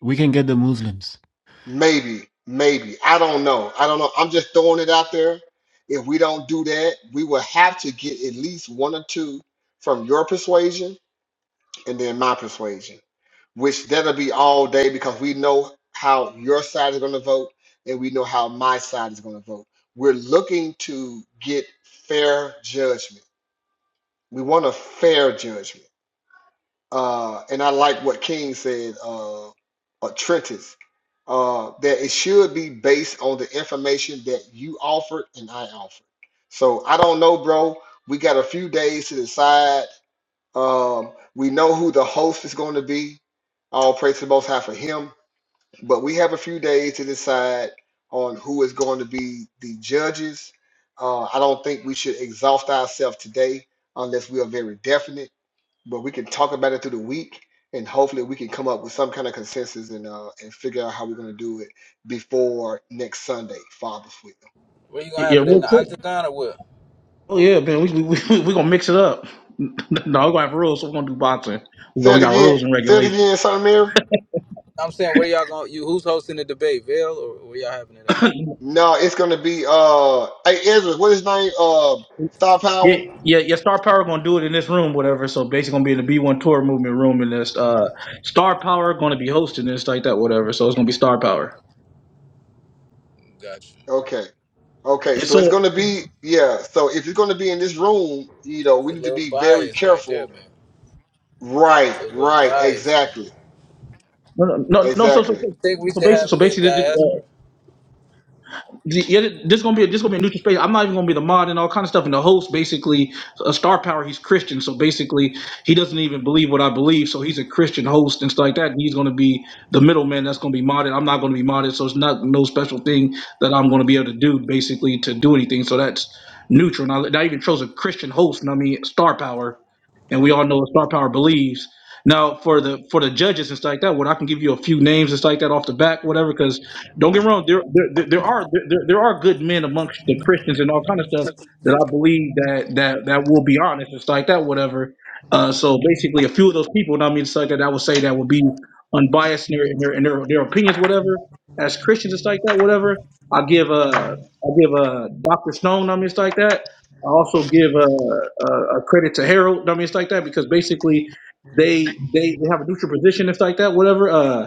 Speaker 10: we can get the Muslims.
Speaker 6: maybe maybe i don't know i don't know i'm just throwing it out there if we don't do that we will have to get at least one or two from your persuasion and then my persuasion, which that'll be all day because we know how your side is going to vote and we know how my side is going to vote. We're looking to get fair judgment. We want a fair judgment. Uh, and I like what King said, uh, or Trentis, uh, that it should be based on the information that you offered and I offered. So I don't know, bro. We got a few days to decide um, we know who the host is going to be. All praise to the Most High for him. But we have a few days to decide on who is going to be the judges. Uh, I don't think we should exhaust ourselves today unless we are very definite. But we can talk about it through the week, and hopefully we can come up with some kind of consensus and uh, and figure out how we're going to do it before next Sunday, Father's Week.
Speaker 8: Where you gonna
Speaker 1: Yeah,
Speaker 8: have it in
Speaker 1: real
Speaker 8: the
Speaker 1: cool.
Speaker 8: octagon or what?
Speaker 1: Oh yeah, man, we we we we gonna mix it up. no, we gonna have rules, so we are gonna do boxing. We go,
Speaker 6: Say
Speaker 1: we
Speaker 6: it
Speaker 1: got
Speaker 6: again.
Speaker 1: rules and
Speaker 6: Say it
Speaker 1: regulations.
Speaker 6: again, Son of Mary.
Speaker 8: I'm saying where y'all gonna you who's hosting the debate, Vail or where y'all having it at?
Speaker 6: No, it's gonna be uh hey Ezra, what is his name? Uh Star
Speaker 1: Yeah,
Speaker 6: Power?
Speaker 1: yeah, yeah. Star Power gonna do it in this room, whatever. So basically, gonna be in the B One Tour Movement room in this. Uh, Star Power gonna be hosting this, like that, whatever. So it's gonna be Star Power.
Speaker 8: Gotcha.
Speaker 6: Okay. Okay,
Speaker 1: And
Speaker 6: so it's
Speaker 1: so
Speaker 6: gonna be yeah, so if it's gonna be in this room, you know,
Speaker 8: That's
Speaker 6: we
Speaker 8: a
Speaker 6: need to
Speaker 8: little
Speaker 6: be very
Speaker 8: bias right there,
Speaker 6: careful.
Speaker 8: man.
Speaker 6: Right,
Speaker 8: It's a little
Speaker 6: right,
Speaker 8: bias, man.
Speaker 6: exactly.
Speaker 1: no, no, no. So so
Speaker 6: Exactly.
Speaker 8: I think we
Speaker 1: so
Speaker 8: should
Speaker 1: basically, so basi-
Speaker 8: have
Speaker 1: so
Speaker 8: it in
Speaker 1: basically, the- the, uh,
Speaker 8: diaspora.
Speaker 1: the- yeah, this gonna be this gonna be a neutral space. I'm not even gonna be the mod and all kind of stuff. And the host, basically, a star power. He's Christian, so basically, he doesn't even believe what I believe. So he's a Christian host and stuff like that. And he's gonna be the middleman that's gonna be modded. I'm not gonna be modded, so it's not no special thing that I'm gonna be able to do basically to do anything. So that's neutral. And I, and I even chose a Christian host. And I mean, star power, and we all know what star power believes. Now for the for the judges and stuff like that, what I can give you a few names and stuff like that off the back, whatever, because. Don't get me wrong. There, there, there are there, there are good men amongst the Christians and all kind of stuff that I believe that that that will be honest and like that, whatever. Uh, so basically, a few of those people, and I mean, it's like that, I would say that would be unbiased in their in their, in their, their opinions, whatever. As Christians and like that, whatever. I give uh I give uh Doctor Stone, I mean, it's like that. I also give a uh, a credit to Harold, I mean, it's like that because basically they they, they have a neutral position, it's like that, whatever. Uh,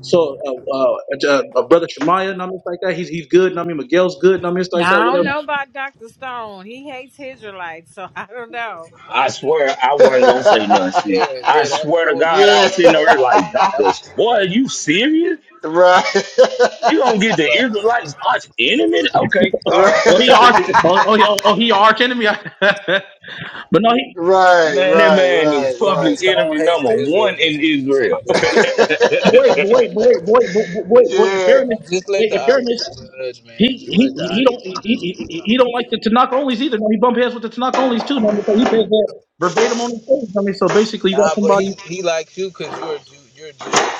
Speaker 1: so uh, uh, uh, uh, brother Shemaiah, and I mean, it's like that. He's he's good. And I mean, Miguel's good. And I mean, it's like that.
Speaker 7: I don't
Speaker 1: Whatever.
Speaker 7: know about Dr. Stone. He hates Israelites, so I don't know.
Speaker 11: I swear I wasn't gonna say nothing, sis.
Speaker 8: Yeah,
Speaker 11: I
Speaker 8: yeah, that,
Speaker 11: swear
Speaker 8: that
Speaker 11: to
Speaker 8: would be
Speaker 11: God,
Speaker 8: a
Speaker 11: I
Speaker 6: yeah.
Speaker 11: was sitting
Speaker 8: negative.
Speaker 11: there like,
Speaker 8: That
Speaker 11: doctors,
Speaker 8: would be
Speaker 11: boy, are
Speaker 8: negative,
Speaker 11: you serious?
Speaker 6: right.
Speaker 11: You gonna get the
Speaker 8: right?
Speaker 11: Israelites arch enemy? Okay, all
Speaker 6: right.
Speaker 11: right.
Speaker 1: Oh, he arch. Oh, oh, he- oh, oh he your arch enemy. but no, he.
Speaker 6: Right,
Speaker 11: man, that
Speaker 6: right,
Speaker 11: man is
Speaker 8: Yeah, Stone
Speaker 11: public
Speaker 6: right,
Speaker 8: Stone
Speaker 11: enemy
Speaker 8: hates
Speaker 11: number
Speaker 8: the
Speaker 11: one
Speaker 8: Israelites,
Speaker 11: in
Speaker 8: man. So,
Speaker 11: Israel.
Speaker 8: yeah.
Speaker 6: right.
Speaker 11: and
Speaker 1: But wait, but wait, but wait, but wait, but but wait, wait. In
Speaker 6: yeah,
Speaker 8: Man,
Speaker 1: fairness,
Speaker 8: Just let
Speaker 1: wait.
Speaker 8: the
Speaker 1: In fairness,
Speaker 8: audience judge,
Speaker 1: he
Speaker 8: man. Just
Speaker 1: he
Speaker 8: let the
Speaker 1: he don't he, he,
Speaker 8: audience
Speaker 1: he
Speaker 8: judge.
Speaker 1: he don't like the Tanakh onlys either. No, he bump heads with the Tanakh onlys too. No, I mean, so he says that verbatim on the stage. I mean, so basically, you got
Speaker 8: Nah, but
Speaker 1: somebody.
Speaker 8: he he likes you because you're a Jew, you're Jewish.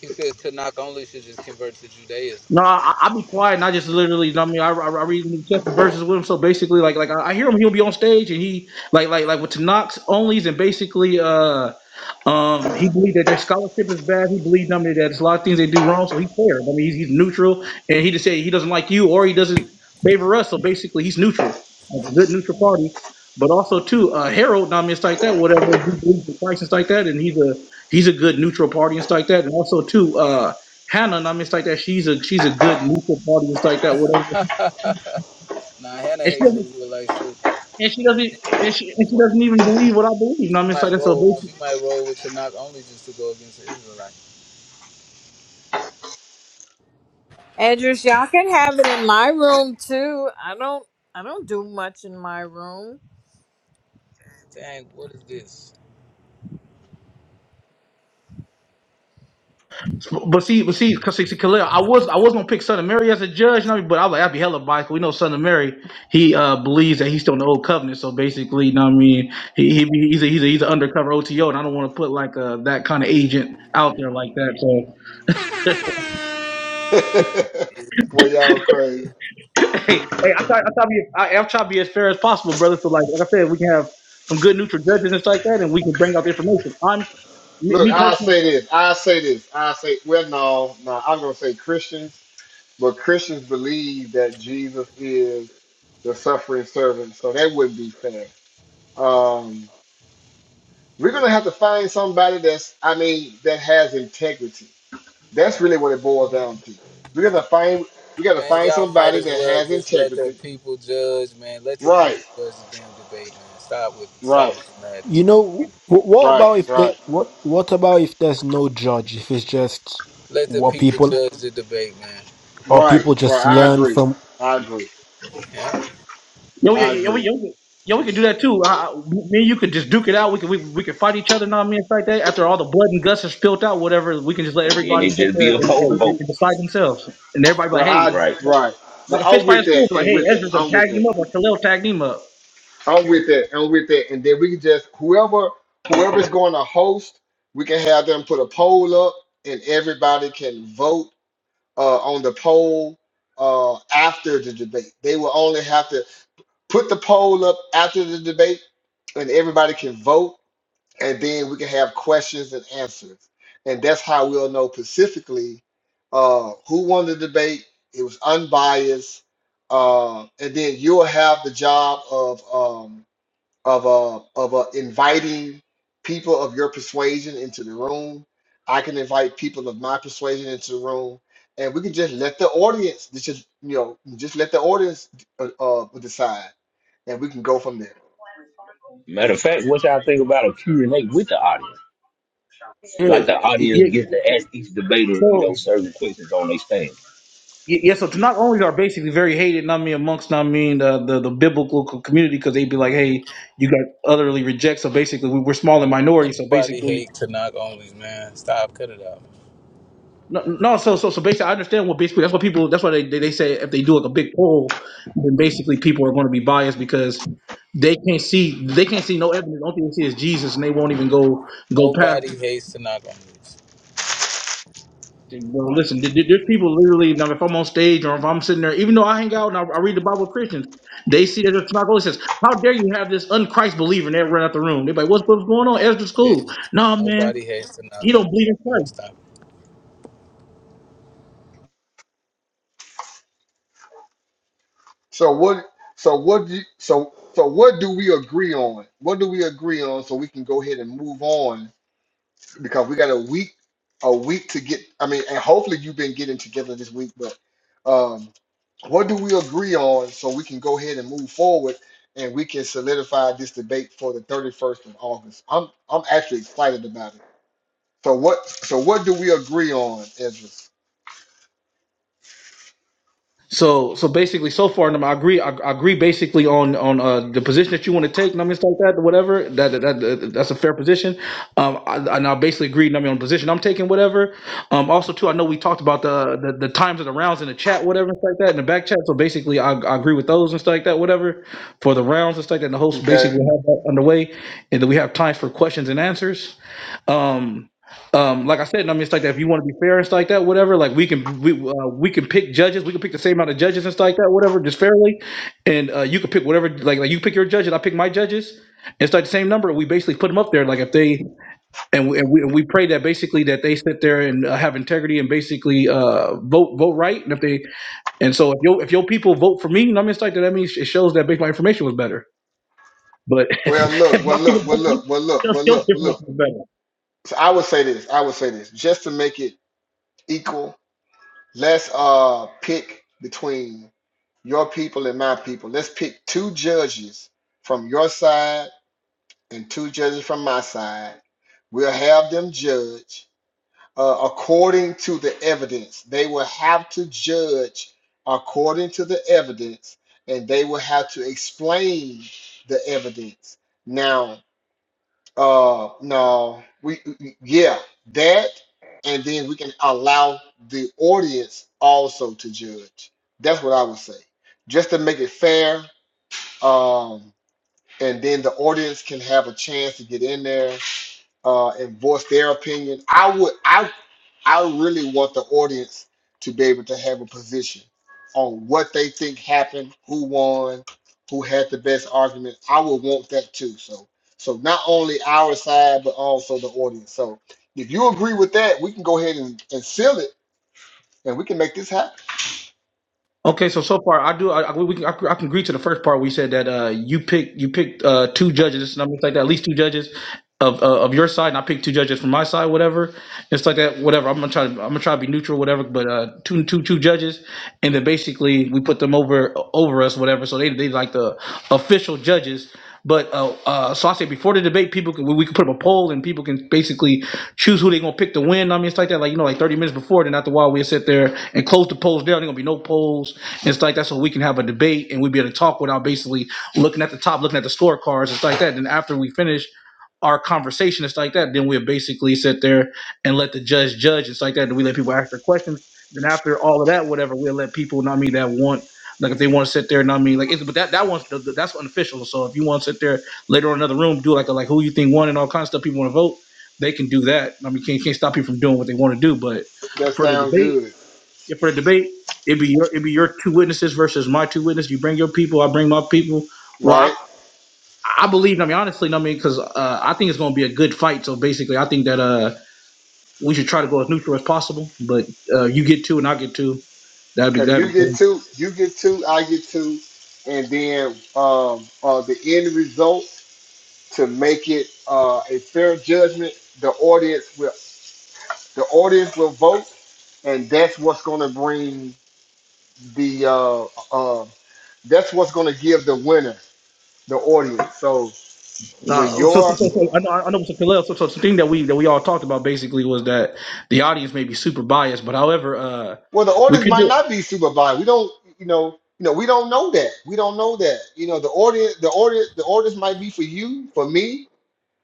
Speaker 8: He says Tanakh only should just convert to Judaism.
Speaker 1: No, I, I be quiet and I just literally, I mean, I, I, I read New Testament verses with him. So basically, like, like I, I hear him, he'll be on stage and he, like, like, like with Tanakh onlys and basically, uh, um, he believed that their scholarship is bad. He believed, I mean, that there's a lot of things they do wrong. So he's fair. I mean, he's, he's neutral and he just said he doesn't like you or he doesn't favor us. So basically, he's neutral, like a good neutral party. But also too, uh, Harold, I mean, it's like that. Whatever he believes in Christ and stuff like that, and he's a he's a good neutral party and stuff like that. And also too, uh. Hannah and I mean, it's like that. She's a she's a good neutral party it's like that, whatever.
Speaker 8: nah, Hannah
Speaker 1: And she
Speaker 8: hates the
Speaker 1: doesn't
Speaker 8: Israelites too.
Speaker 1: and she doesn't and she, and
Speaker 8: She
Speaker 1: she
Speaker 8: might
Speaker 1: doesn't even believe what I believe. You know what I
Speaker 8: she
Speaker 1: mean? It's like
Speaker 8: might
Speaker 1: that's a
Speaker 8: roll.
Speaker 1: basic.
Speaker 8: She might roll with Tanakh only just to go against the Israelite.
Speaker 7: Edris, y'all can have it in my room too. I don't I don't do much in my room.
Speaker 8: Dang, what is this?
Speaker 1: But see, but see, cause see, see, Khalil, I was I was gonna pick Son of Mary as a judge, you know, but I was like I'd be hella biased. We know Son of Mary, he uh believes that he's still in the old covenant, so basically, you know what I mean, he, he he's a he's a he's an undercover OTO, and I don't want to put like uh that kind of agent out there like that. so
Speaker 6: Boy, y'all crazy.
Speaker 8: Yeah,
Speaker 1: hey, hey, I try, I try to be, I, I try to be as fair as possible, brother. So like, like I said, we can have some good neutral judges and stuff like that, and we can bring out the information. I'm me,
Speaker 6: Look,
Speaker 1: me
Speaker 6: I
Speaker 1: personally,
Speaker 6: say this. I say this. I say, well, no, no. I'm gonna say Christians, but Christians believe that Jesus is the suffering servant, so that wouldn't be fair. Um, we're gonna have to find somebody that's, I mean, that has integrity. That's really what it boils down to. We gotta find, we gotta
Speaker 8: Man,
Speaker 6: find
Speaker 8: y'all might
Speaker 6: somebody
Speaker 8: as
Speaker 6: that
Speaker 8: well
Speaker 6: has
Speaker 8: just let the
Speaker 6: integrity.
Speaker 8: people judge, man. Let the
Speaker 6: Right,
Speaker 8: people judge the damn debate, man. Stop with stop
Speaker 6: right,
Speaker 8: with the
Speaker 10: You
Speaker 8: madness, man.
Speaker 10: know, wh- what
Speaker 6: right,
Speaker 10: about if they
Speaker 6: right,
Speaker 10: what what about if there's no judge? If it's just
Speaker 8: Let the
Speaker 10: what
Speaker 8: people
Speaker 10: people
Speaker 8: judge the debate, man.
Speaker 10: or
Speaker 6: right,
Speaker 10: people just
Speaker 6: right. I
Speaker 10: learn
Speaker 6: agree.
Speaker 10: from
Speaker 6: I agree.
Speaker 8: Yeah.
Speaker 1: yo, yeah,
Speaker 6: I
Speaker 1: yeah, yeah,
Speaker 6: agree.
Speaker 1: we, yo, we- yo, we could do that too. I, I- me and you could just duke it out. We could, we, we could fight each other, know what I mean, and stuff like that. After all the blood and guts is spilled out, whatever, we can just let
Speaker 11: then
Speaker 1: everybody
Speaker 11: it
Speaker 1: sit
Speaker 11: just
Speaker 1: there
Speaker 11: be a
Speaker 1: and, and,
Speaker 11: poll vote.
Speaker 1: and decide themselves. And everybody be
Speaker 6: Right,
Speaker 1: like,
Speaker 6: I,
Speaker 11: Right.
Speaker 1: hey,
Speaker 6: right, right.
Speaker 1: like a
Speaker 6: I'm
Speaker 1: fist fight at
Speaker 6: with that
Speaker 1: school, like,
Speaker 6: and
Speaker 1: hey,
Speaker 6: with that.
Speaker 1: Ezra done
Speaker 6: I'm with
Speaker 1: tagged him
Speaker 6: that.
Speaker 1: up, or Khalil tagged him up.
Speaker 6: I'm with that and with that. And then we can just whoever whoever's going to host, we can have them put a poll up, and everybody can vote uh, on the poll uh, after the debate. They will only have to put the poll up after the debate, and everybody can vote and then we can have questions and answers. And that's how we'll know specifically uh, who won the debate. It was unbiased, uh, and then you'll have the job of um, of uh, of uh, inviting people of your persuasion into the room. I can invite people of my persuasion into the room, and we can just let the audience just you know just let the audience uh, uh, decide, and we can go from there.
Speaker 11: Matter of fact, what y'all think about a Q and a with the audience? Like the
Speaker 1: Yeah,
Speaker 11: audience
Speaker 1: yeah.
Speaker 11: gets to ask each debater, you
Speaker 1: So.
Speaker 11: know, certain questions on their stand.
Speaker 1: Y- Yeah, so Tanakh only are basically very hated, not me amongst, not I mean the, the the biblical co- community, because they'd be like, "Hey, you got utterly reject." So basically, we, we're small and minority. So
Speaker 8: Nobody
Speaker 1: basically,
Speaker 8: hate Tanakh onlys, man. Stop, cut it out.
Speaker 1: no, no. So so so basically, I understand what basically that's what people that's why they they, they say if they do like a big poll, then basically people are going to be biased because they can't see they can't see no evidence. The only thing they see is Jesus, and they won't even go go past
Speaker 8: Nobody hates Tanakh onlys.
Speaker 1: Bro, listen, th- th- there's people literally, now if I'm on stage or if I'm sitting there, even though I hang out and I, I read the Bible with Christians, they see that it's not going. It says, How dare you have this unchrist believer? And they run out the room. They're like, What's, what's going on? Ezra's
Speaker 8: Yeah,
Speaker 1: cool. No, man,
Speaker 8: nobody has to knock
Speaker 1: he
Speaker 8: on.
Speaker 1: don't believe in Christ.
Speaker 8: Man, Stop.
Speaker 6: So what? So what? Do, so so what do we agree on? What do we agree on so we can go ahead and move on because we got a week, a week to get. I mean, and hopefully you've been getting together this week. But um, what do we agree on so we can go ahead and move forward and we can solidify this debate for the thirty first of August? I'm I'm actually excited about it. So what? So what do we agree on, Ezra?
Speaker 1: So so basically, so far, and I agree. I, I agree basically on on uh, the position that you want to take. And I mean, it's like that, whatever. That, that, that that's a fair position. Um, I, and I basically agree. I mean, on the position I'm taking, whatever. Um, also too, I know we talked about the the, the times of the rounds in the chat, whatever, and stuff like that, in the back chat. So basically, I, I agree with those and stuff like that, whatever, for the rounds and stuff like that. And the host
Speaker 6: Okay.
Speaker 1: basically have that underway, and then we have times for questions and answers um um like i said i mean it's like that if you want to be fair and stuff like that whatever like we can we uh, we can pick judges we can pick the same amount of judges and stuff like that whatever just fairly and uh you can pick whatever like like you pick your judges i pick my judges and it's like the same number we basically put them up there like if they and we and we, and we pray that basically that they sit there and uh, have integrity and basically uh vote vote right and if they and so if your if your people vote for me you know i mean it's like that that means it shows that basically my information was better but if,
Speaker 6: Well, look. Well,
Speaker 1: my people
Speaker 6: look. Well,
Speaker 1: vote for you
Speaker 6: look. Well,
Speaker 1: it
Speaker 6: look.
Speaker 1: shows
Speaker 6: Well,
Speaker 1: your
Speaker 6: look. Well, look.
Speaker 1: information was better
Speaker 6: So I would say this. I would say this just to make it equal. Let's uh pick between your people and my people. Let's pick two judges from your side and two judges from my side. We'll have them judge uh, according to the evidence. They will have to judge according to the evidence, and they will have to explain the evidence. Now, uh, no, we yeah, that, and then we can allow the audience also to judge. That's what I would say, just to make it fair. Um, and then the audience can have a chance to get in there uh, and voice their opinion. I would, I, I really want the audience to be able to have a position on what they think happened, who won, who had the best argument. I would want that too. So, so not only our side, but also the audience. So, if you agree with that, we can go ahead and, and seal it, and we can make this happen.
Speaker 1: Okay, so so far I do I, I- we can, I, can- I can agree to the first part where you said that uh, you picked you picked uh, two judges and I'm like that at least two judges of uh, of your side and I picked two judges from my side whatever it's like that whatever I'm gonna try to I'm gonna try to be neutral whatever but uh, two two two judges and then basically we put them over over us whatever so they they like the official judges but uh, uh, so I say before the debate people can we, we can put up a poll and people can basically choose who they gonna pick to win I mean it's like that like you know like 30 minutes before then after a while we'll sit there and close the polls down there gonna be no polls it's like that's what we can have a debate and we'd be able to talk without basically looking at the top, looking at the scorecards. It's like that. Then after we finish our conversation, it's like that. Then we'll basically sit there and let the judge judge. It's like that. Then we let people ask their questions. Then after all of that, whatever, we'll let people, not mean that want, like if they want to sit there, not mean like, it's, but that, that one's, that's unofficial. So if you want to sit there later on in another room, do like a, like who you think won and all kinds of stuff, people want to vote, they can do that. I mean, can't, can't stop people from doing what they want to do. But
Speaker 6: That
Speaker 1: for the
Speaker 6: sounds
Speaker 1: debate,
Speaker 6: good,
Speaker 1: yeah, for the debate, it'd be your it'd be your two witnesses versus my two witnesses. You bring your people, I bring my people. Well, I,
Speaker 6: right?
Speaker 1: I believe. I mean, honestly, I mean, because uh, I think it's going to be a good fight. So basically, I think that uh, we should try to go as neutral as possible. But uh, you get two, and I get two. That'd be
Speaker 6: Okay, you
Speaker 1: that'd be
Speaker 6: get
Speaker 1: cool.
Speaker 6: two, you get two, I get two, and then um, uh, the end result. to make it uh, a fair judgment. The audience will the audience will vote, and that's what's going to bring the uh, uh, that's what's going to give the winner the audience. So when
Speaker 1: Nah, so, so,
Speaker 6: your
Speaker 1: so, so I know I know Mr. Kalel. So, so the thing that we that we all talked about basically was that the audience may be super biased, but however, uh,
Speaker 6: well, the
Speaker 1: we
Speaker 6: audience
Speaker 1: could
Speaker 6: might
Speaker 1: do
Speaker 6: not be super biased. We don't you know you know we don't know that we don't know that you know the audience the audience the audience might be for you for me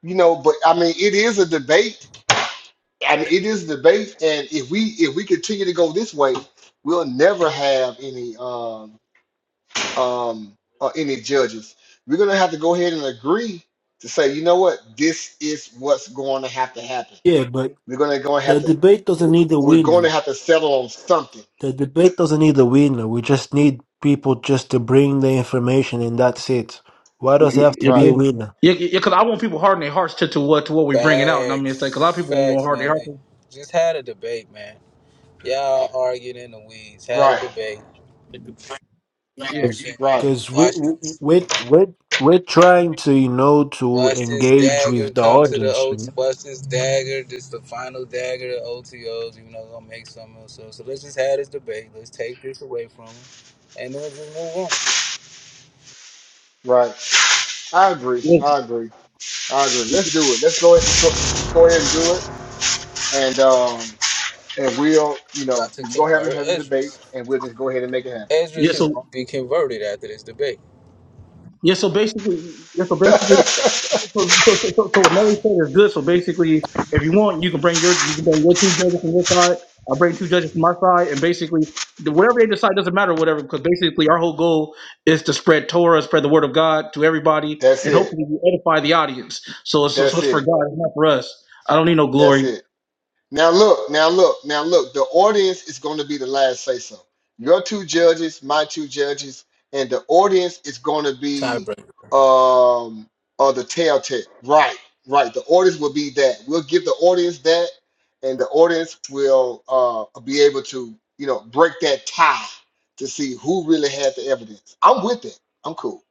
Speaker 6: you know but I mean it is a debate I mean, it is debate, and if we if we continue to go this way, we'll never have any um um uh, any judges. We're gonna have to go ahead and agree to say, you know what, this is what's going to have to happen.
Speaker 10: Yeah, but.
Speaker 6: We're gonna go and
Speaker 10: The
Speaker 6: have to
Speaker 10: debate doesn't need a
Speaker 6: we're going
Speaker 10: winner.
Speaker 6: to have to settle on something.
Speaker 10: The debate doesn't need a winner. We just need people just to bring the information and that's it. Why does it have to be
Speaker 6: Right,
Speaker 10: a winner?
Speaker 1: yeah, yeah, because I want people harden their hearts to, to what to what we're bringing out. And I mean, it's like a lot of
Speaker 8: Facts,
Speaker 1: people won't
Speaker 8: facts,
Speaker 1: harden their
Speaker 8: Nelly.
Speaker 1: hearts.
Speaker 8: Just had a debate, man. Y'all arguing in the weeds. Had a
Speaker 6: right,
Speaker 8: debate. You know what I'm
Speaker 1: Yeah.
Speaker 8: saying?
Speaker 6: right,
Speaker 10: Because we
Speaker 8: Watch
Speaker 10: we
Speaker 8: this.
Speaker 10: we're, we're we're trying to you know to
Speaker 8: Watch this
Speaker 10: engage
Speaker 8: dagger
Speaker 10: with the
Speaker 8: come to the
Speaker 10: audience.
Speaker 8: O. T. Watch this dagger. This the final dagger to OTOs. You know, gonna make something else. So, so let's just have this debate. Let's take this away from him, and then just move on.
Speaker 6: right. I agree. I agree. I agree. Let's do it. Let's go ahead. Let's go, let's go ahead and do it, and um and we'll you
Speaker 8: We
Speaker 6: know
Speaker 8: about
Speaker 6: we
Speaker 8: to
Speaker 6: can go ahead and
Speaker 8: convert
Speaker 6: have a debate,
Speaker 8: Esdras.
Speaker 6: and we'll just go ahead and make it happen.
Speaker 1: Yeah,
Speaker 8: Esdras is
Speaker 1: so
Speaker 8: gonna be converted after this debate.
Speaker 1: yeah, so basically, yeah, so basically,
Speaker 6: That's
Speaker 1: so, so, so, so so what Nelly said is good. So basically, if you want, you can bring your you can bring your two judges from your side. I'll bring two judges from my side, and basically, the- whatever they decide doesn't matter. Whatever, because basically, our whole goal is to spread Torah, spread the word of God to everybody, and
Speaker 6: it.
Speaker 1: hopefully, we edify the audience. So it's so
Speaker 6: That's
Speaker 1: it's for
Speaker 6: it.
Speaker 1: God, it's not for us. I don't need no
Speaker 6: That's
Speaker 1: glory.
Speaker 6: it. Now look, now look, now look. The audience is going to be the last say so. Your two judges, my two judges, and the audience is going to be
Speaker 8: Tiebreaker.
Speaker 6: um or the telltale. Right, right. The audience will be that. We'll give the audience that, and the audience will uh be able to you know break that tie to see who really had the evidence. I'm with it. I'm cool.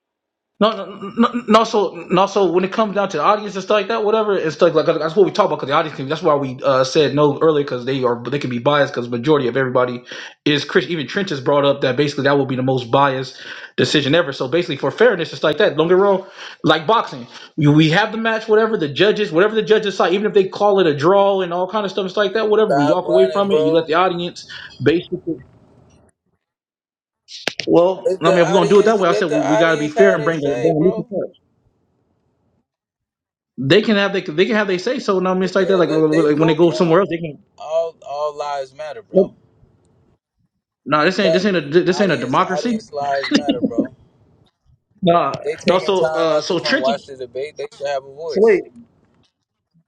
Speaker 1: No, no, no, no. So, no, so when it comes down to the audience and stuff like that, whatever, it's like, like that's what we talk about because the audience. Can, that's why we uh, said no earlier because they are they can be biased because majority of everybody is Christian. Even Trench has brought up that basically that will be the most biased decision ever. So basically, for fairness, it's like that. Don't get wrong. Like boxing, we, we have the match, whatever the judges, whatever the judges decide, even if they call it a draw and all kind of stuff, it's like that. Whatever, we
Speaker 8: Stop
Speaker 1: walk away
Speaker 8: running,
Speaker 1: from it. And you
Speaker 8: bro.
Speaker 1: let the audience basically. Well,
Speaker 8: Let
Speaker 1: I
Speaker 8: the
Speaker 1: mean, if we're gonna do it that
Speaker 8: audience
Speaker 1: way, I
Speaker 8: let
Speaker 1: said
Speaker 8: the
Speaker 1: we, we got to be
Speaker 8: audience
Speaker 1: fair
Speaker 8: have
Speaker 1: and
Speaker 8: they
Speaker 1: bring it.
Speaker 8: say, bro.
Speaker 1: down. They can have they can, they can have they say so and I mean
Speaker 8: So
Speaker 1: it's like that
Speaker 8: yeah,
Speaker 1: like
Speaker 8: let
Speaker 1: when
Speaker 8: they
Speaker 1: when- when they
Speaker 8: vote
Speaker 1: go somewhere
Speaker 8: count.
Speaker 1: else they can
Speaker 8: All all lives matter, bro.
Speaker 1: Nope. no this ain't this
Speaker 8: Chat
Speaker 1: ain't a this ain't a
Speaker 8: audience
Speaker 1: democracy
Speaker 8: audience lives matter, bro.
Speaker 1: no
Speaker 8: They
Speaker 1: no
Speaker 8: taking
Speaker 1: so
Speaker 8: time
Speaker 1: uh
Speaker 8: out to
Speaker 1: so
Speaker 8: come
Speaker 1: Trenton
Speaker 8: watch the debate. They should have a
Speaker 1: so wait
Speaker 8: voice.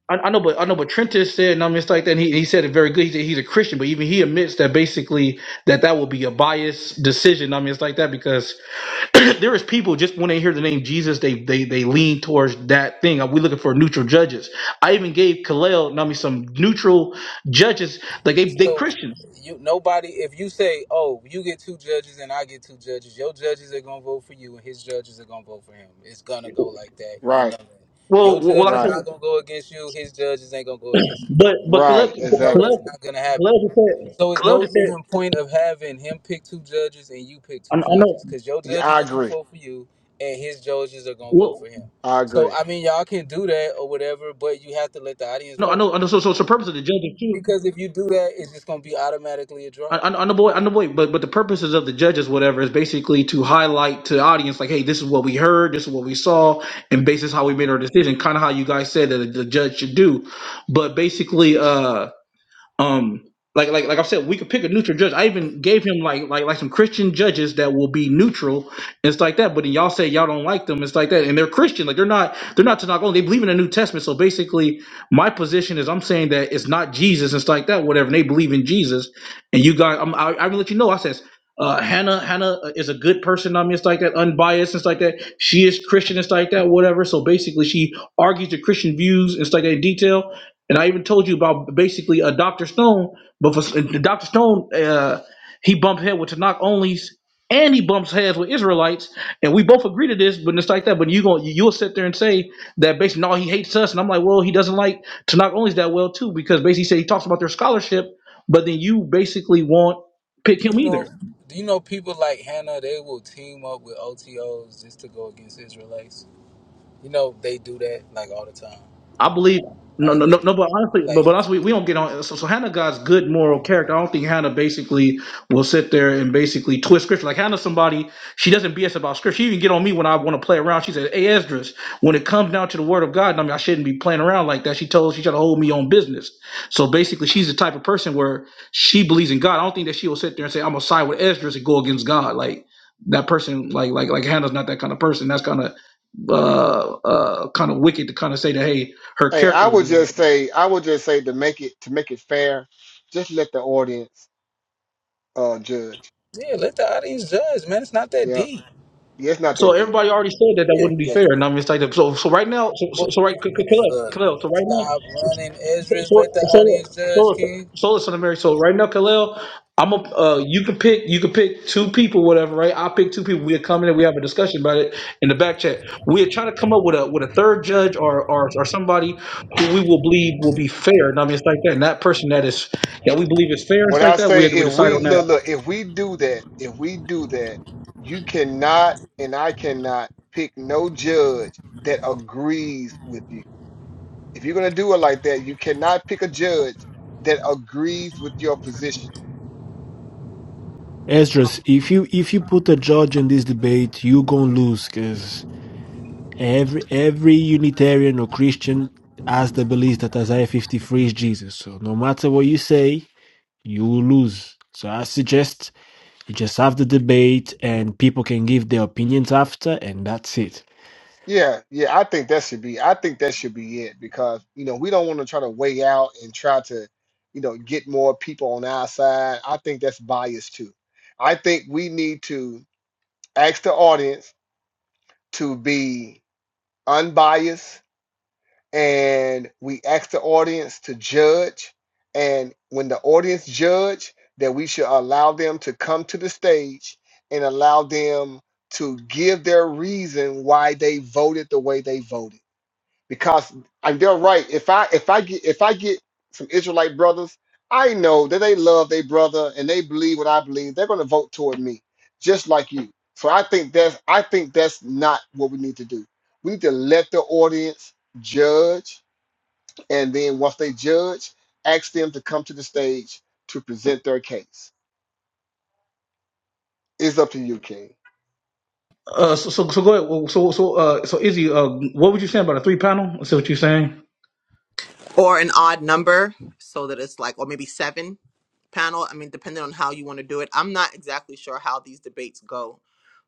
Speaker 1: I, I know but I know but Trenton said and I mean it's like that and he, he said it very good he said he's a Christian but even he admits that basically that that will be a biased decision I mean it's like that because there is people just when they hear the name Jesus, they they they lean towards that thing. Are we looking for neutral judges. I even gave Kalel, I mean, some neutral judges. Like they they
Speaker 8: So
Speaker 1: Christians.
Speaker 8: you nobody if you say, Oh, you get two judges and I get two judges, your judges are gonna vote for you and his judges are gonna vote for him. It's gonna go like that. You
Speaker 6: Right,
Speaker 8: know that.
Speaker 1: Well,
Speaker 8: Your
Speaker 1: well, like
Speaker 8: judge
Speaker 1: I
Speaker 8: is
Speaker 1: said,
Speaker 6: right,
Speaker 8: not gonna go against you, his judges ain't gonna go against
Speaker 1: But but
Speaker 6: right.
Speaker 1: Kaleb
Speaker 8: No,
Speaker 6: Exactly.
Speaker 1: Kaleb
Speaker 8: that's not gonna happen.
Speaker 1: Kaleb just said
Speaker 8: So it's
Speaker 1: Kaleb
Speaker 8: no
Speaker 1: just said
Speaker 8: even point of having him pick two judges and you pick
Speaker 1: I,
Speaker 8: two
Speaker 1: I know
Speaker 8: judges, cause your
Speaker 6: Yeah, I
Speaker 8: judges are gonna
Speaker 6: agree.
Speaker 8: vote for you and his judges are gonna vote
Speaker 1: well
Speaker 8: for him.
Speaker 6: I
Speaker 8: So
Speaker 6: agree.
Speaker 8: I mean, y'all can do that or whatever, but you have to let the audience
Speaker 1: no I
Speaker 8: vote
Speaker 1: know I know so so it's the purpose of the judges too
Speaker 8: because if you do that, it's just gonna be automatically a
Speaker 1: I,
Speaker 8: draw.
Speaker 1: I, I know boy I know boy but but the purposes of the judges whatever is basically to highlight to the audience like hey this is what we heard this is what we saw and basis how we made our decision kind of how you guys said that the judge should do but basically uh Um, like like like I said, we could pick a neutral judge. I even gave him like like like some Christian judges that will be neutral and stuff like that. But then y'all say y'all don't like them. It's like that, and they're Christian. Like they're not they're not to knock on. They believe in the New Testament. So basically, my position is I'm saying that it's not Jesus and stuff like that. Whatever and they believe in Jesus, and you guys, I'm, I I will let you know. I says. Uh, Hannah, Hannah uh, is a good person. I mean, it's like that, unbiased and stuff like that. She is Christian and stuff like that, whatever. So basically, she argues the Christian views and stuff like that in detail and I even told you about basically uh, Dr. Stone, but for uh, Dr. Stone, uh, he bumped head with Tanakh onlys, and he bumps heads with Israelites, and we both agree to this. But it's like that. But you going you'll sit there and say that basically, no, he hates us, and I'm like, well, he doesn't like Tanakh onlys that well too, because basically, he said he talks about their scholarship, but then you basically won't pick
Speaker 8: Do
Speaker 1: him
Speaker 8: you
Speaker 1: either.
Speaker 8: know? Do you know people like Hannah? They will team up with OTOs just to go against Israelites. You know they do that like all the time.
Speaker 1: I believe no,
Speaker 8: Like,
Speaker 1: no, no, no. But honestly, but
Speaker 8: like
Speaker 1: but honestly, we don't get on. So, so Hannah God's good moral character. I don't think Hannah basically will sit there and basically twist scripture. Like Hannah, somebody she doesn't BS about scripture. She even get on me when I want to play around. She said, "Hey Esdras, when it comes down to the word of God, I mean, I shouldn't be playing around like that." She told she tried to hold me on business. So basically, she's the type of person where she believes in God. I don't think that she will sit there and say, "I'm gonna side with Esdras and go against God." Like that person, like like like Hannah's not that kind of person. That's kind of uh uh kind of wicked to kind of say that. Hey her
Speaker 6: Hey,
Speaker 1: character
Speaker 6: I
Speaker 1: would
Speaker 6: would
Speaker 1: be like
Speaker 6: just
Speaker 1: that.
Speaker 6: say, I would just say to make it to make it fair, just let the audience uh judge.
Speaker 8: yeah, let the audience judge, man. It's not that
Speaker 6: Yeah,
Speaker 8: deep.
Speaker 6: yeah, it's not
Speaker 1: So
Speaker 6: that deep.
Speaker 1: everybody already said that that wouldn't be
Speaker 6: Yeah,
Speaker 1: fair, and I'm just like, that. so so right now, so so,
Speaker 8: What
Speaker 1: so right, c- c-
Speaker 8: is
Speaker 1: Khalil,
Speaker 8: uh,
Speaker 1: Khalil, so right now,
Speaker 8: stop running,
Speaker 1: so
Speaker 8: Ezra's.
Speaker 1: so so
Speaker 8: Let the
Speaker 1: so,
Speaker 8: audience judge,
Speaker 1: so
Speaker 8: King.
Speaker 1: so listen, to Mary, so right now, Khalil, I'm a uh, you can pick you can pick two people, whatever, right? I pick two people. We're coming and we have a discussion about it in the back chat. We're trying to come up with a with a third judge or or, or somebody who we will believe will be fair, and I'm just like that. And that person that is that we believe is fair, and
Speaker 6: what
Speaker 1: it's
Speaker 6: I
Speaker 1: like that. We
Speaker 6: say
Speaker 1: had to
Speaker 6: if
Speaker 1: decide
Speaker 6: we
Speaker 1: on that
Speaker 6: look, look, if we do that, if we do that, you cannot and I cannot pick no judge that agrees with you. If you're gonna do it like that, you cannot pick a judge that agrees with your position.
Speaker 10: Esdras, if you if you put a judge in this debate, you gonna lose. cause. Every every Unitarian or Christian has the belief that Isaiah 53 is Jesus. So no matter what you say, you will lose. So I suggest you just have the debate and people can give their opinions after, and that's it.
Speaker 6: Yeah, yeah, I think that should be I think that should be it because you know we don't want to try to weigh out and try to you know get more people on our side. I think that's bias too. I think we need to ask the audience to be unbiased and we ask the audience to judge and when the audience judge that we should allow them to come to the stage and allow them to give their reason why they voted the way they voted because and they're right. If I if I get if I get some Israelite brothers, I know that they love their brother and they believe what I believe. They're going to vote toward me, just like you. So I think that's I think that's not what we need to do. We need to let the audience judge, and then once they judge, ask them to come to the stage to present their case. It's up to you, King.
Speaker 1: Uh, so, so, so go ahead. Well, So, so, uh, so Izzy, uh, what would you say about a three panel? Is that what you're saying?
Speaker 12: or an odd number so that it's like or maybe seven panel i mean depending on how you want to do it i'm not exactly sure how these debates go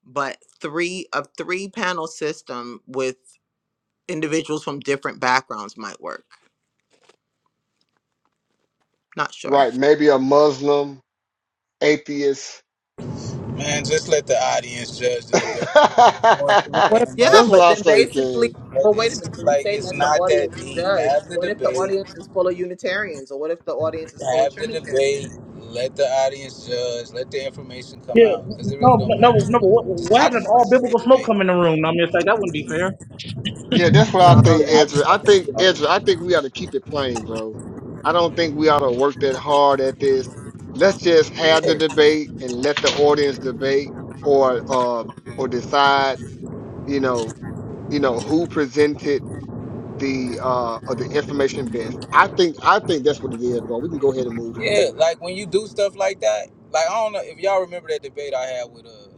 Speaker 12: but three a three panel system with individuals from different backgrounds might work not sure
Speaker 6: Right? Maybe a Muslim atheist.
Speaker 8: Man, just let the audience judge the debate.
Speaker 6: that's
Speaker 4: What about,
Speaker 8: Very
Speaker 12: yeah
Speaker 8: much,
Speaker 6: what
Speaker 12: but
Speaker 6: I
Speaker 12: then
Speaker 6: say, King.
Speaker 12: basically
Speaker 8: but
Speaker 12: well wait a
Speaker 8: it's
Speaker 12: minute when you
Speaker 8: like
Speaker 12: say
Speaker 8: it's
Speaker 12: let the
Speaker 8: not that
Speaker 12: audience
Speaker 8: deep.
Speaker 12: judge
Speaker 8: Have the
Speaker 12: what if the
Speaker 8: debate.
Speaker 12: audience is full of unitarians or what if the audience is full of
Speaker 8: Have the
Speaker 12: trinitarians
Speaker 8: debate. Let the audience judge. Let the information
Speaker 1: Yeah.
Speaker 8: come out because it really
Speaker 1: No,
Speaker 8: don't
Speaker 1: no,
Speaker 8: matter
Speaker 1: no. But
Speaker 8: anyway.
Speaker 1: what,
Speaker 8: Just
Speaker 1: what
Speaker 8: I
Speaker 1: happened if
Speaker 8: just want to
Speaker 1: all
Speaker 8: see the
Speaker 1: biblical smoke
Speaker 8: debate.
Speaker 1: come in the room? I mean, it's like that wouldn't be fair.
Speaker 6: Yeah, that's what
Speaker 12: no
Speaker 6: I
Speaker 12: i don't
Speaker 8: Yeah,
Speaker 6: think,
Speaker 12: think
Speaker 8: I
Speaker 12: that
Speaker 6: Ezra.
Speaker 8: just
Speaker 6: I
Speaker 8: want to
Speaker 6: think
Speaker 8: see
Speaker 12: will.
Speaker 6: Ezra,
Speaker 8: the
Speaker 6: I think we ought to keep it plain, bro. I don't think we ought to work that hard at this. Let's just
Speaker 8: debate.
Speaker 6: have the
Speaker 8: Yeah.
Speaker 6: debate and let the audience debate or uh, or decide, you know, you know, who presented the uh or the information best. I think I think that's what it is, bro. We can go ahead and move
Speaker 8: Yeah,
Speaker 6: forward.
Speaker 8: like when you do stuff like that, like I don't know if y'all remember that debate I had with uh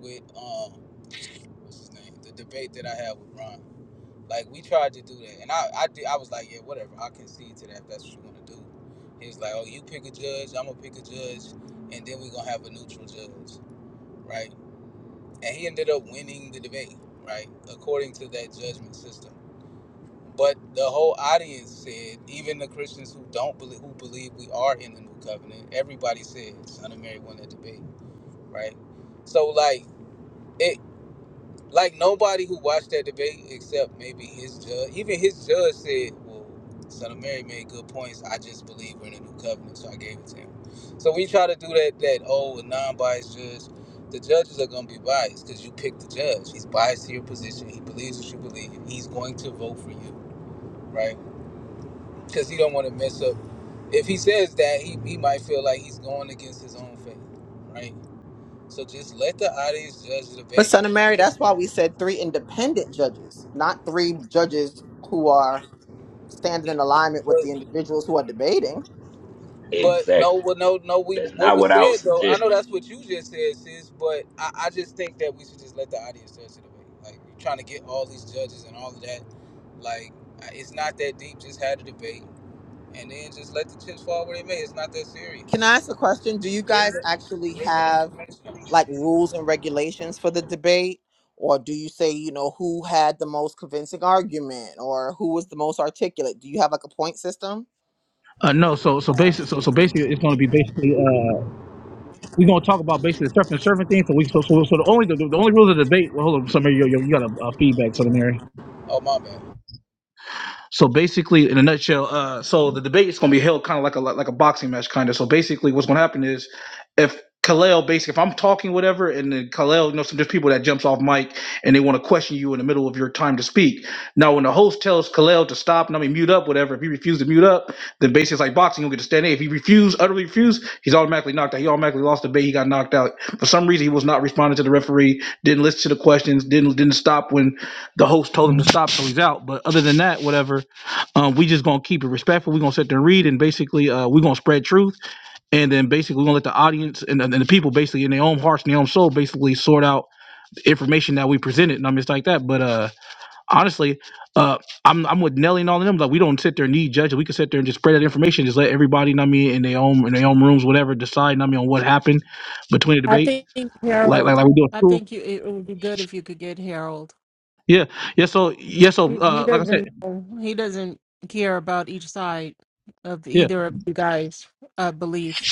Speaker 8: with um what's his name? The debate that I had with Ron. Like we tried to do that, and I I did, I was like, yeah, whatever. I concede to that if that's what you want to do. He was like, oh, you pick a judge, I'm gonna pick a judge, and then we're gonna have a neutral judge, right? And he ended up winning the debate, right, according to that judgment system. But the whole audience said, even the Christians who don't believe, who believe we are in the new covenant, everybody said, "Son of Mary won that debate," right? So like. it. like nobody who watched that debate except maybe his judge even his judge said well son of mary made good points i just believe we're in a new covenant so i gave it to him so we try to do that that oh a non-biased judge the judges are going to be biased because you pick the judge he's biased to your position he believes what you believe he's going to vote for you right because he don't want to mess up if he says that he, he might feel like he's going against his own faith right so just let the audience judge the
Speaker 12: but son of mary that's why we said three independent judges not three judges who are standing in alignment with
Speaker 8: debate
Speaker 12: the individuals who are debating.
Speaker 8: But no,
Speaker 11: Exactly.
Speaker 8: well, no, no. We
Speaker 11: That's
Speaker 8: what
Speaker 11: not
Speaker 8: was
Speaker 11: what I
Speaker 8: said
Speaker 11: was
Speaker 8: though. I
Speaker 11: suggesting.
Speaker 8: know that's what you just said, sis. But I, I just think that we should just let the audience judge it away. Like you're trying to get all these judges and all of that. Like I- it's not that deep. Just had a debate, and then just let the chips fall where they may. It's not that
Speaker 12: Can
Speaker 8: serious.
Speaker 12: I ask a question? Do you
Speaker 8: Just bring
Speaker 12: guys
Speaker 8: the
Speaker 12: actually
Speaker 8: bring the
Speaker 12: have
Speaker 8: information.
Speaker 12: like rules and regulations for the debate? Or do you say, you know, who had the most convincing argument or who was the most articulate? Do you have like a point system?
Speaker 1: Uh, no. So, so
Speaker 8: Nah.
Speaker 1: basically, so, so basically, it's going to be basically. uh, we're gonna talk about basically the surf and surfing thing. So we so so, so the only the, the only rules of debate. Well, hold on, Samir, you, you, you got a, a feedback, Samir.
Speaker 8: Oh my bad.
Speaker 1: So basically, in a nutshell, uh, so the debate is going to be held kind of like a like like a boxing match, kind of. So basically, what's going to happen is if Kalel, basically, if I'm talking whatever, and then Kalel, you know, some there's people that jumps off mic and they want to question you in the middle of your time to speak. Now, when the host tells Kalel to stop and I mean mute up, whatever, if he refuses to mute up, then basically it's like boxing, you'll get to stand in. If he refuse, utterly refuse, he's automatically knocked out. He automatically lost the debate. He got knocked out for some reason. He was not responding to the referee, didn't listen to the questions, didn't didn't stop when the host told him to stop, so he's out. But other than that, whatever, um, we just gonna keep it respectful. We're gonna sit there and read, and basically, uh, we're gonna spread truth, and then basically, we're gonna let the audience and, and the people, basically, in their own hearts and their own soul, basically sort out the information that we presented, and I'm just like that. But uh, honestly, uh, I'm I'm with Nelly and all of them. Like, we don't sit there and need judges. We can sit there and just spread that information, just let everybody, know what I mean, in their own in their own rooms, whatever, decide, know what I mean, on what happened between the
Speaker 4: I
Speaker 1: debate,
Speaker 4: think
Speaker 1: like like
Speaker 4: Harold,
Speaker 1: like we do at
Speaker 4: I
Speaker 1: school.
Speaker 4: think you, it would be good if you could get Harold.
Speaker 1: Yeah, yeah. So yeah, so
Speaker 4: he, he
Speaker 1: uh, like I
Speaker 4: doesn't
Speaker 1: said,
Speaker 4: know. He doesn't care about each side of
Speaker 1: yeah.
Speaker 4: either of you guys' uh, belief.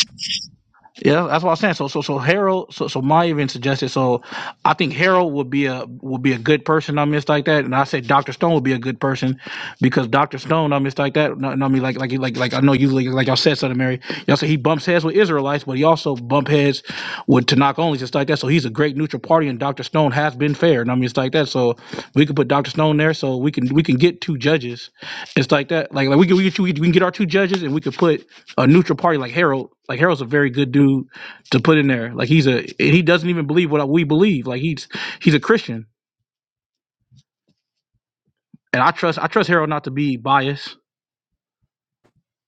Speaker 1: Yeah, that's what I'm saying. So, so, so Harold, so, so my even suggested. So, I think Harold would be a would be a good person. I missed like that, and I said Doctor Stone would be a good person because Doctor Stone, I missed like that. No, no, I mean like like like like I know you like, like y'all said something, Mary. Y'all said he bumps heads with Israelites, but he also bump heads with Tanakh only, just like that. So he's a great neutral party, and Doctor Stone has been fair. And I mean it's like that. So we could put Doctor Stone there, so we can we can get two judges it's like that. Like, like we can we, can we can get our two judges and we could put a neutral party like Harold. Like Harold's a very good dude to put in there. Like he's a and he doesn't even believe what we believe. Like he's he's a Christian. And I trust I trust Harold not to be biased.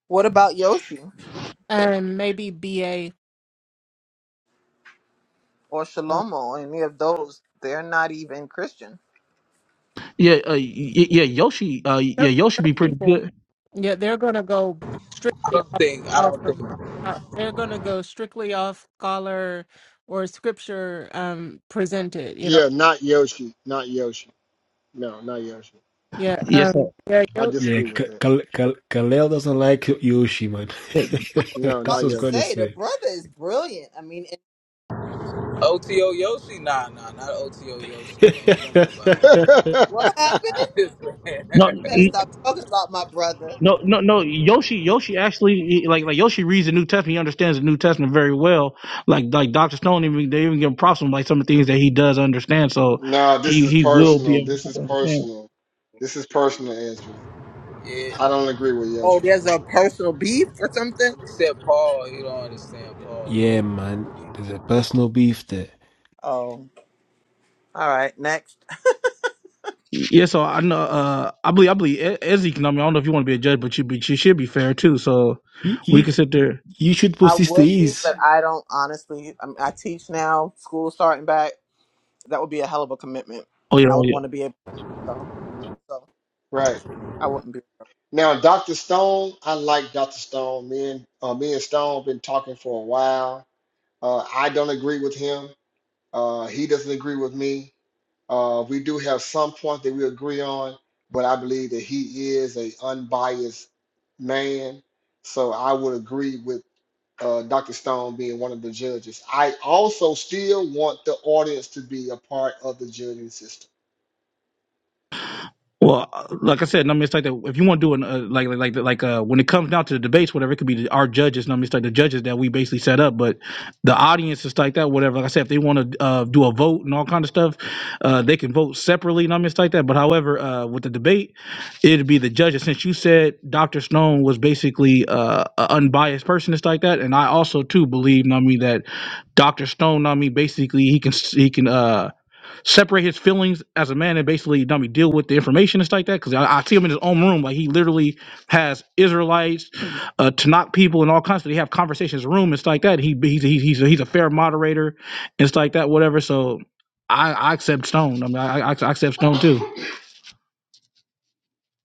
Speaker 12: What about Yoshi
Speaker 4: And maybe BA.
Speaker 12: or
Speaker 4: Well,
Speaker 12: Shalomo or any of those? They're not even Christian.
Speaker 1: Yeah, uh, y- y- yeah, Yoshi. Uh, yeah,
Speaker 4: some,
Speaker 1: Yoshi be
Speaker 4: some
Speaker 1: pretty
Speaker 4: people,
Speaker 1: good.
Speaker 4: Yeah, they're going to go
Speaker 8: I
Speaker 4: strictly
Speaker 8: don't
Speaker 4: off,
Speaker 8: think. I
Speaker 4: off
Speaker 8: don't
Speaker 4: of
Speaker 8: think.
Speaker 4: uh, they're going to go strictly off scholar or scripture um presented you know
Speaker 6: Yeah, not Yoshi. Not Yoshi. No, not Yoshi.
Speaker 4: Yeah,
Speaker 1: Yes,
Speaker 4: um,
Speaker 1: sir.
Speaker 4: yeah,
Speaker 6: I
Speaker 4: yo,
Speaker 10: Yeah,
Speaker 6: disagree with
Speaker 10: K-
Speaker 6: that.
Speaker 10: Kal- Kal- Kalel doesn't like Yoshi, man.
Speaker 6: No,
Speaker 12: I was about
Speaker 10: That's what I
Speaker 6: not
Speaker 10: was
Speaker 12: to
Speaker 10: going
Speaker 6: Yoshi.
Speaker 10: to
Speaker 12: say the
Speaker 10: say.
Speaker 12: brother is brilliant. I mean, and
Speaker 8: OTO Yoshi. Nah, nah, not OTO Yoshi, man. He gonna be bothered.
Speaker 12: what happened?
Speaker 1: No,
Speaker 12: You better
Speaker 1: n-
Speaker 12: stop talking about my brother.
Speaker 1: no, no, no. Yoshi, Yoshi actually like like Yoshi reads the New Testament. He understands the New Testament very well. Like like Doctor Stone even they even give him props on like some of the things that he does understand. So
Speaker 6: No, this
Speaker 1: he
Speaker 6: is
Speaker 1: he will
Speaker 6: personal.
Speaker 1: be able
Speaker 6: This is
Speaker 1: to understand.
Speaker 6: personal. This is personal, Ezra.
Speaker 8: yeah.
Speaker 6: I don't agree with
Speaker 12: Oh,
Speaker 6: Yoshi.
Speaker 12: there's a personal beef or something.
Speaker 8: Except Paul. He don't understand Paul.
Speaker 10: yeah, man, there's a personal beef there.
Speaker 12: Oh, all right. Next,
Speaker 1: Yeah, so I know. Uh, I believe I believe E- Ezzy can. I mean, I don't know if you want to be a judge, but you but you should be fair too. So
Speaker 10: You,
Speaker 1: we can
Speaker 10: you,
Speaker 1: sit there.
Speaker 10: you should
Speaker 12: I
Speaker 10: post this to
Speaker 12: would be,
Speaker 10: ease.
Speaker 12: but I don't honestly. I, mean, I teach now. School starting back. That would be a hell of a commitment,
Speaker 1: Oh yeah,
Speaker 12: and
Speaker 1: yeah,
Speaker 12: I would
Speaker 1: yeah.
Speaker 12: want to be able. So, so
Speaker 6: Right.
Speaker 12: I wouldn't be.
Speaker 6: Now, Dr. Stone, I like Dr. Stone. Me and uh, me and Stone been talking for a while. Uh, I don't agree with him. Uh, he doesn't agree with me. Uh, we do have some points that we agree on, but I believe that he is a unbiased man. So I would agree with uh, Dr. Stone being one of the judges. I also still want the audience to be a part of the judging system.
Speaker 1: Well, uh, like I said, I mean, it's like that. If you want to do an uh, like like like like uh, when it comes down to the debates, whatever, it could be the, our judges. I mean, it's like the judges that we basically set up, but the audience is like that. Whatever, like I said, if they want to uh, do a vote and all kind of stuff, uh, they can vote separately. And I mean, it's like that. But however, uh, with the debate, it'd be the judges. Since you said Dr. Stone was basically uh, an unbiased person, it's like that, and I also too believe, I mean, that Dr. Stone, I mean, basically he can he can. Uh, separate his feelings as a man and basically dummy deal with the information and stuff like that. Because I, I see him in his own room, like he literally has Israelites, uh, Tanakh people, and all kinds. Of, they have conversations in the room and stuff like that. He he's he's he's a, he's a fair moderator and stuff like that, whatever. So I, I accept Stone. I mean, I, I I accept Stone too.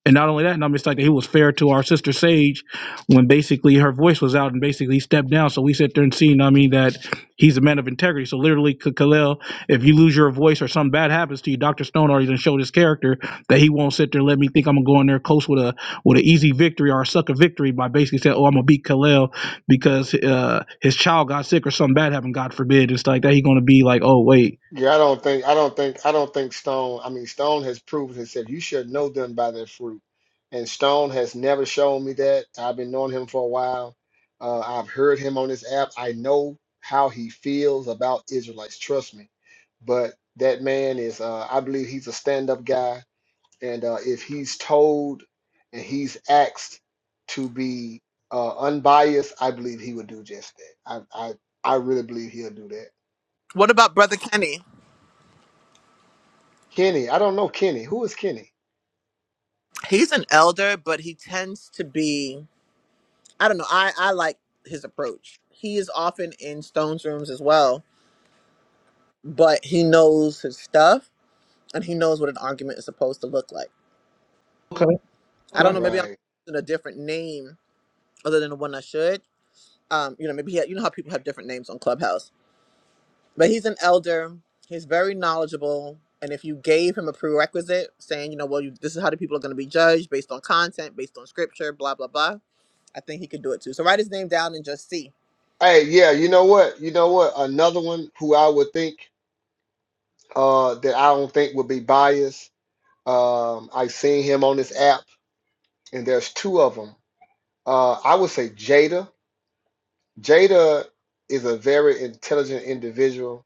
Speaker 1: And not only that, and I'm just like he was fair to our sister Sage when basically her voice was out and basically he stepped down. So we sit there and see, you know what I mean, that he's a man of integrity. So literally, K- Khalil, if you lose your voice or something bad happens to you, Dr. Stone already done showed his character that he won't sit there and let me think I'm gonna go in there close with a with an easy victory or a sucker victory by basically saying, Oh, I'm gonna beat Khalil because uh, his child got sick or something bad happened, God forbid. It's like that he gonna be like, Oh, wait
Speaker 6: Yeah, I don't think, I don't think, I don't think Stone. I mean, Stone has proven himself. You should know them by their fruit. And Stone has never shown me that. I've been knowing him for a while. Uh, I've heard him on this app. I know how he feels about Israelites. Trust me. But that man is, uh, I believe he's a stand-up guy and uh, if he's told and he's asked to be uh, unbiased, I believe he would do just that. I, I I really believe he'll do that.
Speaker 12: What about Brother Kenny?
Speaker 6: Kenny, I don't know Kenny. Who is Kenny?
Speaker 12: He's an elder, but he tends to be. I don't know. I I like his approach. He is often in Stone's rooms as well, but he knows his stuff and he knows what an argument is supposed to look like.
Speaker 1: Okay,
Speaker 12: I don't know.
Speaker 1: okay.
Speaker 12: Maybe I'm
Speaker 6: Right.
Speaker 12: using a different name other than the one I should. Um, you know, maybe he, you know how people have different names on Clubhouse. But he's an elder. He's very knowledgeable. And if you gave him a prerequisite saying, you know, well, you, this is how the people are going to be judged based on content, based on scripture, blah blah blah, I think he could do it too. So write his name down and just see.
Speaker 6: Hey, yeah. You know what? You know what? Another one who I would think uh, that I don't think would be biased. Um, I've seen him on this app, and there's two of them. Uh, I would say Jada. Jada is a very intelligent individual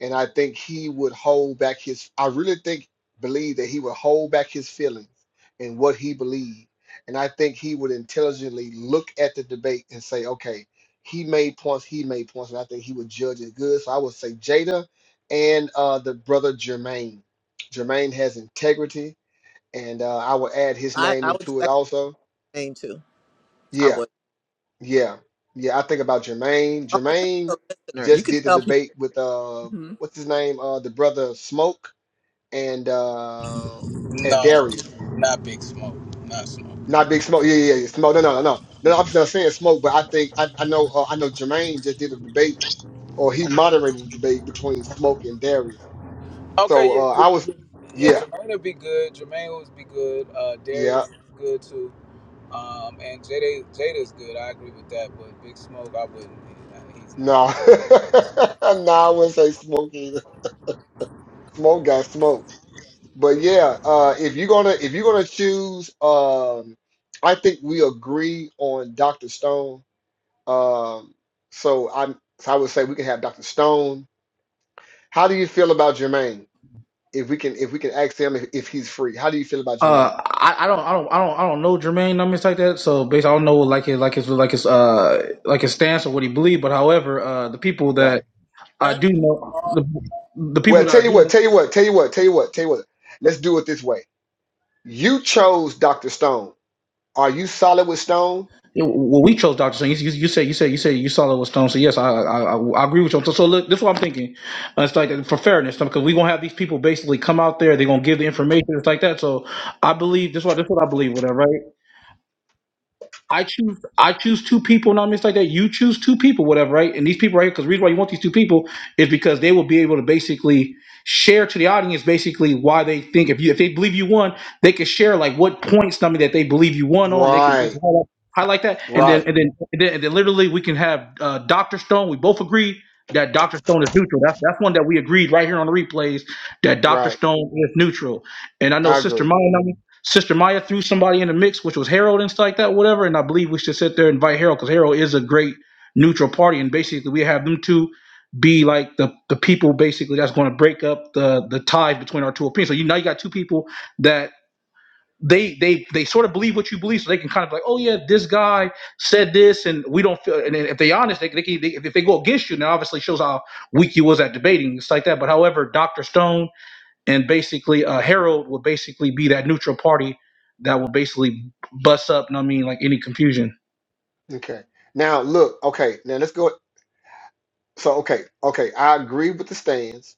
Speaker 6: and I think he would hold back his. I really think believe that he would hold back his feelings and what he believed, and I think he would intelligently look at the debate and say, okay, he made points, he made points, and I think he would judge it good. So I would say Jada and uh, the brother Jermaine. Jermaine has integrity, and uh, I would add his
Speaker 12: I
Speaker 6: name
Speaker 12: I would
Speaker 6: into it
Speaker 12: second
Speaker 6: also.
Speaker 12: his name too. I
Speaker 6: Yeah,
Speaker 12: would.
Speaker 6: yeah, yeah. I think about Jermaine.
Speaker 12: Only because
Speaker 6: Jermaine
Speaker 12: you're a listener. You
Speaker 6: just
Speaker 12: can
Speaker 6: did the
Speaker 12: tell people
Speaker 6: debate with uh,
Speaker 12: hmm
Speaker 6: what's his name? Uh, the brother Smoke and uh and
Speaker 8: No,
Speaker 6: Darius.
Speaker 8: not Big Smoke. Not Smoke.
Speaker 6: Not Big Smoke. Yeah, yeah, yeah. Smoke. No, no, no, no.
Speaker 8: No.
Speaker 6: No, I'm
Speaker 8: no.
Speaker 6: not saying Smoke, but I think I, I know uh, I know Jermaine just did a debate or he moderated a debate between Smoke and Darius.
Speaker 8: Okay,
Speaker 6: So
Speaker 8: yeah,
Speaker 6: uh I was
Speaker 8: J- yeah.
Speaker 6: yeah,
Speaker 8: Jermaine will be good. Jermaine will be good. Uh,
Speaker 6: yeah.
Speaker 8: Darius is good too. Um, and Jada Jada's good. I agree with that. But Big Smoke, I wouldn't. he- He's not
Speaker 6: No.
Speaker 8: gonna be unbiased.
Speaker 6: no, I wouldn't say Smoke either. Smoke got smoke. But yeah, uh if you're gonna if you're gonna choose um I think we agree on Dr. Stone. Um so I'm so I would say we can have Dr. Stone How do you feel about Jermaine? If we can if we can ask him if, if he's free, how do you feel about Jermaine?
Speaker 1: Uh, I, I don't, I don't, I don't, I don't know Jermaine numbers like that. So basically, I don't know like his, like his, like his, uh, like his stance or what he believed. But however, uh, the people
Speaker 6: Right.
Speaker 1: that I
Speaker 12: done.
Speaker 1: do know, the, the
Speaker 6: Well,
Speaker 1: people that
Speaker 6: tell
Speaker 1: I
Speaker 6: you
Speaker 1: do know.
Speaker 6: what, tell you what, tell you what, tell you what, tell you what. Let's do it this way. You chose Dr. Stone. Are you solid with Stone?
Speaker 1: Yeah, Well, we chose Doctor Stone. You, you, you said you said you said you saw it was Stone. So yes, I I, I, I agree with you. So, so look, this is what I'm thinking. Uh, It's like for fairness, because we gonna have these people basically come out there. They're gonna give the information. It's like that. So I believe this. What this is what I believe. Whatever. Right. I choose I choose two people, and I mean like that. You choose two people, whatever, right? And these people right here, because the reason why you want these two people is because they will be able to basically share to the audience basically why they think if you if they believe you won, they can share like what points something that they believe you won on. They can
Speaker 6: Right,
Speaker 1: basically highlight, highlight that, and then
Speaker 6: right,
Speaker 1: and then and then, and then literally we can have uh, Doctor Stone. We both agree that Doctor Stone is neutral. That's that's one that we agreed right here on the replays that Doctor
Speaker 6: right.
Speaker 1: Stone is neutral. And I know
Speaker 6: I
Speaker 1: Sister
Speaker 6: agree.
Speaker 1: Maya. Sister Maya threw somebody in the mix, which was Harold and stuff like that, whatever. And I believe we should sit there and invite Harold because Harold is a great neutral party, and basically we have them two be like the the people basically that's going to break up the the ties between our two opinions. So you now you got two people that they they they sort of believe what you believe, so they can kind of be like, oh yeah, this guy said this, and we don't feel. And then if they honest, they, they, can- they if they go against you, then obviously shows how weak you was at debating, it's like that. But however, Doctor Stone and basically uh, Harold will basically be that neutral party that will basically bust up. know what I mean, like any confusion.
Speaker 6: Okay. Now look, okay, now let's go. So okay, okay, I agree with the stands.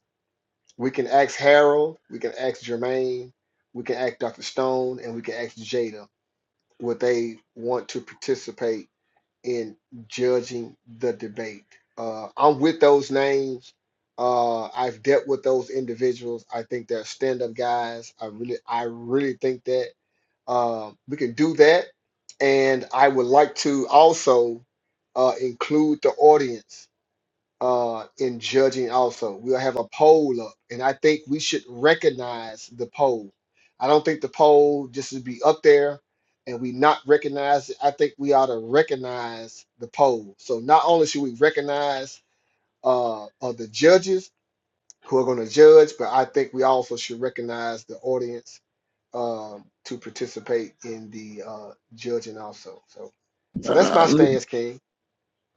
Speaker 6: We can ask Harold, we can ask Jermaine, we can ask Dr. Stone, and we can ask Jada would they want to participate in judging the debate. Uh, I'm with those names. Uh, I've dealt with those individuals. I think they're stand-up guys. I really, I really think that uh, we can do that. And I would like to also uh, include the audience uh, in judging also. We'll have a poll up, and I think we should recognize the poll. I don't think the poll just to be up there and we not recognize it. I think we ought to recognize the poll. So not only should we recognize uh, of the judges who are going to judge, but I think we also should recognize the audience um, to participate in the uh, judging also. So, so that's my
Speaker 1: Uh,
Speaker 6: stance, King.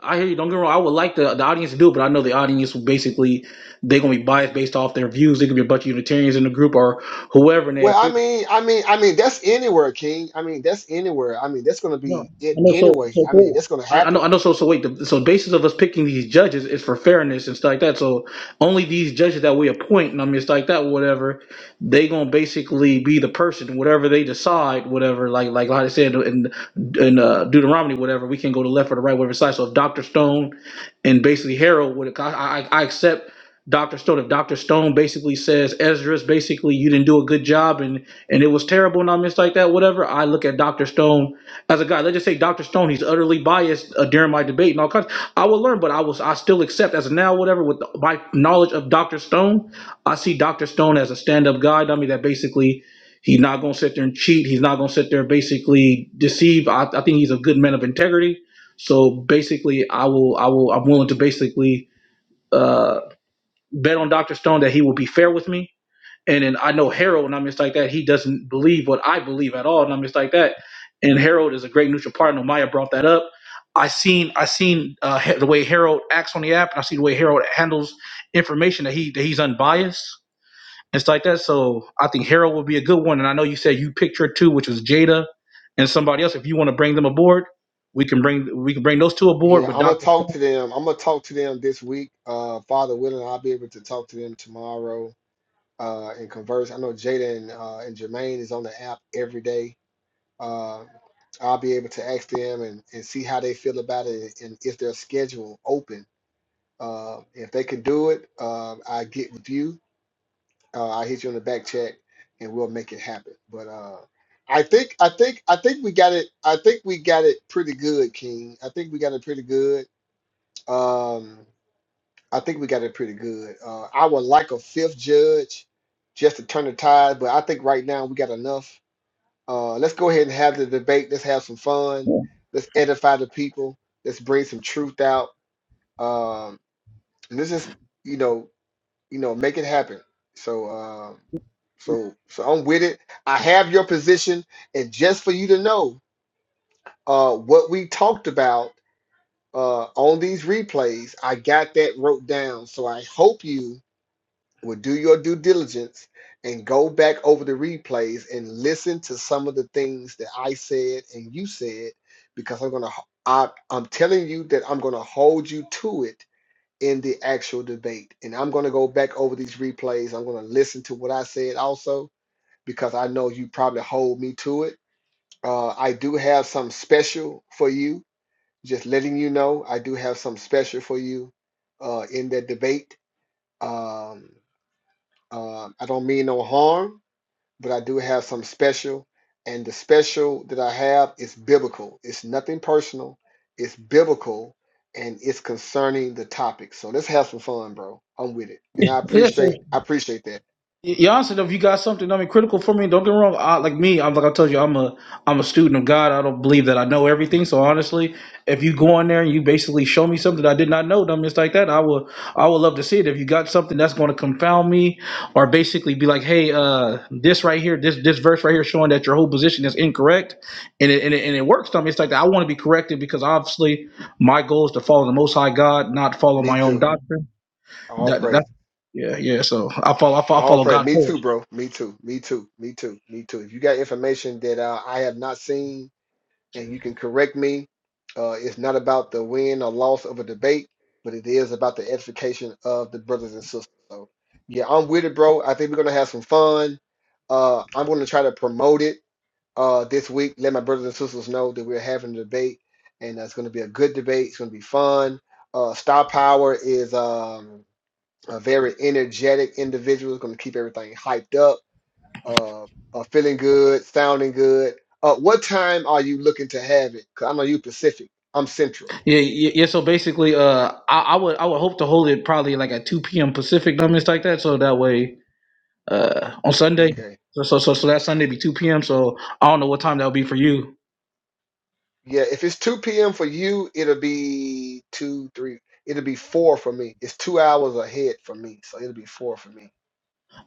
Speaker 1: I hear you. Don't get me wrong. I would like the, the audience to do it, but I know the audience will basically they're gonna be biased based off their views. They could be a bunch of Unitarians in the group or whoever, and
Speaker 6: Well,
Speaker 1: they
Speaker 6: I mean, I mean, I mean, that's anywhere, King. I mean, that's anywhere. I mean, that's gonna
Speaker 1: No,
Speaker 6: be it
Speaker 1: I know. So,
Speaker 6: anyway.
Speaker 1: so
Speaker 6: I mean,
Speaker 1: cool.
Speaker 6: that's gonna
Speaker 1: I, I
Speaker 6: happen.
Speaker 1: know. I know. So, so wait. The, so, basis of us picking these judges is for fairness and stuff like that. So, only these judges that we appoint, and I mean, it's like that. Whatever they gonna basically be the person, whatever they decide, whatever. Like, like like I said in in uh, Deuteronomy, whatever we can go to the left or the right, whatever side. So, if Doctor Stone and basically Harold would, I, I, I accept. Dr. Stone, if Dr. Stone basically says, Ezra's basically you didn't do a good job and and it was terrible and I mean, it's like that, whatever. I look at Dr. Stone as a guy, let's just say Dr. Stone, he's utterly biased uh, during my debate and all kinds. I will learn, but I was I still accept as a now whatever with my knowledge of Dr. Stone, I see Dr. Stone as a stand-up guy. I mean that basically he's not gonna sit there and cheat. He's not gonna sit there and basically deceive. I, I think he's a good man of integrity. So basically, I will I will I'm willing to basically uh, bet on Dr. Stone that he will be fair with me and then I know Harold, and I'm just like that. He doesn't believe what I believe at all, and I'm just like that. And Harold is a great neutral partner. Maya brought that up. I seen I seen uh, Ha- the way Harold acts on the app, and I see the way Harold handles information that he that he's unbiased. It's like that. So I think Harold would be a good one. And I know you said you picked your two, which was Jada and somebody else. If you want to bring them aboard, we can bring we can bring those two
Speaker 6: Yeah,
Speaker 1: aboard. But
Speaker 6: I'm gonna
Speaker 1: Doctor,
Speaker 6: talk to them. I'm gonna talk to them this week. Uh, Father willing, I'll be able to talk to them tomorrow. Uh, and converse. I know Jada and uh, and Jermaine is on the app every day. Uh, I'll be able to ask them and, and see how they feel about it and if their schedule open. Uh, if they can do it, uh, I get with you Uh, I'll hit you on the back check and we'll make it happen. But uh, I think I think I think we got it. I think we got it pretty good, King. I think we got it pretty good. Um, I think we got it pretty good. Uh, I would like a fifth judge just to turn the tide, but I think right now we got enough. Uh, let's go ahead and have the debate. Let's have some fun. Let's edify the people. Let's bring some truth out. Um, and this is, you know, you know, make it happen. So, um, so, so I'm with it. I have your position, and just for you to know, uh, what we talked about uh, on these replays, I got that wrote down. So I hope you will do your due diligence and go back over the replays and listen to some of the things that I said and you said, because I'm gonna, I, I'm telling you that I'm gonna hold you to it in the actual debate. And I'm going to go back over these replays. I'm going to listen to what I said also because I know you probably hold me to it. Uh, I do have something special for you. Just letting you know, I do have something special for you uh, in that debate. Um, uh, I don't mean no harm but I do have some special. And the special that I have is biblical. It's nothing personal. It's biblical and it's concerning the topic. So let's have some fun, bro. I'm with it. And I
Speaker 1: Stone,
Speaker 6: appreciate I appreciate that.
Speaker 1: Y- you if you got something, I mean, critical for me. Don't get me wrong. I, like me, I'm like I told you, I'm a I'm a student of God. I don't believe that I know everything. So honestly, if you go in there and you basically show me something I did not know, then I'm just like that, I will I would love to see it. If you got something that's going to confound me, or basically be like, hey, uh, this right here, this this verse right here, showing that your whole position is incorrect, and it and it, and it works. I mean, it's like that. I want to be corrected because obviously my goal is to follow the Most High God, not follow
Speaker 6: Me
Speaker 1: my own
Speaker 6: too.
Speaker 1: doctrine.
Speaker 6: All
Speaker 1: That
Speaker 6: praise.
Speaker 1: that yeah yeah. So I follow I follow, I
Speaker 6: All
Speaker 1: follow
Speaker 6: praise.
Speaker 1: God
Speaker 6: Me
Speaker 1: first.
Speaker 6: too, bro. Me too. Me too. Me too. Me too. If you got information that uh, I have not seen and you can correct me. Uh, it's not about the win or loss of a debate, but it is about the edification of the brothers and sisters. So, yeah, I'm with it, bro. I think we're gonna have some fun. Uh, I'm gonna try to promote it uh, this week. Let my brothers and sisters know that we're having a debate, and it's gonna be a good debate. It's gonna be fun. Uh, Star Power is um, a very energetic individual. It's gonna keep everything hyped up uh, uh, feeling good, sounding good. Uh, what time are you looking to have it? 'Cause I know you Pacific. I'm Central.
Speaker 1: Yeah, yeah. yeah, So basically, uh, I, I would I would hope to hold it probably like at two p.m. Pacific, dummies like that. So that way, uh, on Sunday,
Speaker 6: Okay.
Speaker 1: so so so, so that Sunday be two p.m. So I don't know what time that'll be for you.
Speaker 6: Yeah, if it's 2 p.m. for you, it'll be two, three. It'll be four for me. It's two hours ahead for me, so it'll be four for me.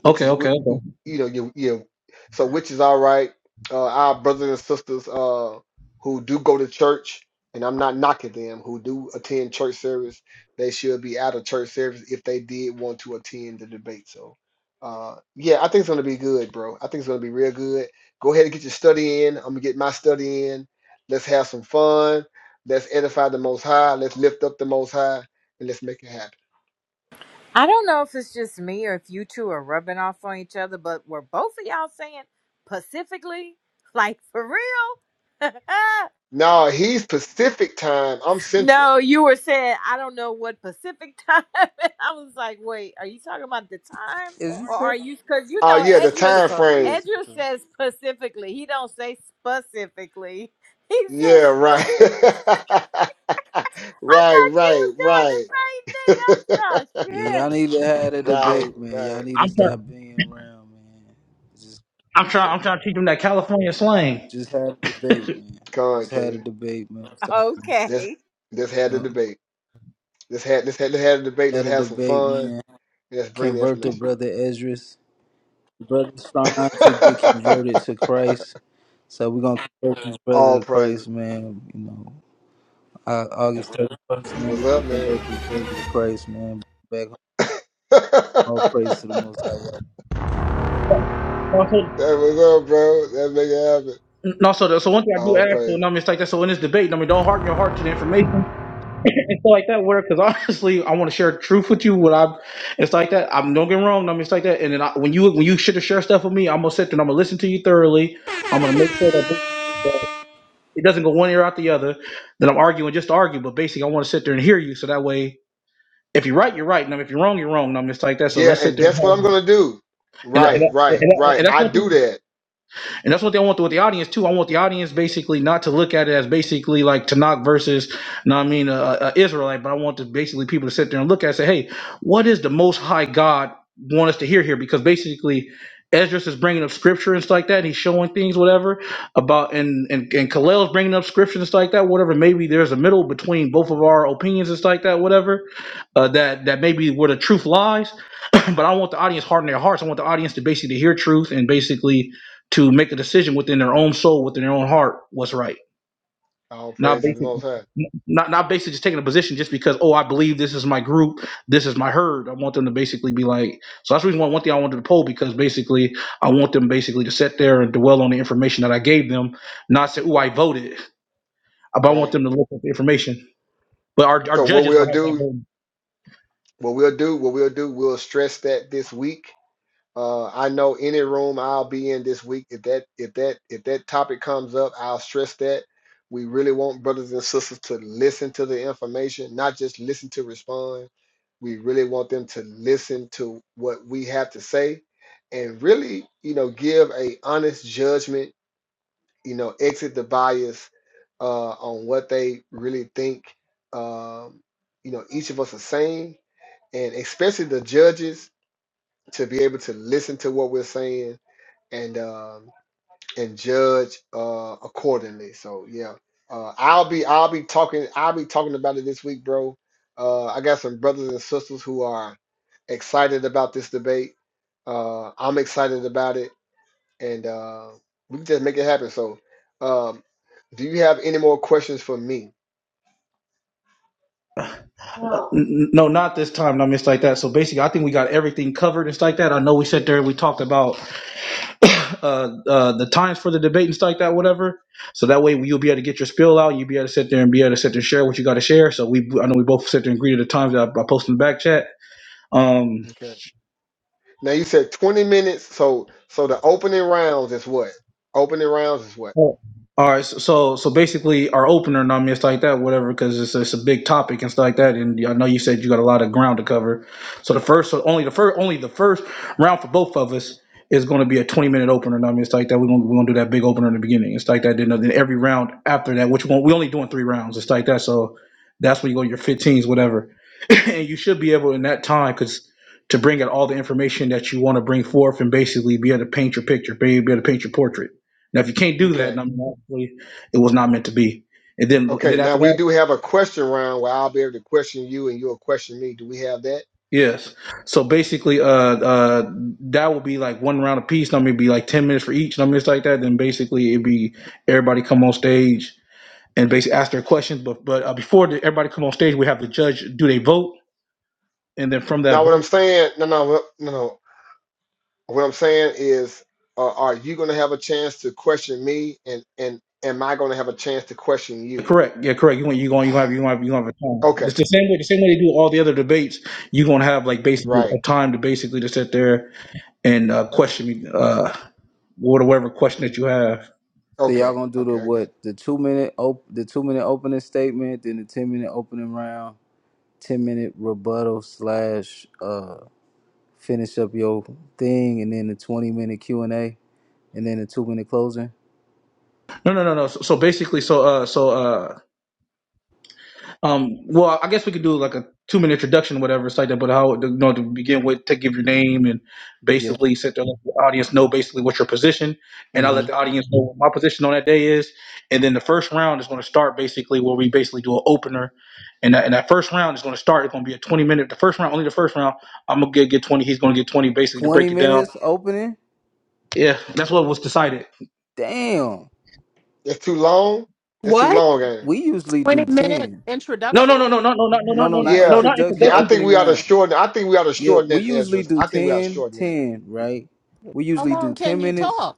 Speaker 6: which
Speaker 1: Okay,
Speaker 6: is
Speaker 1: okay,
Speaker 6: wh-
Speaker 1: okay.
Speaker 6: wh- you know you you so which is all right uh our brothers and sisters uh who do go to church and i'm not knocking them who do attend church service they should be out of church service if they did want to attend the debate so uh yeah i think it's gonna be good bro i think it's gonna be real good go ahead and get your study in i'm gonna get my study in let's have some fun let's edify the most high let's lift up the most high and let's make it happen
Speaker 7: I don't know if it's just me or if you two are rubbing off on each other, but were both of y'all saying pacifically? Like for real?
Speaker 6: no he's pacific time i'm central
Speaker 7: No, you were saying I don't know what Pacific time. and I was like, wait, are you talking about the time,
Speaker 8: Is
Speaker 7: or are
Speaker 8: essential?
Speaker 7: you? Because you
Speaker 6: Oh
Speaker 7: know,
Speaker 6: yeah, the
Speaker 8: What's
Speaker 7: Andrew
Speaker 8: it
Speaker 6: time
Speaker 8: called? It
Speaker 6: frame.
Speaker 8: is
Speaker 7: Andrew
Speaker 8: essential.
Speaker 7: says specifically. He don't say specifically. He
Speaker 6: Yeah,
Speaker 7: says
Speaker 6: right.
Speaker 7: specific. I
Speaker 6: right,
Speaker 7: thought
Speaker 6: right,
Speaker 7: you
Speaker 6: right.
Speaker 7: was doing the same thing.
Speaker 8: Yeah,
Speaker 7: I said,
Speaker 8: y'all need to have a
Speaker 6: right,
Speaker 1: I,
Speaker 8: debate, man.
Speaker 6: right.
Speaker 8: Y'all need to
Speaker 1: I'm trying,
Speaker 8: stop being around, man. Just,
Speaker 1: I'm trying, I'm trying to teach them that California slang.
Speaker 8: just have a debate, man.
Speaker 6: Come on,
Speaker 8: Just had a
Speaker 6: King.
Speaker 8: debate, man. Stop.
Speaker 7: oh shit.
Speaker 6: Just
Speaker 7: Okay.
Speaker 6: just had the
Speaker 8: Yep.
Speaker 6: debate. Just had this had this have the debate.
Speaker 8: Had
Speaker 6: Let's
Speaker 8: a
Speaker 6: have some
Speaker 8: debate,
Speaker 6: fun.
Speaker 8: man.
Speaker 6: And let's bring the
Speaker 8: Convert the
Speaker 6: information.
Speaker 8: brother Ezra. Brother's trying to get converted to Christ. So we're gonna convert this brother
Speaker 6: All
Speaker 8: to
Speaker 6: praises.
Speaker 8: Christ, man. You know, Au- August thirty first,
Speaker 6: That's
Speaker 8: man, we
Speaker 6: what's
Speaker 8: can
Speaker 6: up, man.
Speaker 8: gonna convert this brother to Christ, man. Back home, all
Speaker 6: that
Speaker 8: praise to the Most High. Y'all.
Speaker 1: No, so,
Speaker 6: was up, bro. That make it happen.
Speaker 1: no, so, so one thing I do
Speaker 6: All
Speaker 1: ask, so no,
Speaker 6: praises.
Speaker 1: mistake that. So in this debate, I mean, don't harden your heart to the information. it's like that word because honestly, I want to share truth with you. What I, it's like that. I'm don't get me wrong. I'm just like that. And then I, when you when you should have shared stuff with me, I'm gonna sit there and I'm gonna listen to you thoroughly. I'm gonna make sure that this- it doesn't go one ear out the other. That I'm arguing just to argue, but basically I want to sit there and hear you. So that way, if you're right, you're right. And if you're wrong, you're wrong. And I'm just like that. So
Speaker 6: Yeah,
Speaker 1: let's sit
Speaker 6: and
Speaker 1: there and,
Speaker 6: that's what I'm
Speaker 1: have-
Speaker 6: gonna do.
Speaker 1: and,
Speaker 6: Right,
Speaker 1: and,
Speaker 6: right,
Speaker 1: and,
Speaker 6: right.
Speaker 1: and that's
Speaker 6: I
Speaker 1: one thing
Speaker 6: do that.
Speaker 1: And that's what they want with the audience too. I want the audience basically not to look at it as basically like Tanakh versus, you know what I mean, uh, uh, Israelite, but I want to basically people to sit there and look at it and say, hey, what is the Most High God want us to hear here? Because basically, Esdras is bringing up scripture and stuff like that, and he's showing things, whatever about, and and and Kalel's bringing up scripture and stuff like that, whatever. Maybe there's a middle between both of our opinions and stuff like that, whatever. Uh, that that maybe where the truth lies but I want the audience harden their hearts. I want the audience to basically hear truth and basically to make a decision within their own soul, within their own heart, what's right.
Speaker 6: All
Speaker 1: Not
Speaker 6: praise to the Most
Speaker 1: basically,
Speaker 6: High.
Speaker 1: not not basically just taking a position just because oh I believe this is my group, this is my herd. I want them to basically be like. So that's the reason why one thing I wanted to poll because basically I want them basically to sit there and dwell on the information that I gave them, not say oh I voted, but I want
Speaker 6: Right.
Speaker 1: them to look at the information. But our, our
Speaker 6: So what
Speaker 1: judges will
Speaker 6: we'll
Speaker 1: have that
Speaker 6: do,
Speaker 1: vote.
Speaker 6: what we'll do, what we'll do, we'll stress that this week. Uh, I know any room I'll be in this week. If that, if that, if that topic comes up, I'll stress that. We really want brothers and sisters to listen to the information, not just listen to respond. We really want them to listen to what we have to say, and really, you know, give a honest judgment you know, exit the bias uh, on what they really think, um, you know, each of us are saying, and especially the judges to be able to listen to what we're saying and um, and judge uh, accordingly. So yeah, uh, I'll be I'll be talking I'll be talking about it this week, bro. Uh, I got some brothers and sisters who are excited about this debate. Uh, I'm excited about it and uh, we can just make it happen. So, um, do you have any more questions for me?
Speaker 1: No, not this time. Not missed like that. So basically, I think we got everything covered and stuff like that. I know we sat there and we talked about uh, uh, the times for the debate and stuff like that, whatever. So that way you'll be able to get your spill out. You'll be able to sit there and be able to sit there and share what you got to share. So we, I know we both sit there and agree to the times that I, I posted in the back chat. Um,
Speaker 6: Okay. Now you said 20 minutes. So, so the opening rounds is what? Opening rounds is what?
Speaker 1: Oh. All right, so so so basically, our opener, and I mean, it's like that, whatever, because it's it's a big topic and stuff like that. And I know you said you got a lot of ground to cover. So the first, so only the first, only the first round for both of us is going to be a twenty minute opener. And I mean, it's like that. We're gonna we're gonna do that big opener in the beginning. It's like that. Then, then every round after that, which one we only doing three rounds. It's like that. So that's where you go your fifteens, whatever, and you should be able in that time because to bring out all the information that you want to bring forth and basically be able to paint your picture, be able to paint your portrait now, if you can't do that,
Speaker 6: Okay.
Speaker 1: then obviously it was not meant to be. And then, and
Speaker 6: Okay.
Speaker 1: then
Speaker 6: Now
Speaker 1: after
Speaker 6: we
Speaker 1: that,
Speaker 6: do have a question round where I'll be able to question you and you'll question me. Do we have that?
Speaker 1: yes. So basically, uh, uh, that would be like one round apiece. I mean, it'd be like ten minutes for each. And I mean, it's like that. Then basically, it'd be everybody come on stage and basically ask their questions. But but uh, before the, everybody come on stage, we have the judge do they vote, and then from that
Speaker 6: Now, what I'm
Speaker 1: vote,
Speaker 6: saying, no, no, no, no. no. What I'm saying is, uh, are you going to have a chance to question me, and and am I going to have a chance to question
Speaker 1: yeah,
Speaker 6: you?
Speaker 1: correct, yeah, correct. You want you going you gonna have you gonna have you gonna have a time.
Speaker 6: Okay,
Speaker 1: It's the same way the same way they do all the other debates. You are gonna have like basically
Speaker 6: right.
Speaker 1: a time to basically to sit there and uh, question me. Uh, whatever question that you have.
Speaker 8: So y'all
Speaker 6: Okay,
Speaker 8: gonna do the
Speaker 6: okay. I guess
Speaker 8: what? The two minute op- the two minute opening statement, then the ten minute opening round, ten minute rebuttal slash uh finish up your thing, and then the twenty minute Q and A, and then the two minute closing.
Speaker 1: No, no, no, no. So, so basically, so uh, so uh, um, well, I guess we could do like a two minute introduction, whatever, it's like that. But how you know to begin with, to give your name and
Speaker 8: Yeah.
Speaker 1: basically set the audience know basically what your position, and I
Speaker 8: hmm
Speaker 1: let the audience know what my position on that day is, and then the first round is going to start basically where we basically do an opener. And that, and that first round is going to start. It's going to be a 20 minute. The first round, only the first round. I'm gonna get, get 20. He's gonna get 20, basically to
Speaker 8: Twenty
Speaker 1: break it down.
Speaker 8: minutes opening.
Speaker 1: Yeah, that's what was decided.
Speaker 8: Damn.
Speaker 6: it's too long. It's too
Speaker 4: What?
Speaker 6: long, ain't it?
Speaker 8: We usually do
Speaker 4: 20 minute
Speaker 8: 10.
Speaker 1: No,
Speaker 4: introduction?
Speaker 1: no, no, no, no, no, no, no, no,
Speaker 8: No, no,
Speaker 1: no,
Speaker 8: not
Speaker 1: no, no,
Speaker 6: Yeah,
Speaker 1: not
Speaker 8: introduction,
Speaker 6: yeah. I
Speaker 1: introduction.
Speaker 6: think
Speaker 8: opening
Speaker 6: we ought to
Speaker 8: round.
Speaker 6: shorten. I think we ought to
Speaker 8: Yeah,
Speaker 6: shorten
Speaker 8: we
Speaker 6: it,
Speaker 8: usually
Speaker 6: Ezra.
Speaker 8: do
Speaker 6: I think we ought to
Speaker 8: 10,
Speaker 6: shorten it.
Speaker 8: 10, right? We
Speaker 4: How
Speaker 8: usually do
Speaker 4: long
Speaker 8: 10
Speaker 4: can you
Speaker 8: minutes.
Speaker 4: talk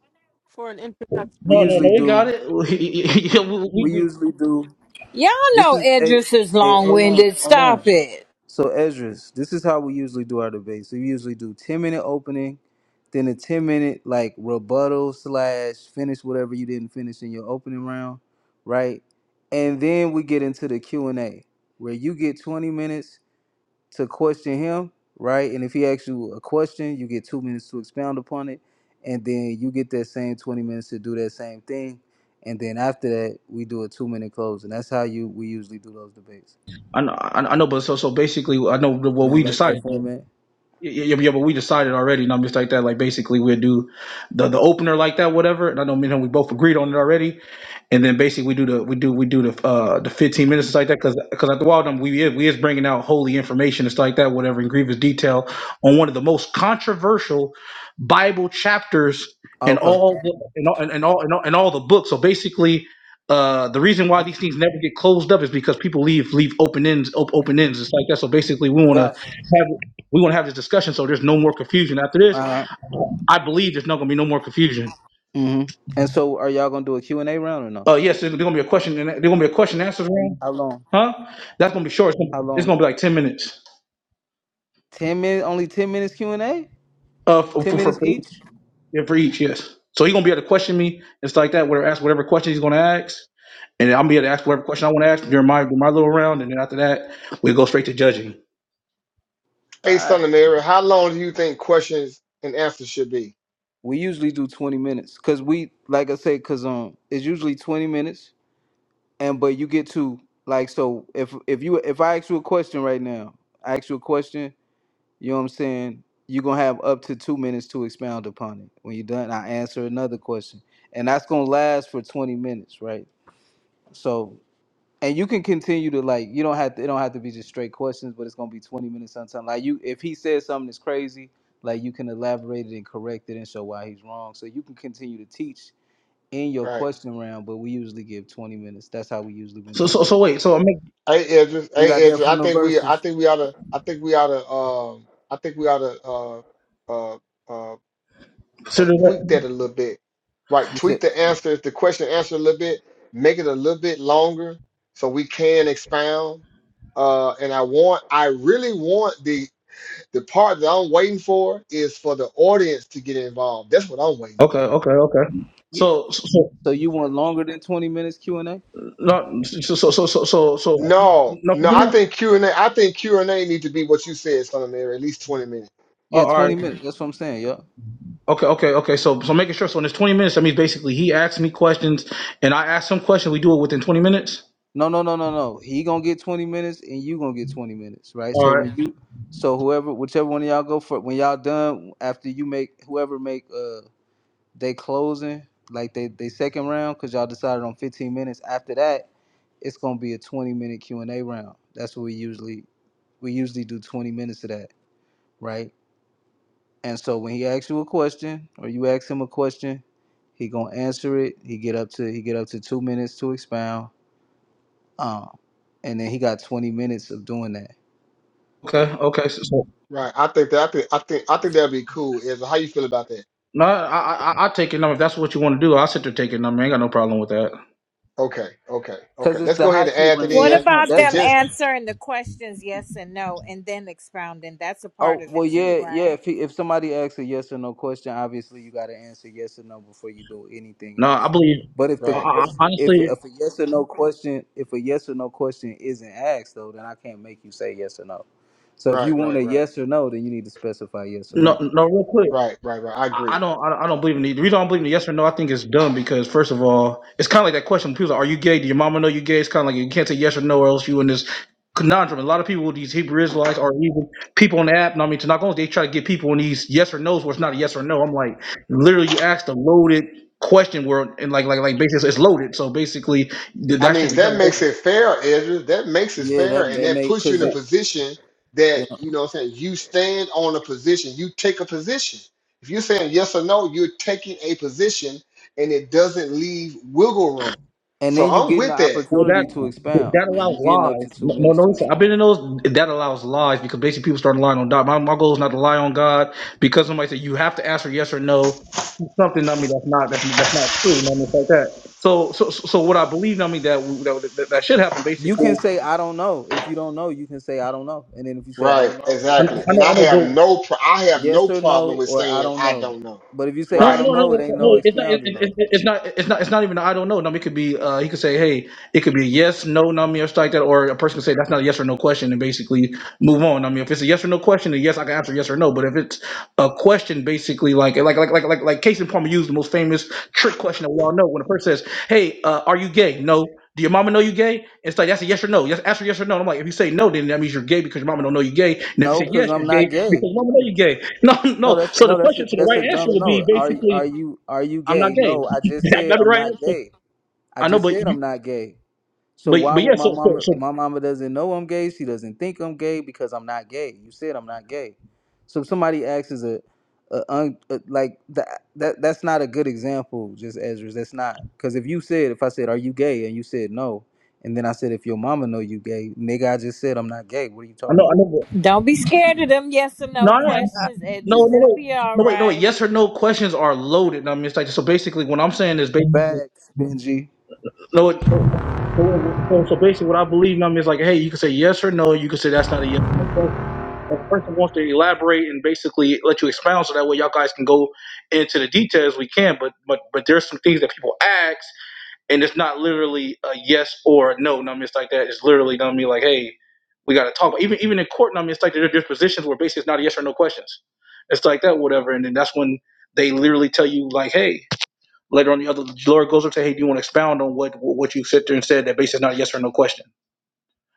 Speaker 4: for an introduction?
Speaker 8: We
Speaker 1: No, no, no,
Speaker 8: usually
Speaker 1: we got
Speaker 8: do,
Speaker 1: it. Yeah, we, we,
Speaker 8: we
Speaker 1: we-
Speaker 8: usually do,
Speaker 7: Y'all
Speaker 8: this
Speaker 7: know
Speaker 8: is, a
Speaker 7: Edris is
Speaker 8: hey,
Speaker 7: long
Speaker 8: hold on,
Speaker 7: winded.
Speaker 8: hold on.
Speaker 7: Stop it.
Speaker 8: So, Ezra's, this is how we usually do our debate. So, we usually do 10 minute opening, then a 10 minute like rebuttal slash finish whatever you didn't finish in your opening round, right? And then we get into the Q&A where you get 20 minutes to question him, right? And if he asks you a question, you get two minutes to expound upon it, and then you get that same twenty minutes to do that same thing, and then after that, we do a two minute close, and that's how you we usually do those debates.
Speaker 1: I know, I I know, but so, so basically, I know what
Speaker 8: You don't
Speaker 1: we
Speaker 8: like that
Speaker 1: decided. Though.
Speaker 8: format?
Speaker 1: Yeah, yeah, yeah, but we decided already, and I'm just like that. Like basically, we'll do the the opener like that, whatever. And I know me and him, we both agreed on it already. and then basically we do the we do we do the uh the 15 minutes it's like that because because at the wild Dump, we is we is bringing out holy information it's like that whatever in grievous detail on one of the most controversial bible chapters in
Speaker 8: Okay,
Speaker 1: all the- in all in all in all, in all the books so basically uh, the reason why these things never get closed up is because people leave leave open ends op- open ends. It's like that. So basically, we want to
Speaker 8: gotcha.
Speaker 1: have we want to have this discussion so there's no more confusion. After this,
Speaker 8: All right.
Speaker 1: I believe there's not going to be no more confusion.
Speaker 8: Mm-hmm. And so, are y'all gonna do a Q and A round or no?
Speaker 1: Uh, yes, there's going to be a question. and There's going to be a question and answers room.
Speaker 8: How long?
Speaker 1: Huh? That's gonna be short. It's
Speaker 8: How
Speaker 1: gonna, it's
Speaker 8: long?
Speaker 1: gonna be like ten minutes.
Speaker 8: Ten minutes? Only ten minutes Q and A?
Speaker 1: Uh, for
Speaker 8: Ten
Speaker 1: for, for,
Speaker 8: minutes
Speaker 1: for each.
Speaker 8: each?
Speaker 1: Yeah, for each, yes. So he's gonna be able to question me. It's like that. Whatever, ask whatever question he's gonna ask, and then I'm gonna be able to ask whatever question I want to ask during my during my little round, and then after that, we go straight to judging.
Speaker 8: All
Speaker 6: Hey,
Speaker 8: right.
Speaker 6: son of Mary, how long do you think questions and answers should be?
Speaker 8: We usually do twenty minutes, cause we, like I said, cause um, it's usually twenty minutes and but you get to like so if if you if I ask you a question right now, I ask you a question, you know what I'm saying? You're gonna have up to two minutes to expound upon it. When you're done, I answer another question. And that's gonna last for 20 minutes, right? So and you can continue to like you don't have to it don't have to be just straight questions, but it's gonna be 20 minutes sometime. Like you if he says something that's crazy, like you can elaborate it and correct it and show why he's wrong. So you can continue to teach in your
Speaker 6: Right.
Speaker 8: question round, but we usually give 20 minutes. That's how we usually been
Speaker 1: So
Speaker 8: doing it.
Speaker 1: so so wait. So I'm gonna
Speaker 6: Hey, Ezra.
Speaker 8: We got
Speaker 6: Hey,
Speaker 8: that
Speaker 6: Ezra. I
Speaker 8: from the
Speaker 6: think we. I
Speaker 8: verses.
Speaker 6: think we ought to. I think we ought to. Um. I think we ought to. Uh. Uh. uh,
Speaker 1: consider
Speaker 6: tweak
Speaker 1: that.
Speaker 6: that a little bit, right?
Speaker 8: You
Speaker 6: Tweak
Speaker 8: said
Speaker 6: the answer, the question answer a little bit, make it a little bit longer so we can expound. Uh, and I want, I really want the the part that I'm waiting for is for the audience to get involved. That's what I'm waiting
Speaker 1: Okay,
Speaker 6: for.
Speaker 1: okay, okay.
Speaker 8: yeah.
Speaker 1: So so so
Speaker 8: So you want longer than twenty minutes Q and A?
Speaker 1: not so so so so so, so
Speaker 6: No,
Speaker 1: no. for
Speaker 6: no, I
Speaker 1: me,
Speaker 6: think Q and A, I think Q and A need to be what you said, Son of Mary, at least twenty minutes.
Speaker 8: Yeah,
Speaker 1: all right.
Speaker 8: twenty minutes. That's what I'm saying, yeah.
Speaker 1: Okay, okay, okay. So so making sure. So in this 20 minutes, that means basically he asks me questions, and I ask him questions. We do it within 20 minutes.
Speaker 8: No, no, no, no, no. He gonna get twenty minutes, and you gonna get twenty minutes, right?
Speaker 1: All
Speaker 8: So when you, so whoever, whichever one of y'all go for, when y'all done after you make whoever make uh they closing like they they second round because y'all decided on fifteen minutes. After that, it's gonna be a twenty minute Q and A round. That's what we usually we usually do twenty minutes of that, right? And so when he asks you a question or you ask him a question, he gonna answer it. He get up to he get up to two minutes to expound. Um, and then he got twenty minutes of doing that.
Speaker 1: right. Okay. Okay. So, so
Speaker 6: Right. I think that I think I think I think that'd be cool. Is how you feel about that?
Speaker 1: No, I, I, I take your number. If that's what you want to do, I'll sit there take your number. I ain't got no problem with that.
Speaker 6: Okay, okay, okay.
Speaker 8: Cause it's
Speaker 6: Let's
Speaker 8: the
Speaker 6: go ahead and
Speaker 8: hot seat
Speaker 6: add that
Speaker 8: round.
Speaker 7: What
Speaker 6: in
Speaker 8: That's when
Speaker 7: about
Speaker 6: and
Speaker 8: that's
Speaker 7: them
Speaker 8: when.
Speaker 6: just
Speaker 7: answering the questions yes and no and then expounding? That's a part
Speaker 8: Oh
Speaker 7: of
Speaker 8: well,
Speaker 7: it too,
Speaker 8: yeah, yeah.
Speaker 7: right?
Speaker 8: If he, if somebody asks a yes or no question, obviously you got to answer yes or no before you do anything
Speaker 1: No, I
Speaker 8: else.
Speaker 1: believe.
Speaker 8: But if the
Speaker 1: I,
Speaker 6: right,
Speaker 1: I, I-
Speaker 8: question, if
Speaker 1: honestly,
Speaker 8: if a yes or no question, if a yes or no question isn't asked though, then I can't make you say yes or no. So if you
Speaker 6: right,
Speaker 8: want
Speaker 6: right,
Speaker 8: a
Speaker 6: right.
Speaker 8: yes or no, then you need to specify yes or
Speaker 1: no,
Speaker 8: no.
Speaker 1: no, real quick.
Speaker 6: Right, right, right. I
Speaker 1: I,
Speaker 6: agree.
Speaker 1: I don't, I, don't- I don't believe in the. The reason I don't believe in the yes or no, I think it's dumb because first of all, it's kind of like that question. When People are, like, are you gay? Do your mama know you gay? It's kind of like you can't say yes or no, or else you in this conundrum. A lot of people, these Hebrew Israelites, or even people on the app. No, I mean, to knock on, they try to get people in these yes or nos where it's not a yes or no. I'm like, literally, you asked a loaded question where, and like, like, like, basically, it's loaded. So basically, th-
Speaker 6: I
Speaker 1: that
Speaker 6: mean,
Speaker 1: shouldn't be
Speaker 6: that makes
Speaker 1: done.
Speaker 6: it fair, Ezra. That makes it
Speaker 8: Yeah, that
Speaker 6: fair, and
Speaker 8: may
Speaker 6: that
Speaker 8: make
Speaker 6: puts you in
Speaker 8: cause
Speaker 6: a
Speaker 8: it,
Speaker 6: position that
Speaker 8: yeah.
Speaker 6: you know. What I'm saying you stand on a position. You take a position. If you're saying yes or no, you're taking a position, and it doesn't leave wiggle room.
Speaker 8: and
Speaker 6: So
Speaker 8: then you
Speaker 6: I'm
Speaker 8: getting the
Speaker 6: with that.
Speaker 1: Well, that
Speaker 8: opportunity to expound.
Speaker 1: that
Speaker 8: Like
Speaker 1: allows
Speaker 8: you getting up to
Speaker 1: lies.
Speaker 8: two
Speaker 1: No,
Speaker 8: minutes
Speaker 1: no,
Speaker 8: to
Speaker 1: listen. I've been in
Speaker 8: expound.
Speaker 1: those. That allows lies because basically people start relying on God. My, my goal is not to lie on God because somebody said you have to answer yes or no. to Something I mean that's not that's, that's not true. I mean it's like that. So so so so what I believe I mean that that, that, should happen
Speaker 8: You
Speaker 1: basically.
Speaker 8: can say I don't know. If you don't know, you can say I don't know. And then if you say I
Speaker 6: Right,
Speaker 8: don't know, you
Speaker 1: I,
Speaker 8: don't get
Speaker 1: know,
Speaker 6: exactly.
Speaker 8: to
Speaker 1: I
Speaker 6: And
Speaker 1: know
Speaker 6: I
Speaker 1: I
Speaker 8: expound.
Speaker 6: have
Speaker 1: know.
Speaker 6: no, pro- I have
Speaker 8: Yes
Speaker 6: no
Speaker 8: or no
Speaker 6: problem with
Speaker 8: or I
Speaker 6: saying
Speaker 8: don't
Speaker 6: I
Speaker 8: know.
Speaker 6: don't know.
Speaker 8: But if you say
Speaker 1: No, no,
Speaker 8: I
Speaker 6: Right.
Speaker 8: don't
Speaker 1: no, no,
Speaker 8: know, it
Speaker 1: no. no,
Speaker 8: ain't no
Speaker 1: no, It's not. It's,
Speaker 8: expounding though.
Speaker 1: it's, it's not. It's not. It's not even. I don't know. No, it could be. Uh, he could say, "Hey, it could be a yes, no, nummy, or stuff like that." Or a person could say, "That's not a yes or no question," and basically move on. I mean, if it's a yes or no question, then yes, I can answer yes or no. But if it's a question, basically, like, like, like, like, like, like, Case Casey Palmer used the most famous trick question that we all know. When a person says, "Hey, uh, are you gay?" No. Do your mama know you gay? It's like that's a yes or no. Yes, answer yes or no. And I'm like, if you say no, then that means you're gay because your mama don't know you gay. And if you
Speaker 8: No,
Speaker 1: say
Speaker 8: cause
Speaker 1: yes,
Speaker 8: I'm
Speaker 1: you're gay
Speaker 8: not gay.
Speaker 1: because your mama know you gay. No,
Speaker 8: No,
Speaker 1: no.
Speaker 8: that's
Speaker 1: So the
Speaker 8: no, that's a,
Speaker 1: question to the
Speaker 8: that's
Speaker 1: right
Speaker 8: a
Speaker 1: answer
Speaker 8: dumb
Speaker 1: would be
Speaker 8: no. Are you- are you are you
Speaker 1: I'm not
Speaker 8: gay?
Speaker 1: gay.
Speaker 8: No, I just
Speaker 1: That, that'd
Speaker 8: said
Speaker 1: be the
Speaker 8: I'm
Speaker 1: right
Speaker 8: not
Speaker 1: answer.
Speaker 8: gay. I
Speaker 1: I know,
Speaker 8: just
Speaker 1: but
Speaker 8: said
Speaker 1: you,
Speaker 8: I'm not gay. So
Speaker 1: but
Speaker 8: why
Speaker 1: but yeah.
Speaker 8: would my
Speaker 1: So, so,
Speaker 8: mama
Speaker 1: so
Speaker 8: my mama doesn't know I'm gay? She doesn't think I'm gay because I'm not gay. You said I'm not gay. So if somebody acts as a, a, un, a like that that that's not a good example, just Ezra. That's not because if you said if I said are you gay and you said no, and then I said if your mama know you gay, nigga, I just said I'm not gay. What are you
Speaker 1: I know,
Speaker 8: talking
Speaker 1: I
Speaker 8: about?
Speaker 1: know. But,
Speaker 7: Don't be scared of them yes or
Speaker 1: no,
Speaker 7: no
Speaker 1: I,
Speaker 7: questions,
Speaker 1: no, no,
Speaker 7: Edris. It'll
Speaker 1: wait,
Speaker 7: be all
Speaker 1: no, wait, no, wait.
Speaker 7: right.
Speaker 1: Yes or no questions are loaded. I mean, it's like so. Basically, what I'm saying is basically
Speaker 8: Facts, Benji.
Speaker 1: no. It, no, so, so basically, what I believe I mean, is like, hey, you can say yes or no. You can say that's not a yes or no question. If the person wants to elaborate and basically let you expound, so that way y'all guys can go into the details we can. But but but there's some things that people ask and it's not literally a yes or a no. No, I mean, it's like that. It's literally gonna be like, hey, we gotta talk. But even even in court, no, I mean, it's like there, there's positions where basically it's not a yes or no questions. It's like that, whatever. And then that's when they literally tell you like, hey, later on the other the lawyer goes up to, hey, do you want to expound on what what you sit there and said that basically is not a yes or no question.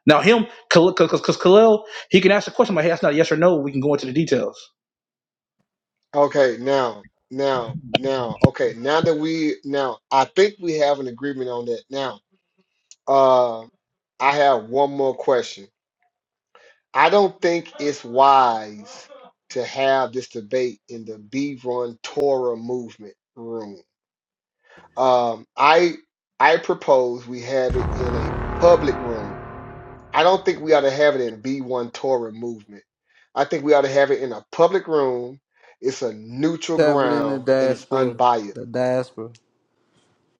Speaker 1: Now him, because Kalel he can ask the question like, hey, that's not a yes or no. We can go into the details.
Speaker 6: Okay. Now, now, now. Okay. Now that we, now I think we have an agreement on that. Now. Uh, I have one more question. I don't think it's wise to have this debate in the B Run Torah movement room. Um, I I propose we have it in a public room. I don't think we ought to have it in B1 Torah movement. I think we ought to have it in a public room. It's a neutral
Speaker 8: Seven in the
Speaker 6: ground and it's
Speaker 8: diaspora,
Speaker 6: unbiased.
Speaker 8: the diaspora.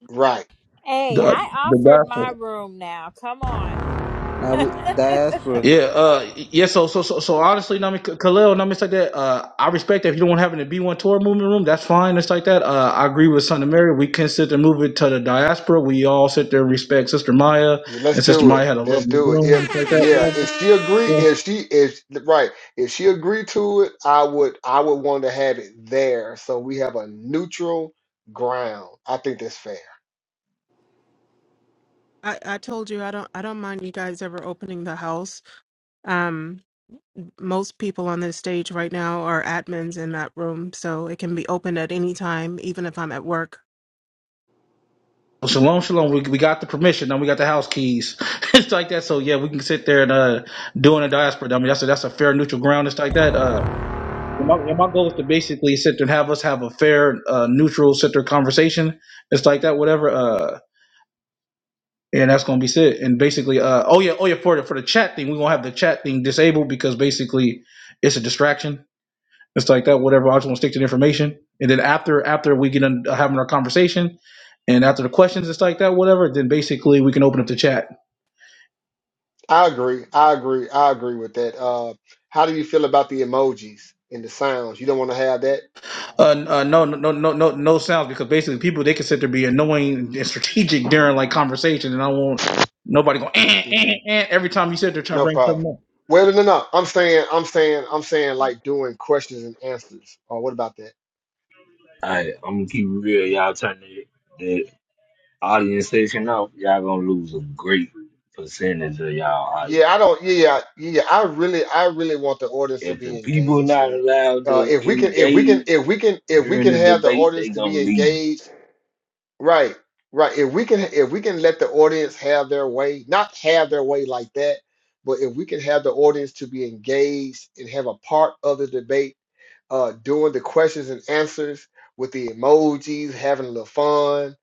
Speaker 6: Right.
Speaker 7: Hey,
Speaker 1: The,
Speaker 7: I
Speaker 1: the
Speaker 7: offered
Speaker 1: gospel.
Speaker 7: my room now. Come on.
Speaker 8: Now we,
Speaker 1: Yeah,
Speaker 8: diaspora.
Speaker 1: uh, yeah. So, so, so, so honestly, Nami Khalil, Nami, it's like that. Uh, I respect that if you don't want having b one tour movement room, that's fine. It's like that. Uh, I agree with Son of Mary. We can sit there and move it to the diaspora. We all sit there and respect Sister Maya,
Speaker 6: Yeah, let's
Speaker 1: and Sister
Speaker 6: do it.
Speaker 1: Maya had a
Speaker 6: Let's
Speaker 1: lovely
Speaker 6: do it.
Speaker 1: room,
Speaker 6: If
Speaker 1: it's like that.
Speaker 6: yeah,
Speaker 1: whatever.
Speaker 6: if she agree,
Speaker 1: Yeah.
Speaker 6: if she if right, if she agreed to it, I would I would want to have it there so we have a neutral ground. I think that's fair.
Speaker 4: I, I told you I don't I don't mind you guys ever opening the house. Um, most people on this stage right now are admins in that room, so it can be opened at any time, even if I'm at work.
Speaker 1: Shalom, shalom. We, we got the permission. Now we got the house keys. it's like that. So yeah, we can sit there and uh, doing a diaspora. I mean, that's a, that's a fair neutral ground. It's like that. Uh, And my, and my goal is to basically sit there and have us have a fair, uh, neutral, sit there conversation. It's like that, whatever. Uh, and that's gonna be it. And basically, uh, oh yeah, oh yeah, for the for the chat thing, we're gonna have the chat thing disabled because basically it's a distraction. It's like that, whatever. I just want to stick to the information. And then after after we get done having our conversation, and after the questions, it's like that, whatever. Then basically we can open up the chat.
Speaker 6: I agree. I agree. I agree with that. Uh, how do you feel about the emojis and the sounds? You don't want to have that?
Speaker 1: Uh, uh, no, no, no, no, no no sounds because basically people they consider to be annoying and strategic during like conversation, and I won't nobody going eh, eh,
Speaker 6: Okay,
Speaker 1: eh, every time you said they're trying to
Speaker 6: no
Speaker 1: bring
Speaker 6: problem.
Speaker 1: something up.
Speaker 6: Well, no, no, no. I'm saying, I'm saying, I'm saying, like doing questions and answers. Or what about that?
Speaker 11: Hey, I'm gonna keep it real. Y'all turn the, the audience section off. Y'all gonna lose a great percentage of y'all audience.
Speaker 6: Yeah, I don't. Yeah, yeah. yeah, I really, I really want the audience to
Speaker 11: If the
Speaker 6: be
Speaker 11: people
Speaker 6: engaged
Speaker 11: not
Speaker 6: in it.
Speaker 11: allowed
Speaker 6: Uh,
Speaker 11: to
Speaker 6: if we can, if we can,
Speaker 11: engage
Speaker 6: if we can, if we
Speaker 11: during
Speaker 6: can
Speaker 11: the
Speaker 6: have the
Speaker 11: debate,
Speaker 6: audience
Speaker 11: they
Speaker 6: to
Speaker 11: gonna
Speaker 6: be
Speaker 11: leave.
Speaker 6: engaged, right, right. If we can, if we can let the audience have their way, not have their way like that, but if we can have the audience to be engaged and have a part of the debate, uh, doing the questions and answers with the emojis, having a little fun,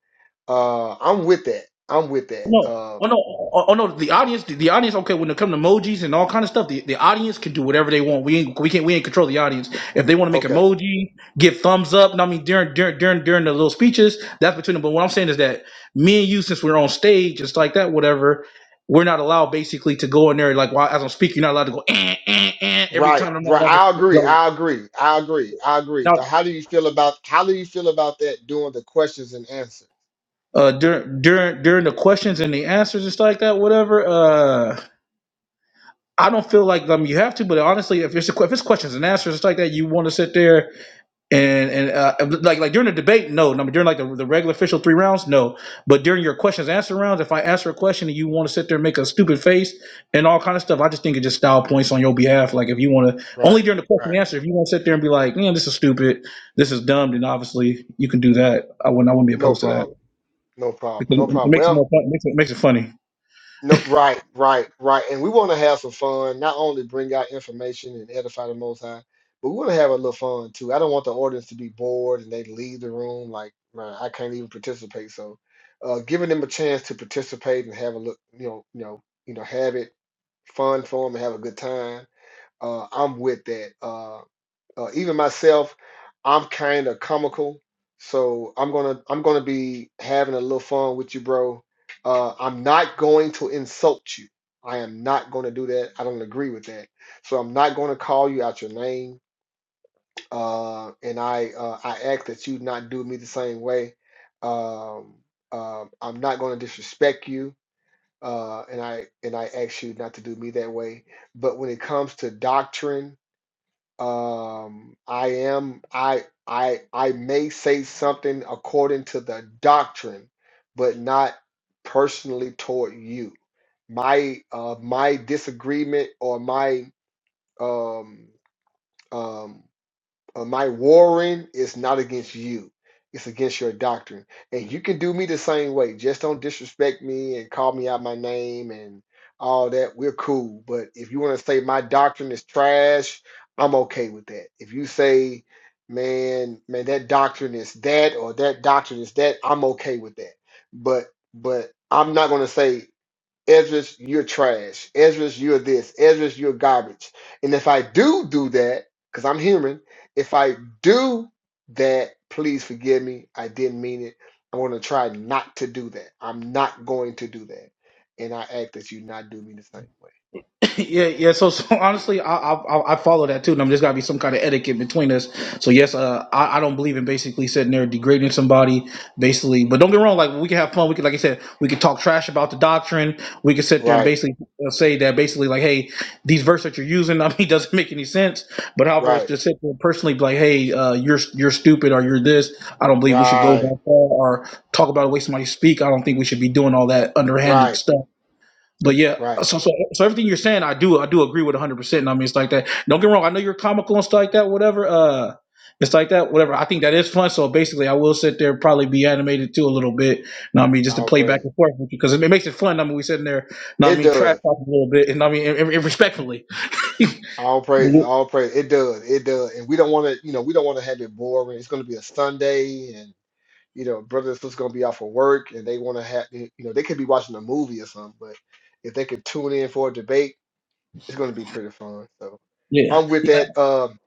Speaker 6: uh, I'm with that. I'm with that.
Speaker 1: Oh, No.
Speaker 6: Uh,
Speaker 1: Oh no, oh oh, no! The audience, the, the audience. Okay, when it comes to emojis and all kind of stuff, the, the audience can do whatever they want. We ain't, we can't, we ain't control the audience. If they want to make
Speaker 6: okay.
Speaker 1: emoji, give thumbs up. And I mean, during, during, during, during the little speeches, that's between them. But what I'm saying is that me and you, since we're on stage, it's like that. Whatever, we're not allowed basically to go in there. Like while as I'm speaking, you're not allowed to go eh, eh, eh, every
Speaker 6: Right,
Speaker 1: time. I'm not
Speaker 6: right.
Speaker 1: allowed
Speaker 6: I
Speaker 1: to,
Speaker 6: agree.
Speaker 1: like,
Speaker 6: I agree. I agree. I agree.
Speaker 1: now,
Speaker 6: But how do you feel about how do you feel about that doing the questions and answers?
Speaker 1: uh, during, during, during the questions and the answers and like that. Whatever. Uh. I don't feel like um you have to, but honestly, if it's a, if it's questions and answers, it's like that. You want to sit there and and uh, like like during the debate, no. I mean, during like the, the regular official three rounds, no. But during your questions answer rounds, if I answer a question and you want to sit there and make a stupid face and all kind of stuff, I just think it just style points on your behalf. Like if you want to only
Speaker 6: Right,
Speaker 1: during the question
Speaker 6: right.
Speaker 1: and answer, if you want to sit there and be like, man, this is stupid, this is dumb, then obviously you can do that. I wouldn't I wouldn't be
Speaker 6: No
Speaker 1: opposed to that.
Speaker 6: problem. No problem. No
Speaker 1: It
Speaker 6: problem.
Speaker 1: makes it
Speaker 6: Well,
Speaker 1: more fun. It makes it, makes it funny.
Speaker 6: no. Right, right, right. And we want to have some fun. Not only bring out information and edify the Most High, but we want to have a little fun too. I don't want the audience to be bored and they leave the room like, man, I can't even participate. So, uh, giving them a chance to participate and have a look, you know, you know, you know, have it fun for them and have a good time uh, I'm with that. Uh, uh, even myself, I'm kind of comical, so I'm gonna I'm gonna be having a little fun with you, bro. Uh, I'm not going to insult you. I am not going to do that. I don't agree with that. So I'm not going to call you out your name. Uh, and I uh, I ask that you not do me the same way. Um, um, I'm not going to disrespect you. Uh, and I and I ask you not to do me that way. But when it comes to doctrine um, I am I I I may say something according to the doctrine, but not personally toward you. My uh my disagreement or my um um uh, my warring is not against you, it's against your doctrine. And you can do me the same way. Just don't disrespect me and call me out my name and all that. We're cool. But if you want to say my doctrine is trash, I'm okay with that. If you say, man, man, that doctrine is that or that doctrine is that, I'm okay with that. But but I'm not gonna say Ezra's, you're trash. Ezra's, you're this. Ezra's, you're garbage. And if I do do that, because I'm human, if I do that, please forgive me. I didn't mean it. I'm going to try not to do that. I'm not going to do that. And I ask that you not do me the same way.
Speaker 1: yeah, yeah. So, so honestly, I, I I follow that too, and I'm just gotta be some kind of etiquette between us. So yes, uh, I, I don't believe in basically sitting there degrading somebody, basically. But don't get me wrong, like we can have fun. We can, like I said, we can talk trash about the doctrine. We can sit there and
Speaker 6: Right,
Speaker 1: basically uh, say that basically like, hey, these verses that you're using, I mean, doesn't make any sense. But however, it's
Speaker 6: right,
Speaker 1: just sit there and personally be like, hey, uh, you're you're stupid or you're this. I don't believe we should go
Speaker 6: right,
Speaker 1: that far or talk about the way somebody speak. I don't think we should be doing all that underhanded
Speaker 6: right,
Speaker 1: stuff but yeah,
Speaker 6: right.
Speaker 1: so, so so everything you're saying, I do I do agree with 100. percent I mean, it's like that. Don't get me wrong. I know you're comical and stuff like that. Whatever. Uh, it's like that. Whatever. I think that is fun. So basically, I will sit there probably be animated too a little bit. Know what I mean, just to
Speaker 6: All
Speaker 1: play back
Speaker 6: praise.
Speaker 1: and forth with you because it, it makes it fun. I mean, we sitting there. Know what I
Speaker 6: It
Speaker 1: mean, trash
Speaker 6: does.
Speaker 1: talking a little bit. And I mean, and, and respectfully.
Speaker 6: All praise.
Speaker 1: yeah.
Speaker 6: All praise. It does. It does. And we don't want to, you know, we don't want to have it boring. It's going to be a Sunday you know, brothers and sisters gonna be out for work and they wanna have you know, they could be watching a movie or something, but if they could tune in for a debate, it's gonna be pretty fun. So
Speaker 1: yeah.
Speaker 6: I'm with that. Um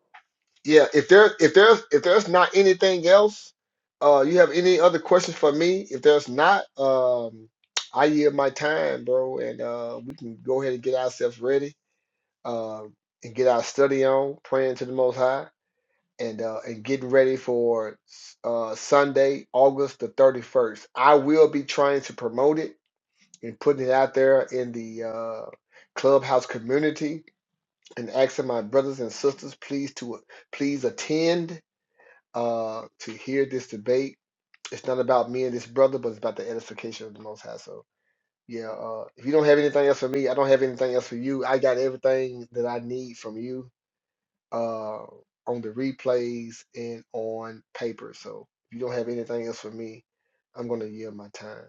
Speaker 6: yeah, if there if there's if there's not anything else, uh you have any other questions for me? If there's not, um I yield my time, bro, and uh we can go ahead and get ourselves ready uh, and get our study on, praying to the most high and uh, and getting ready for uh, Sunday, August the 31st. I will be trying to promote it and putting it out there in the uh, clubhouse community and asking my brothers and sisters please to please attend uh, to hear this debate. It's not about me and this brother, but it's about the edification of the Most High. So yeah, uh, if you don't have anything else for me, I don't have anything else for you. I got everything that I need from you uh, on the replays and on paper. So if you don't have anything else for me, I'm going to yield my time.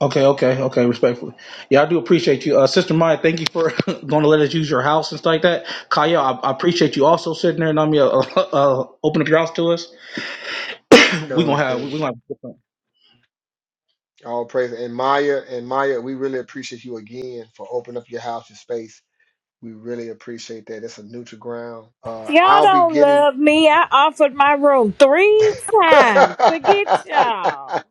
Speaker 1: Okay. Okay. Okay. Respectfully. Yeah, I do appreciate you, uh, Sister Maya. Thank you for going to let us use your house and stuff like that. Kaya, I, I appreciate you also sitting there. and I mean, uh, uh, opening up your house to us. we gonna
Speaker 6: Carolina
Speaker 1: have we we
Speaker 6: King,
Speaker 1: gonna have different.
Speaker 6: all praise. And Maya, and Maya, we really appreciate you again for opening up your house, your space. We really appreciate that. That's a neutral ground. Uh,
Speaker 7: Y'all
Speaker 6: I'll be
Speaker 7: don't
Speaker 6: getting.
Speaker 7: love me. I offered my room three times. Forget y'all.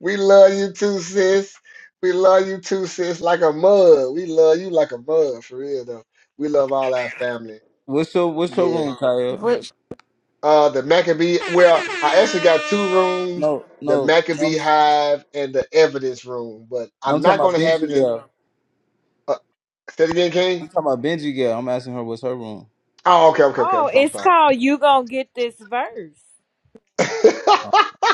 Speaker 6: we love you too, sis. We love you too, sis. Like a mug. We love you like a mug, for real though. We love all our family.
Speaker 8: What's your what's your
Speaker 6: Yeah.
Speaker 8: room, Kyle?
Speaker 4: Which
Speaker 6: Uh, the Maccabee. Well, I actually got two rooms:
Speaker 8: No,
Speaker 6: the
Speaker 8: no, no. I'm,
Speaker 6: Maccabee Hive and the Evidence Room. But
Speaker 8: no,
Speaker 6: I'm
Speaker 8: I'm talking
Speaker 6: not
Speaker 8: about
Speaker 6: going to have
Speaker 8: Benji.
Speaker 6: it in.
Speaker 8: Yeah.
Speaker 6: Uh, say it again,
Speaker 8: I'm
Speaker 6: King.
Speaker 8: talking about Benji girl. I'm asking her what's her room.
Speaker 6: Oh, okay, okay, okay. I'm,
Speaker 7: Oh,
Speaker 6: so- I'm
Speaker 7: it's
Speaker 6: sorry.
Speaker 7: called You Gonna Get This Verse.
Speaker 6: uh,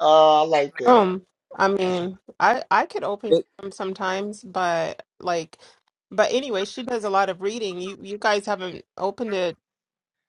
Speaker 6: I like that.
Speaker 4: room? I mean, I I could open
Speaker 8: But-
Speaker 4: them sometimes, but like, but anyway, she does a lot of reading. You you guys haven't opened it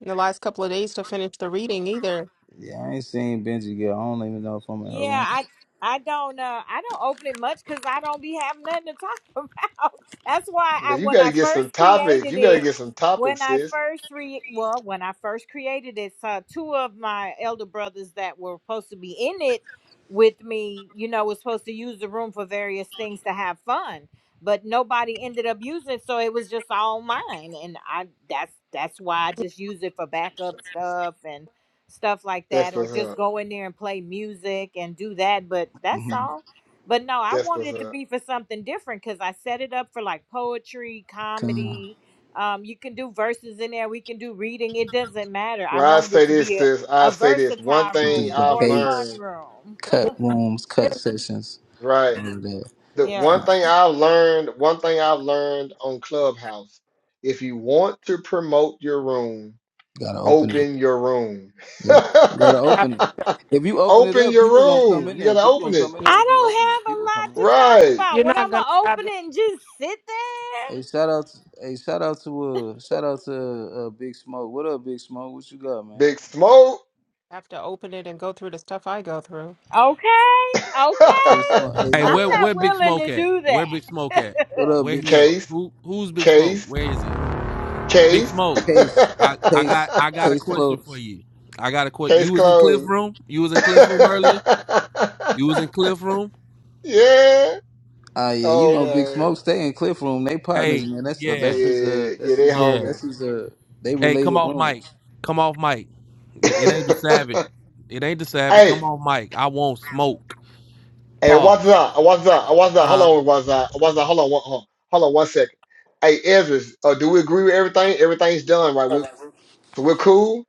Speaker 4: in the last couple of days to finish the reading either.
Speaker 8: Yeah, I ain't seen Benji girl. I don't even know if I'm in her
Speaker 7: Yeah,
Speaker 8: room.
Speaker 7: I I don't uh I don't open it much because I don't be having nothing to talk about. That's why
Speaker 6: But
Speaker 7: I
Speaker 6: you
Speaker 7: when
Speaker 6: got
Speaker 7: I
Speaker 6: to get some
Speaker 7: first
Speaker 6: topics.
Speaker 7: created
Speaker 6: You got to
Speaker 7: it,
Speaker 6: get some topics,
Speaker 7: when I
Speaker 6: sis.
Speaker 7: first re well when I first created it, so two of my elder brothers that were supposed to be in it with me, you know, was supposed to use the room for various things to have fun, but nobody ended up using it, so it was just all mine, and I that's that's why I just use it for backup stuff and stuff like
Speaker 6: That's
Speaker 7: that or
Speaker 6: what's
Speaker 7: just
Speaker 6: up.
Speaker 7: go in there and play music and do that but that's
Speaker 8: Mm-hmm.
Speaker 7: all but no i
Speaker 6: That's
Speaker 7: wanted
Speaker 6: what's
Speaker 7: it to
Speaker 6: up.
Speaker 7: be for something different because i set it up for like poetry
Speaker 8: Come
Speaker 7: comedy um, you can do verses in there we can do reading it doesn't matter i
Speaker 6: Well, I
Speaker 7: wanted
Speaker 6: say
Speaker 7: it to
Speaker 6: this,
Speaker 7: be
Speaker 6: sis.
Speaker 7: a,
Speaker 6: I
Speaker 7: a
Speaker 6: say this. One
Speaker 7: versatile room
Speaker 6: thing
Speaker 8: do
Speaker 7: a
Speaker 6: I've
Speaker 7: more fun
Speaker 8: debates,
Speaker 6: learned,
Speaker 7: room
Speaker 8: cut rooms, cut sessions,
Speaker 6: right?
Speaker 8: all of that.
Speaker 6: the
Speaker 7: yeah
Speaker 6: one
Speaker 8: You
Speaker 6: thing I learned, one thing I learned on Clubhouse, if you want to promote your room,
Speaker 8: gotta open it.
Speaker 6: open your room.
Speaker 8: Yeah, you gotta
Speaker 4: I-
Speaker 8: open it. If you open it
Speaker 6: open
Speaker 8: up,
Speaker 6: your
Speaker 8: people gonna come
Speaker 6: room.
Speaker 8: in
Speaker 6: You
Speaker 8: there.
Speaker 6: gotta
Speaker 8: People
Speaker 6: open
Speaker 8: gonna
Speaker 6: it.
Speaker 8: come in
Speaker 4: yeah.
Speaker 8: there
Speaker 7: i
Speaker 8: if you open it.
Speaker 7: don't have a
Speaker 8: People come
Speaker 7: lot
Speaker 8: in.
Speaker 7: to talk
Speaker 6: Right.
Speaker 7: about
Speaker 4: You're
Speaker 7: what
Speaker 4: not
Speaker 7: i'm
Speaker 4: gonna
Speaker 7: gonna
Speaker 4: have
Speaker 7: open it and just sit
Speaker 8: Hey,
Speaker 7: there
Speaker 8: shout out! To, Hey, shout out to uh, shout out to uh, Big Smoke. What up, Big Smoke? What you got, man?
Speaker 6: Big smoke.
Speaker 4: have to open it and go through the stuff I go through.
Speaker 7: okay
Speaker 8: Big Smoke. Hey,
Speaker 7: okay
Speaker 13: Hey,
Speaker 7: i'm
Speaker 8: look.
Speaker 13: where where
Speaker 7: not
Speaker 13: Big
Speaker 7: willing
Speaker 13: Smoke
Speaker 7: to
Speaker 13: at?
Speaker 7: do
Speaker 13: Where Big Smoke
Speaker 7: that
Speaker 13: at?
Speaker 8: What up,
Speaker 13: Where
Speaker 8: Big
Speaker 13: he at?
Speaker 8: Smoke?
Speaker 6: case,
Speaker 13: Who who's Big Smoke?
Speaker 6: case,
Speaker 13: Where is he? Big
Speaker 6: case.
Speaker 13: Smoke.
Speaker 8: Case,
Speaker 13: I, I
Speaker 8: case,
Speaker 13: got I got a
Speaker 8: case
Speaker 13: question for
Speaker 8: closed.
Speaker 13: you. I got a question.
Speaker 6: case
Speaker 13: You was in Cliff
Speaker 6: closed.
Speaker 13: Room? You was in Cliff Room earlier? You was in Cliff Room?
Speaker 6: yeah.
Speaker 8: Ah, yeah, you
Speaker 6: Oh
Speaker 8: know, Big
Speaker 6: man.
Speaker 8: Smoke stay in Cliff Room. They partners,
Speaker 13: Hey,
Speaker 8: man. That's the
Speaker 13: yeah,
Speaker 8: that's his
Speaker 6: Yeah.
Speaker 8: uh
Speaker 6: Yeah,
Speaker 8: that's
Speaker 6: they
Speaker 8: his
Speaker 13: yeah.
Speaker 8: that's
Speaker 6: homies.
Speaker 8: his uh they
Speaker 13: Hey, come
Speaker 8: related
Speaker 13: off mic.
Speaker 8: rooms.
Speaker 13: Come off mic. N- It ain't the Sabbath. It ain't the Sabbath.
Speaker 6: Hey,
Speaker 13: Come off mic. I won't smoke.
Speaker 6: hey, what's
Speaker 13: Pause.
Speaker 6: up? What's up? What's up? Hold
Speaker 13: Uh.
Speaker 6: on, what's up? What's up? Hold on, one, hold on hold on one second. Hey, Ezra, uh, do we agree with everything? Everything's done, right? We, so we're cool?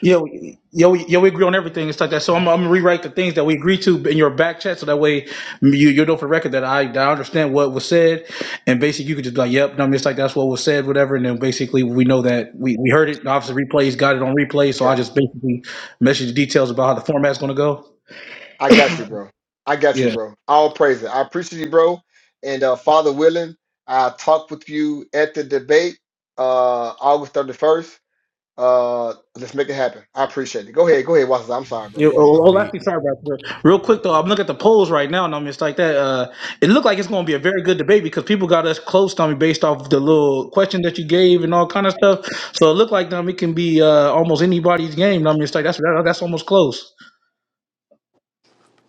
Speaker 1: Yeah, we- yeah, we, yeah. We agree on everything It's like that. So I'm, I'm gonna rewrite the things that we agree to in your back chat, so that way you you know for record that I that I understand what was said, and basically you could just be like, yep, no, it's like that's what was said, whatever. And then basically we know that we, we heard it. And obviously replays got it on replay, so I
Speaker 6: Okay.
Speaker 1: just basically message the details about how the format's gonna go.
Speaker 6: I got you, bro. I got you,
Speaker 1: Yeah.
Speaker 6: bro. All praise it. I appreciate you, bro. And uh, Father willing, I'll talk with you at the debate, uh, August 31st. Uh, let's make it happen. I appreciate it. Go ahead. Go ahead, Watson. I'm sorry, bro.
Speaker 1: Yeah, oh,
Speaker 6: Go ahead.
Speaker 1: oh,
Speaker 13: Oh yeah.
Speaker 1: lastly, sorry about that. Real quick though, I'm looking at the polls right now, and I'm just like that. Uh, it looked like it's going to be a very good debate because people got us close, on me based off the little question that you gave and all kind of stuff. So it looked like Tommy it can be uh, almost anybody's game. And I'm just like that's that, that's almost close.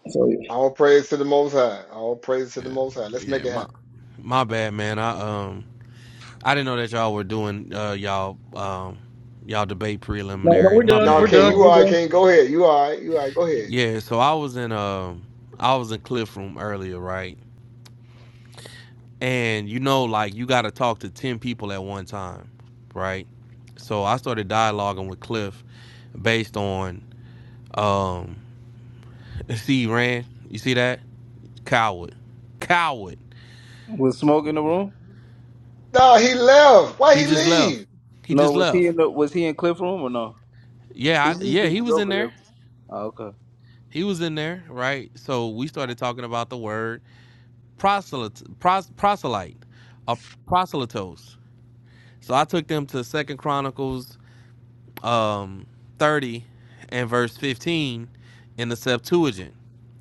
Speaker 1: So
Speaker 6: All praise to the Most High. All praise to the Most High. Let's make
Speaker 13: Yeah.
Speaker 6: it happen.
Speaker 13: My my bad, man. I um. I didn't know that y'all were doing uh y'all um y'all debate
Speaker 1: no, no,
Speaker 13: preliminary.
Speaker 1: we're
Speaker 13: My
Speaker 1: done.
Speaker 6: No,
Speaker 1: We're
Speaker 13: bad,
Speaker 6: King,
Speaker 1: done.
Speaker 6: you
Speaker 13: bro.
Speaker 1: We're
Speaker 6: all right,
Speaker 1: done.
Speaker 6: King. Go ahead. You all right. You all right. Go ahead.
Speaker 13: Yeah, so I was in um I was in Cliff Room earlier, right? And you know, like you gotta talk to ten people at one time, right? So I started dialoguing with Cliff based on um see Rand, you see that? Coward. Coward.
Speaker 8: Was Smoke in the room?
Speaker 6: No, he left. Why
Speaker 13: He
Speaker 6: he
Speaker 13: just left.
Speaker 6: leave?
Speaker 13: He
Speaker 8: No,
Speaker 13: just
Speaker 8: was
Speaker 13: left.
Speaker 8: he in the was he in Cliff Room or no? He
Speaker 13: Yeah, I, yeah,
Speaker 8: usually
Speaker 13: he
Speaker 8: be
Speaker 13: was in
Speaker 8: over there.
Speaker 13: there.
Speaker 8: Oh, okay.
Speaker 13: He was in there, right? So we started talking about the word proselyte, pros, proselyte, or proselytos. So I took them to Second Chronicles um, 30 and verse 15 in the Septuagint,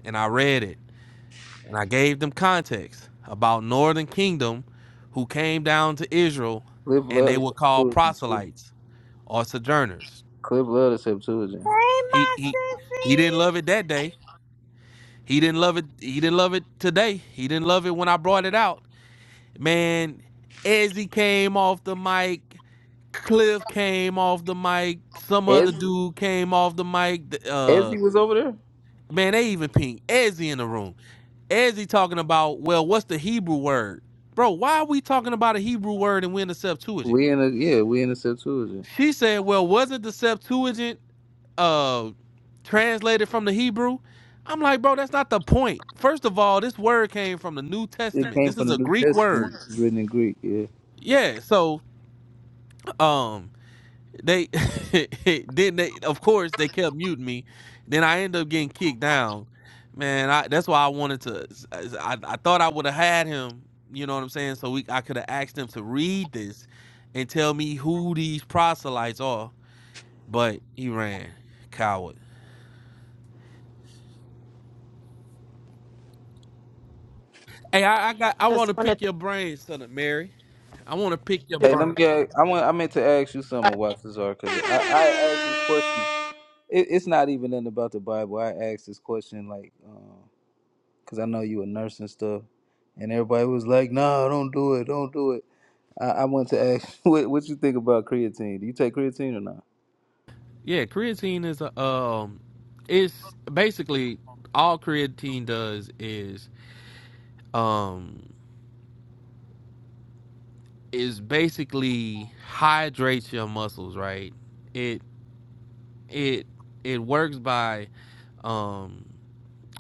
Speaker 13: and I read it, and I gave them context about Northern Kingdom, who came down to Israel,
Speaker 8: Cliff
Speaker 13: and
Speaker 8: love
Speaker 13: they
Speaker 8: to
Speaker 13: were called
Speaker 8: Septuagint too.
Speaker 13: proselytes or sojourners.
Speaker 8: Cliff love to Septuagint.
Speaker 7: Hey,
Speaker 13: He
Speaker 7: my
Speaker 13: he he didn't
Speaker 7: sissy.
Speaker 13: love it that day. He didn't love it. He didn't love it today. He didn't love it when I brought it out. Man, Ezzy came off the mic. Cliff came off the mic. Some other
Speaker 8: Ezzy
Speaker 13: dude came off the mic. th- Uh,
Speaker 8: Ezzy was over there.
Speaker 13: man, they even pinged Ezzy in the room. Ezzy talking about, well, what's the Hebrew word? Bro, why are we talking about a Hebrew word and we're in the Septuagint?
Speaker 8: We in a yeah, we in the Septuagint.
Speaker 13: She said, well, wasn't the Septuagint uh translated from the Hebrew. I'm like, bro, that's not the point. First of all, this word came from the New
Speaker 8: It
Speaker 13: Testament.
Speaker 8: came
Speaker 13: This
Speaker 8: from
Speaker 13: is
Speaker 8: the
Speaker 13: a
Speaker 8: New
Speaker 13: Greek
Speaker 8: Testament,
Speaker 13: word.
Speaker 8: which is written in Greek. Yeah.
Speaker 13: Yeah, so um they then they of course they kept muting me then i ended up getting kicked down man I, that's why i wanted to i, I thought i would have had him you know what i'm saying so we i could have asked him to read this and tell me who these proselytes are but he ran coward hey i, I got i want to
Speaker 4: Just wanted
Speaker 13: pick your brain son of mary i want to pick your
Speaker 4: to do
Speaker 8: Hey,
Speaker 13: brain
Speaker 8: let me. a- I want. I meant to ask you something,
Speaker 4: the.
Speaker 8: Watazar, because I I asked this question. it, it's not even nothing about the Bible. I asked this question like, because I know you a nurse and stuff, and everybody was like, "Nah, don't do it, don't do it." I, I want to ask, what what you think about creatine? Do you take creatine or not?
Speaker 13: yeah creatine is a um it's basically all creatine does is um is basically hydrates your muscles, right? It it it works by um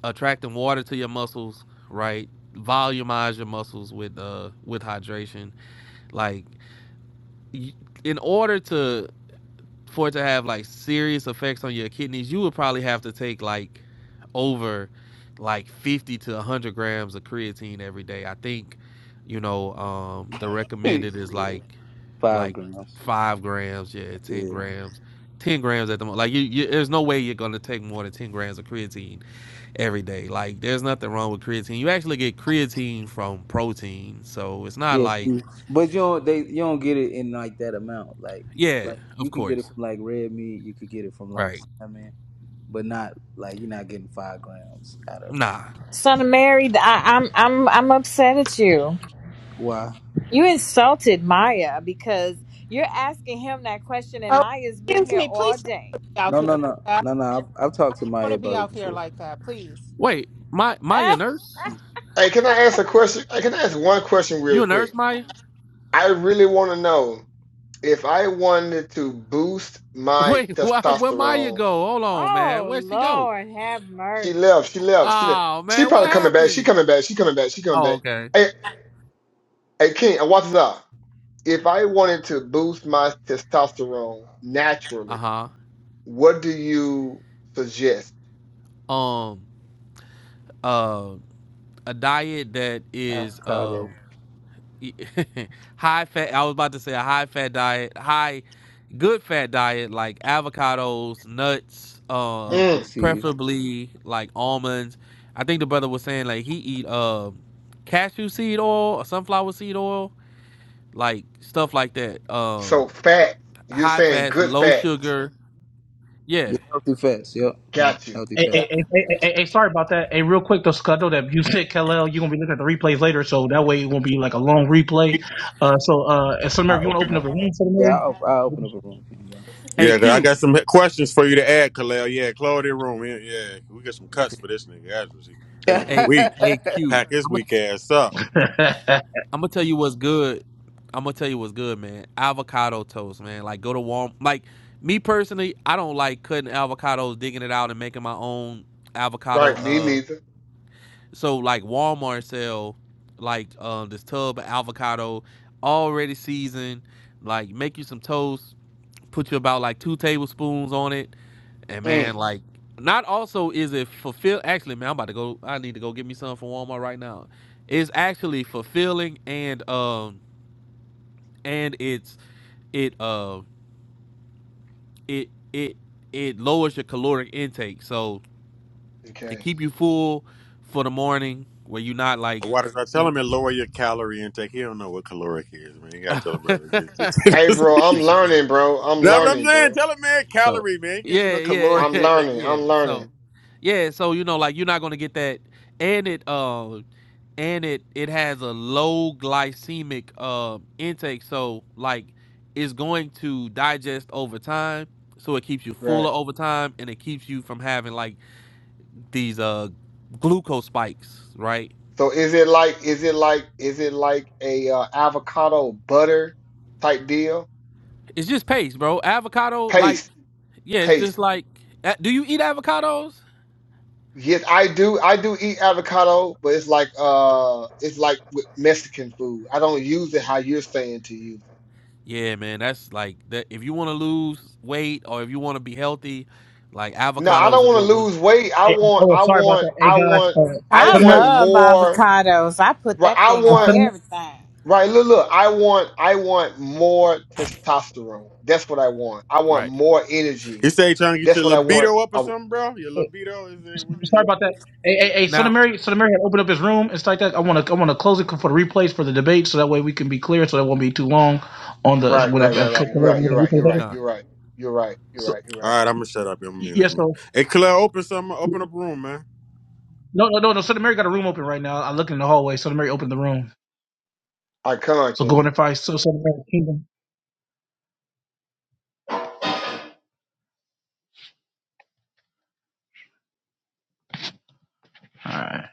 Speaker 13: attracting water to your muscles, right? Volumize your muscles with uh with hydration. Like y- in order to for it to have like serious effects on your kidneys, you would probably have to take like over like 50 to 100 grams of creatine every day. I think, you know, um, the recommended is
Speaker 8: yeah,
Speaker 13: like
Speaker 8: five
Speaker 13: like
Speaker 8: grams.
Speaker 13: five grams, yeah, 10
Speaker 8: Yeah,
Speaker 13: grams, 10 grams at the moment. Like, you, you, there's no way you're gonna take more than 10 grams of creatine every day. Like, there's nothing wrong with creatine. You actually get creatine from protein, so it's not
Speaker 8: yeah,
Speaker 13: like,
Speaker 8: you- but you don't they you don't get it in like that amount. Like
Speaker 13: yeah,
Speaker 8: like
Speaker 13: of
Speaker 8: you can get it
Speaker 13: course,
Speaker 8: from like red meat, you could get it from like
Speaker 13: right.
Speaker 8: salmon, but not like you're not getting five grams out of like.
Speaker 13: Nah,
Speaker 7: Son of Mary, th- I, I'm I'm I'm upset at you.
Speaker 8: Why?
Speaker 7: You insulted Maya because you're asking him that question, and
Speaker 4: Oh,
Speaker 7: Maya's been
Speaker 4: excuse
Speaker 7: here
Speaker 4: me.
Speaker 7: all
Speaker 4: Please don't
Speaker 7: day.
Speaker 4: put me out
Speaker 8: No,
Speaker 4: there
Speaker 8: no,
Speaker 4: like
Speaker 8: no,
Speaker 4: that.
Speaker 8: no, no. I've, I've talked to
Speaker 4: I don't want
Speaker 8: Maya
Speaker 4: to be
Speaker 8: about it
Speaker 4: out there
Speaker 8: before.
Speaker 4: like that, please.
Speaker 13: Wait, my Maya
Speaker 7: Eh?
Speaker 13: Nurse?
Speaker 6: Hey, can I ask a question? Hey, can I ask one question real
Speaker 13: You a
Speaker 6: quick?
Speaker 13: nurse, Maya?
Speaker 6: I really want to know if I wanted to boost my
Speaker 13: Wait, why, where Maya
Speaker 6: testosterone.
Speaker 13: go? Hold on, man.
Speaker 7: Oh
Speaker 13: Where'd she go?
Speaker 7: Lord, have
Speaker 6: She
Speaker 7: mercy.
Speaker 6: left. She left. She left.
Speaker 13: Oh
Speaker 6: She
Speaker 13: man, what
Speaker 6: probably coming back. She
Speaker 13: happened?
Speaker 6: coming back. She coming back. She coming
Speaker 13: Oh,
Speaker 6: back.
Speaker 13: okay.
Speaker 6: Hey, hey, King, and watch this out. If I wanted to boost my testosterone naturally,
Speaker 13: Uh huh.
Speaker 6: what do you suggest?
Speaker 13: Um, uh, a diet that is
Speaker 8: Avocado,
Speaker 13: um high fat. I was about to say a high fat diet, high good fat diet like avocados, nuts, um,
Speaker 8: pumpkin
Speaker 6: Mm,
Speaker 8: seeds.
Speaker 13: preferably like almonds. I think the brother was saying like he eat um cashew seed oil or sunflower seed oil like stuff like that. Uh,
Speaker 6: so fat. You're
Speaker 13: high
Speaker 6: saying
Speaker 13: fats,
Speaker 6: good
Speaker 13: low
Speaker 6: fats.
Speaker 13: sugar. Yeah,
Speaker 8: Yeah, healthy fats. Yep, yeah,
Speaker 6: Got you.
Speaker 8: healthy
Speaker 1: Hey, hey,
Speaker 8: fats.
Speaker 1: hey, hey, hey, hey, sorry about that. Hey, real quick, though, Scott, I know that you said Kalel, you're gonna be looking at the replays later, so that way it won't be like a long replay. Uh, so, uh, Summer,
Speaker 8: I
Speaker 1: if you want to
Speaker 8: open
Speaker 1: open up
Speaker 8: up.
Speaker 1: a room
Speaker 8: Yeah, I, op- I
Speaker 1: for
Speaker 8: open up a room. for you,
Speaker 14: Yeah, 'cause I
Speaker 13: AQ,
Speaker 14: got some questions for you to add, Kalel. Yeah, Claudia Room. Yeah, yeah. we get some cuts for this nigga. That's what she- That nigga
Speaker 13: a
Speaker 14: weak.
Speaker 8: y'all.
Speaker 13: AQ.
Speaker 14: Pack his
Speaker 13: I'm gonna
Speaker 14: weak ass up. You,
Speaker 1: the man.
Speaker 13: I'm gonna tell you what's good. I'm gonna tell you what's good, man. Avocado toast, man. Like go to Walmart. Like me personally, I don't like cutting avocados, digging it out, and making my own avocado.
Speaker 6: Right, me
Speaker 13: Uh,
Speaker 6: neither.
Speaker 13: so like Walmart sell like um this tub of avocado already seasoned. Like make you some toast. Put you about like two tablespoons on it And
Speaker 6: Mm,
Speaker 13: man, like, not also is it fulfill. Actually, man, I'm about to go. I need to go get me some from Walmart right now. It's actually fulfilling and um and it's it uh it it it lowers your caloric intake, so it
Speaker 6: okay.
Speaker 13: keep you full for the morning where you're not like.
Speaker 14: why did I tell
Speaker 13: eat-
Speaker 14: him to lower your calorie intake? He don't know what caloric is, man. You gotta tell a brother to get this.
Speaker 6: Hey, bro, I'm
Speaker 13: Sticky, yeah.
Speaker 6: learning, bro. I'm
Speaker 13: yeah.
Speaker 14: That's what I'm
Speaker 6: learning,
Speaker 14: saying.
Speaker 6: bro.
Speaker 14: Tell him, man,
Speaker 13: So
Speaker 14: calorie, man. He can't get
Speaker 13: yeah,
Speaker 14: no
Speaker 13: yeah,
Speaker 14: caloric
Speaker 6: I'm
Speaker 13: yeah,
Speaker 14: intake,
Speaker 6: learning.
Speaker 14: man.
Speaker 13: yeah.
Speaker 6: I'm learning.
Speaker 13: So yeah, so you know, like you're not gonna get that, and it uh, and it it has a low glycemic um intake, so like it's going to digest over time, so it keeps you
Speaker 6: Right.
Speaker 13: fuller over time, and it keeps you from having like these uh glucose spikes, right?
Speaker 6: So is it like, is it like, is it like a uh, avocado butter type deal?
Speaker 13: It's just paste, bro. Avocado, like
Speaker 6: Paste,
Speaker 13: yeah, it's
Speaker 6: paste.
Speaker 13: just like. a- Do you eat avocados?
Speaker 6: Yes, I do. I do eat avocado, but it's like, uh, it's like with Mexican food. I don't use it how you're saying to use. it.
Speaker 13: Yeah, man, that's like that. If you want to lose weight or if you want to be healthy, like
Speaker 6: No, I
Speaker 13: avocado is
Speaker 6: don't
Speaker 13: a
Speaker 6: want
Speaker 13: good
Speaker 6: to lose
Speaker 13: one,
Speaker 6: weight. I
Speaker 1: Hey,
Speaker 6: want,
Speaker 1: oh,
Speaker 6: I
Speaker 1: sorry about
Speaker 6: want,
Speaker 1: that. Hey
Speaker 6: I
Speaker 1: guys,
Speaker 6: want,
Speaker 1: uh,
Speaker 6: I
Speaker 1: Son
Speaker 7: I
Speaker 1: of Mary,
Speaker 6: want
Speaker 7: love
Speaker 6: more.
Speaker 7: avocados. I put
Speaker 6: Right.
Speaker 7: that
Speaker 6: I
Speaker 7: thing
Speaker 1: uh,
Speaker 7: on
Speaker 6: want.
Speaker 1: Son of-
Speaker 7: everything.
Speaker 6: Right, look, look. I want, I want more testosterone. That's what I want. I want
Speaker 13: right?
Speaker 6: more energy.
Speaker 14: He say he trying to get
Speaker 6: That's
Speaker 14: your
Speaker 6: what I
Speaker 13: Oh,
Speaker 6: want.
Speaker 14: libido up or
Speaker 6: Oh,
Speaker 14: something, bro. Your libido is it? What is
Speaker 1: sorry
Speaker 14: it?
Speaker 1: about that. Hey, hey, hey, Son of
Speaker 13: now,
Speaker 1: Mary, Son of Mary had opened up his room and stuff like that. I want to, I want to close it for the replays for the debate, so that way we can be clear, so that won't be too long on the so
Speaker 6: right, right,
Speaker 1: whatever.
Speaker 6: right,
Speaker 1: and come-
Speaker 6: right. You're
Speaker 1: come over
Speaker 6: right.
Speaker 1: with
Speaker 6: You're
Speaker 1: the
Speaker 6: right.
Speaker 1: replays
Speaker 6: You're right.
Speaker 1: later.
Speaker 6: You're right. You're right. You're
Speaker 1: So
Speaker 6: right. You're
Speaker 14: All
Speaker 6: right.
Speaker 14: right, I'm gonna shut up. I'm gonna mute
Speaker 1: yes,
Speaker 14: him.
Speaker 1: so
Speaker 14: Hey, Kalel, open some, open up room, man.
Speaker 1: no, no, no, no. Son of Mary got a room open right now. I look in the hallway. Son of Mary opened the room,
Speaker 6: I come
Speaker 1: so go
Speaker 6: on,
Speaker 1: in and find so Son of Mary Kingdom. All right.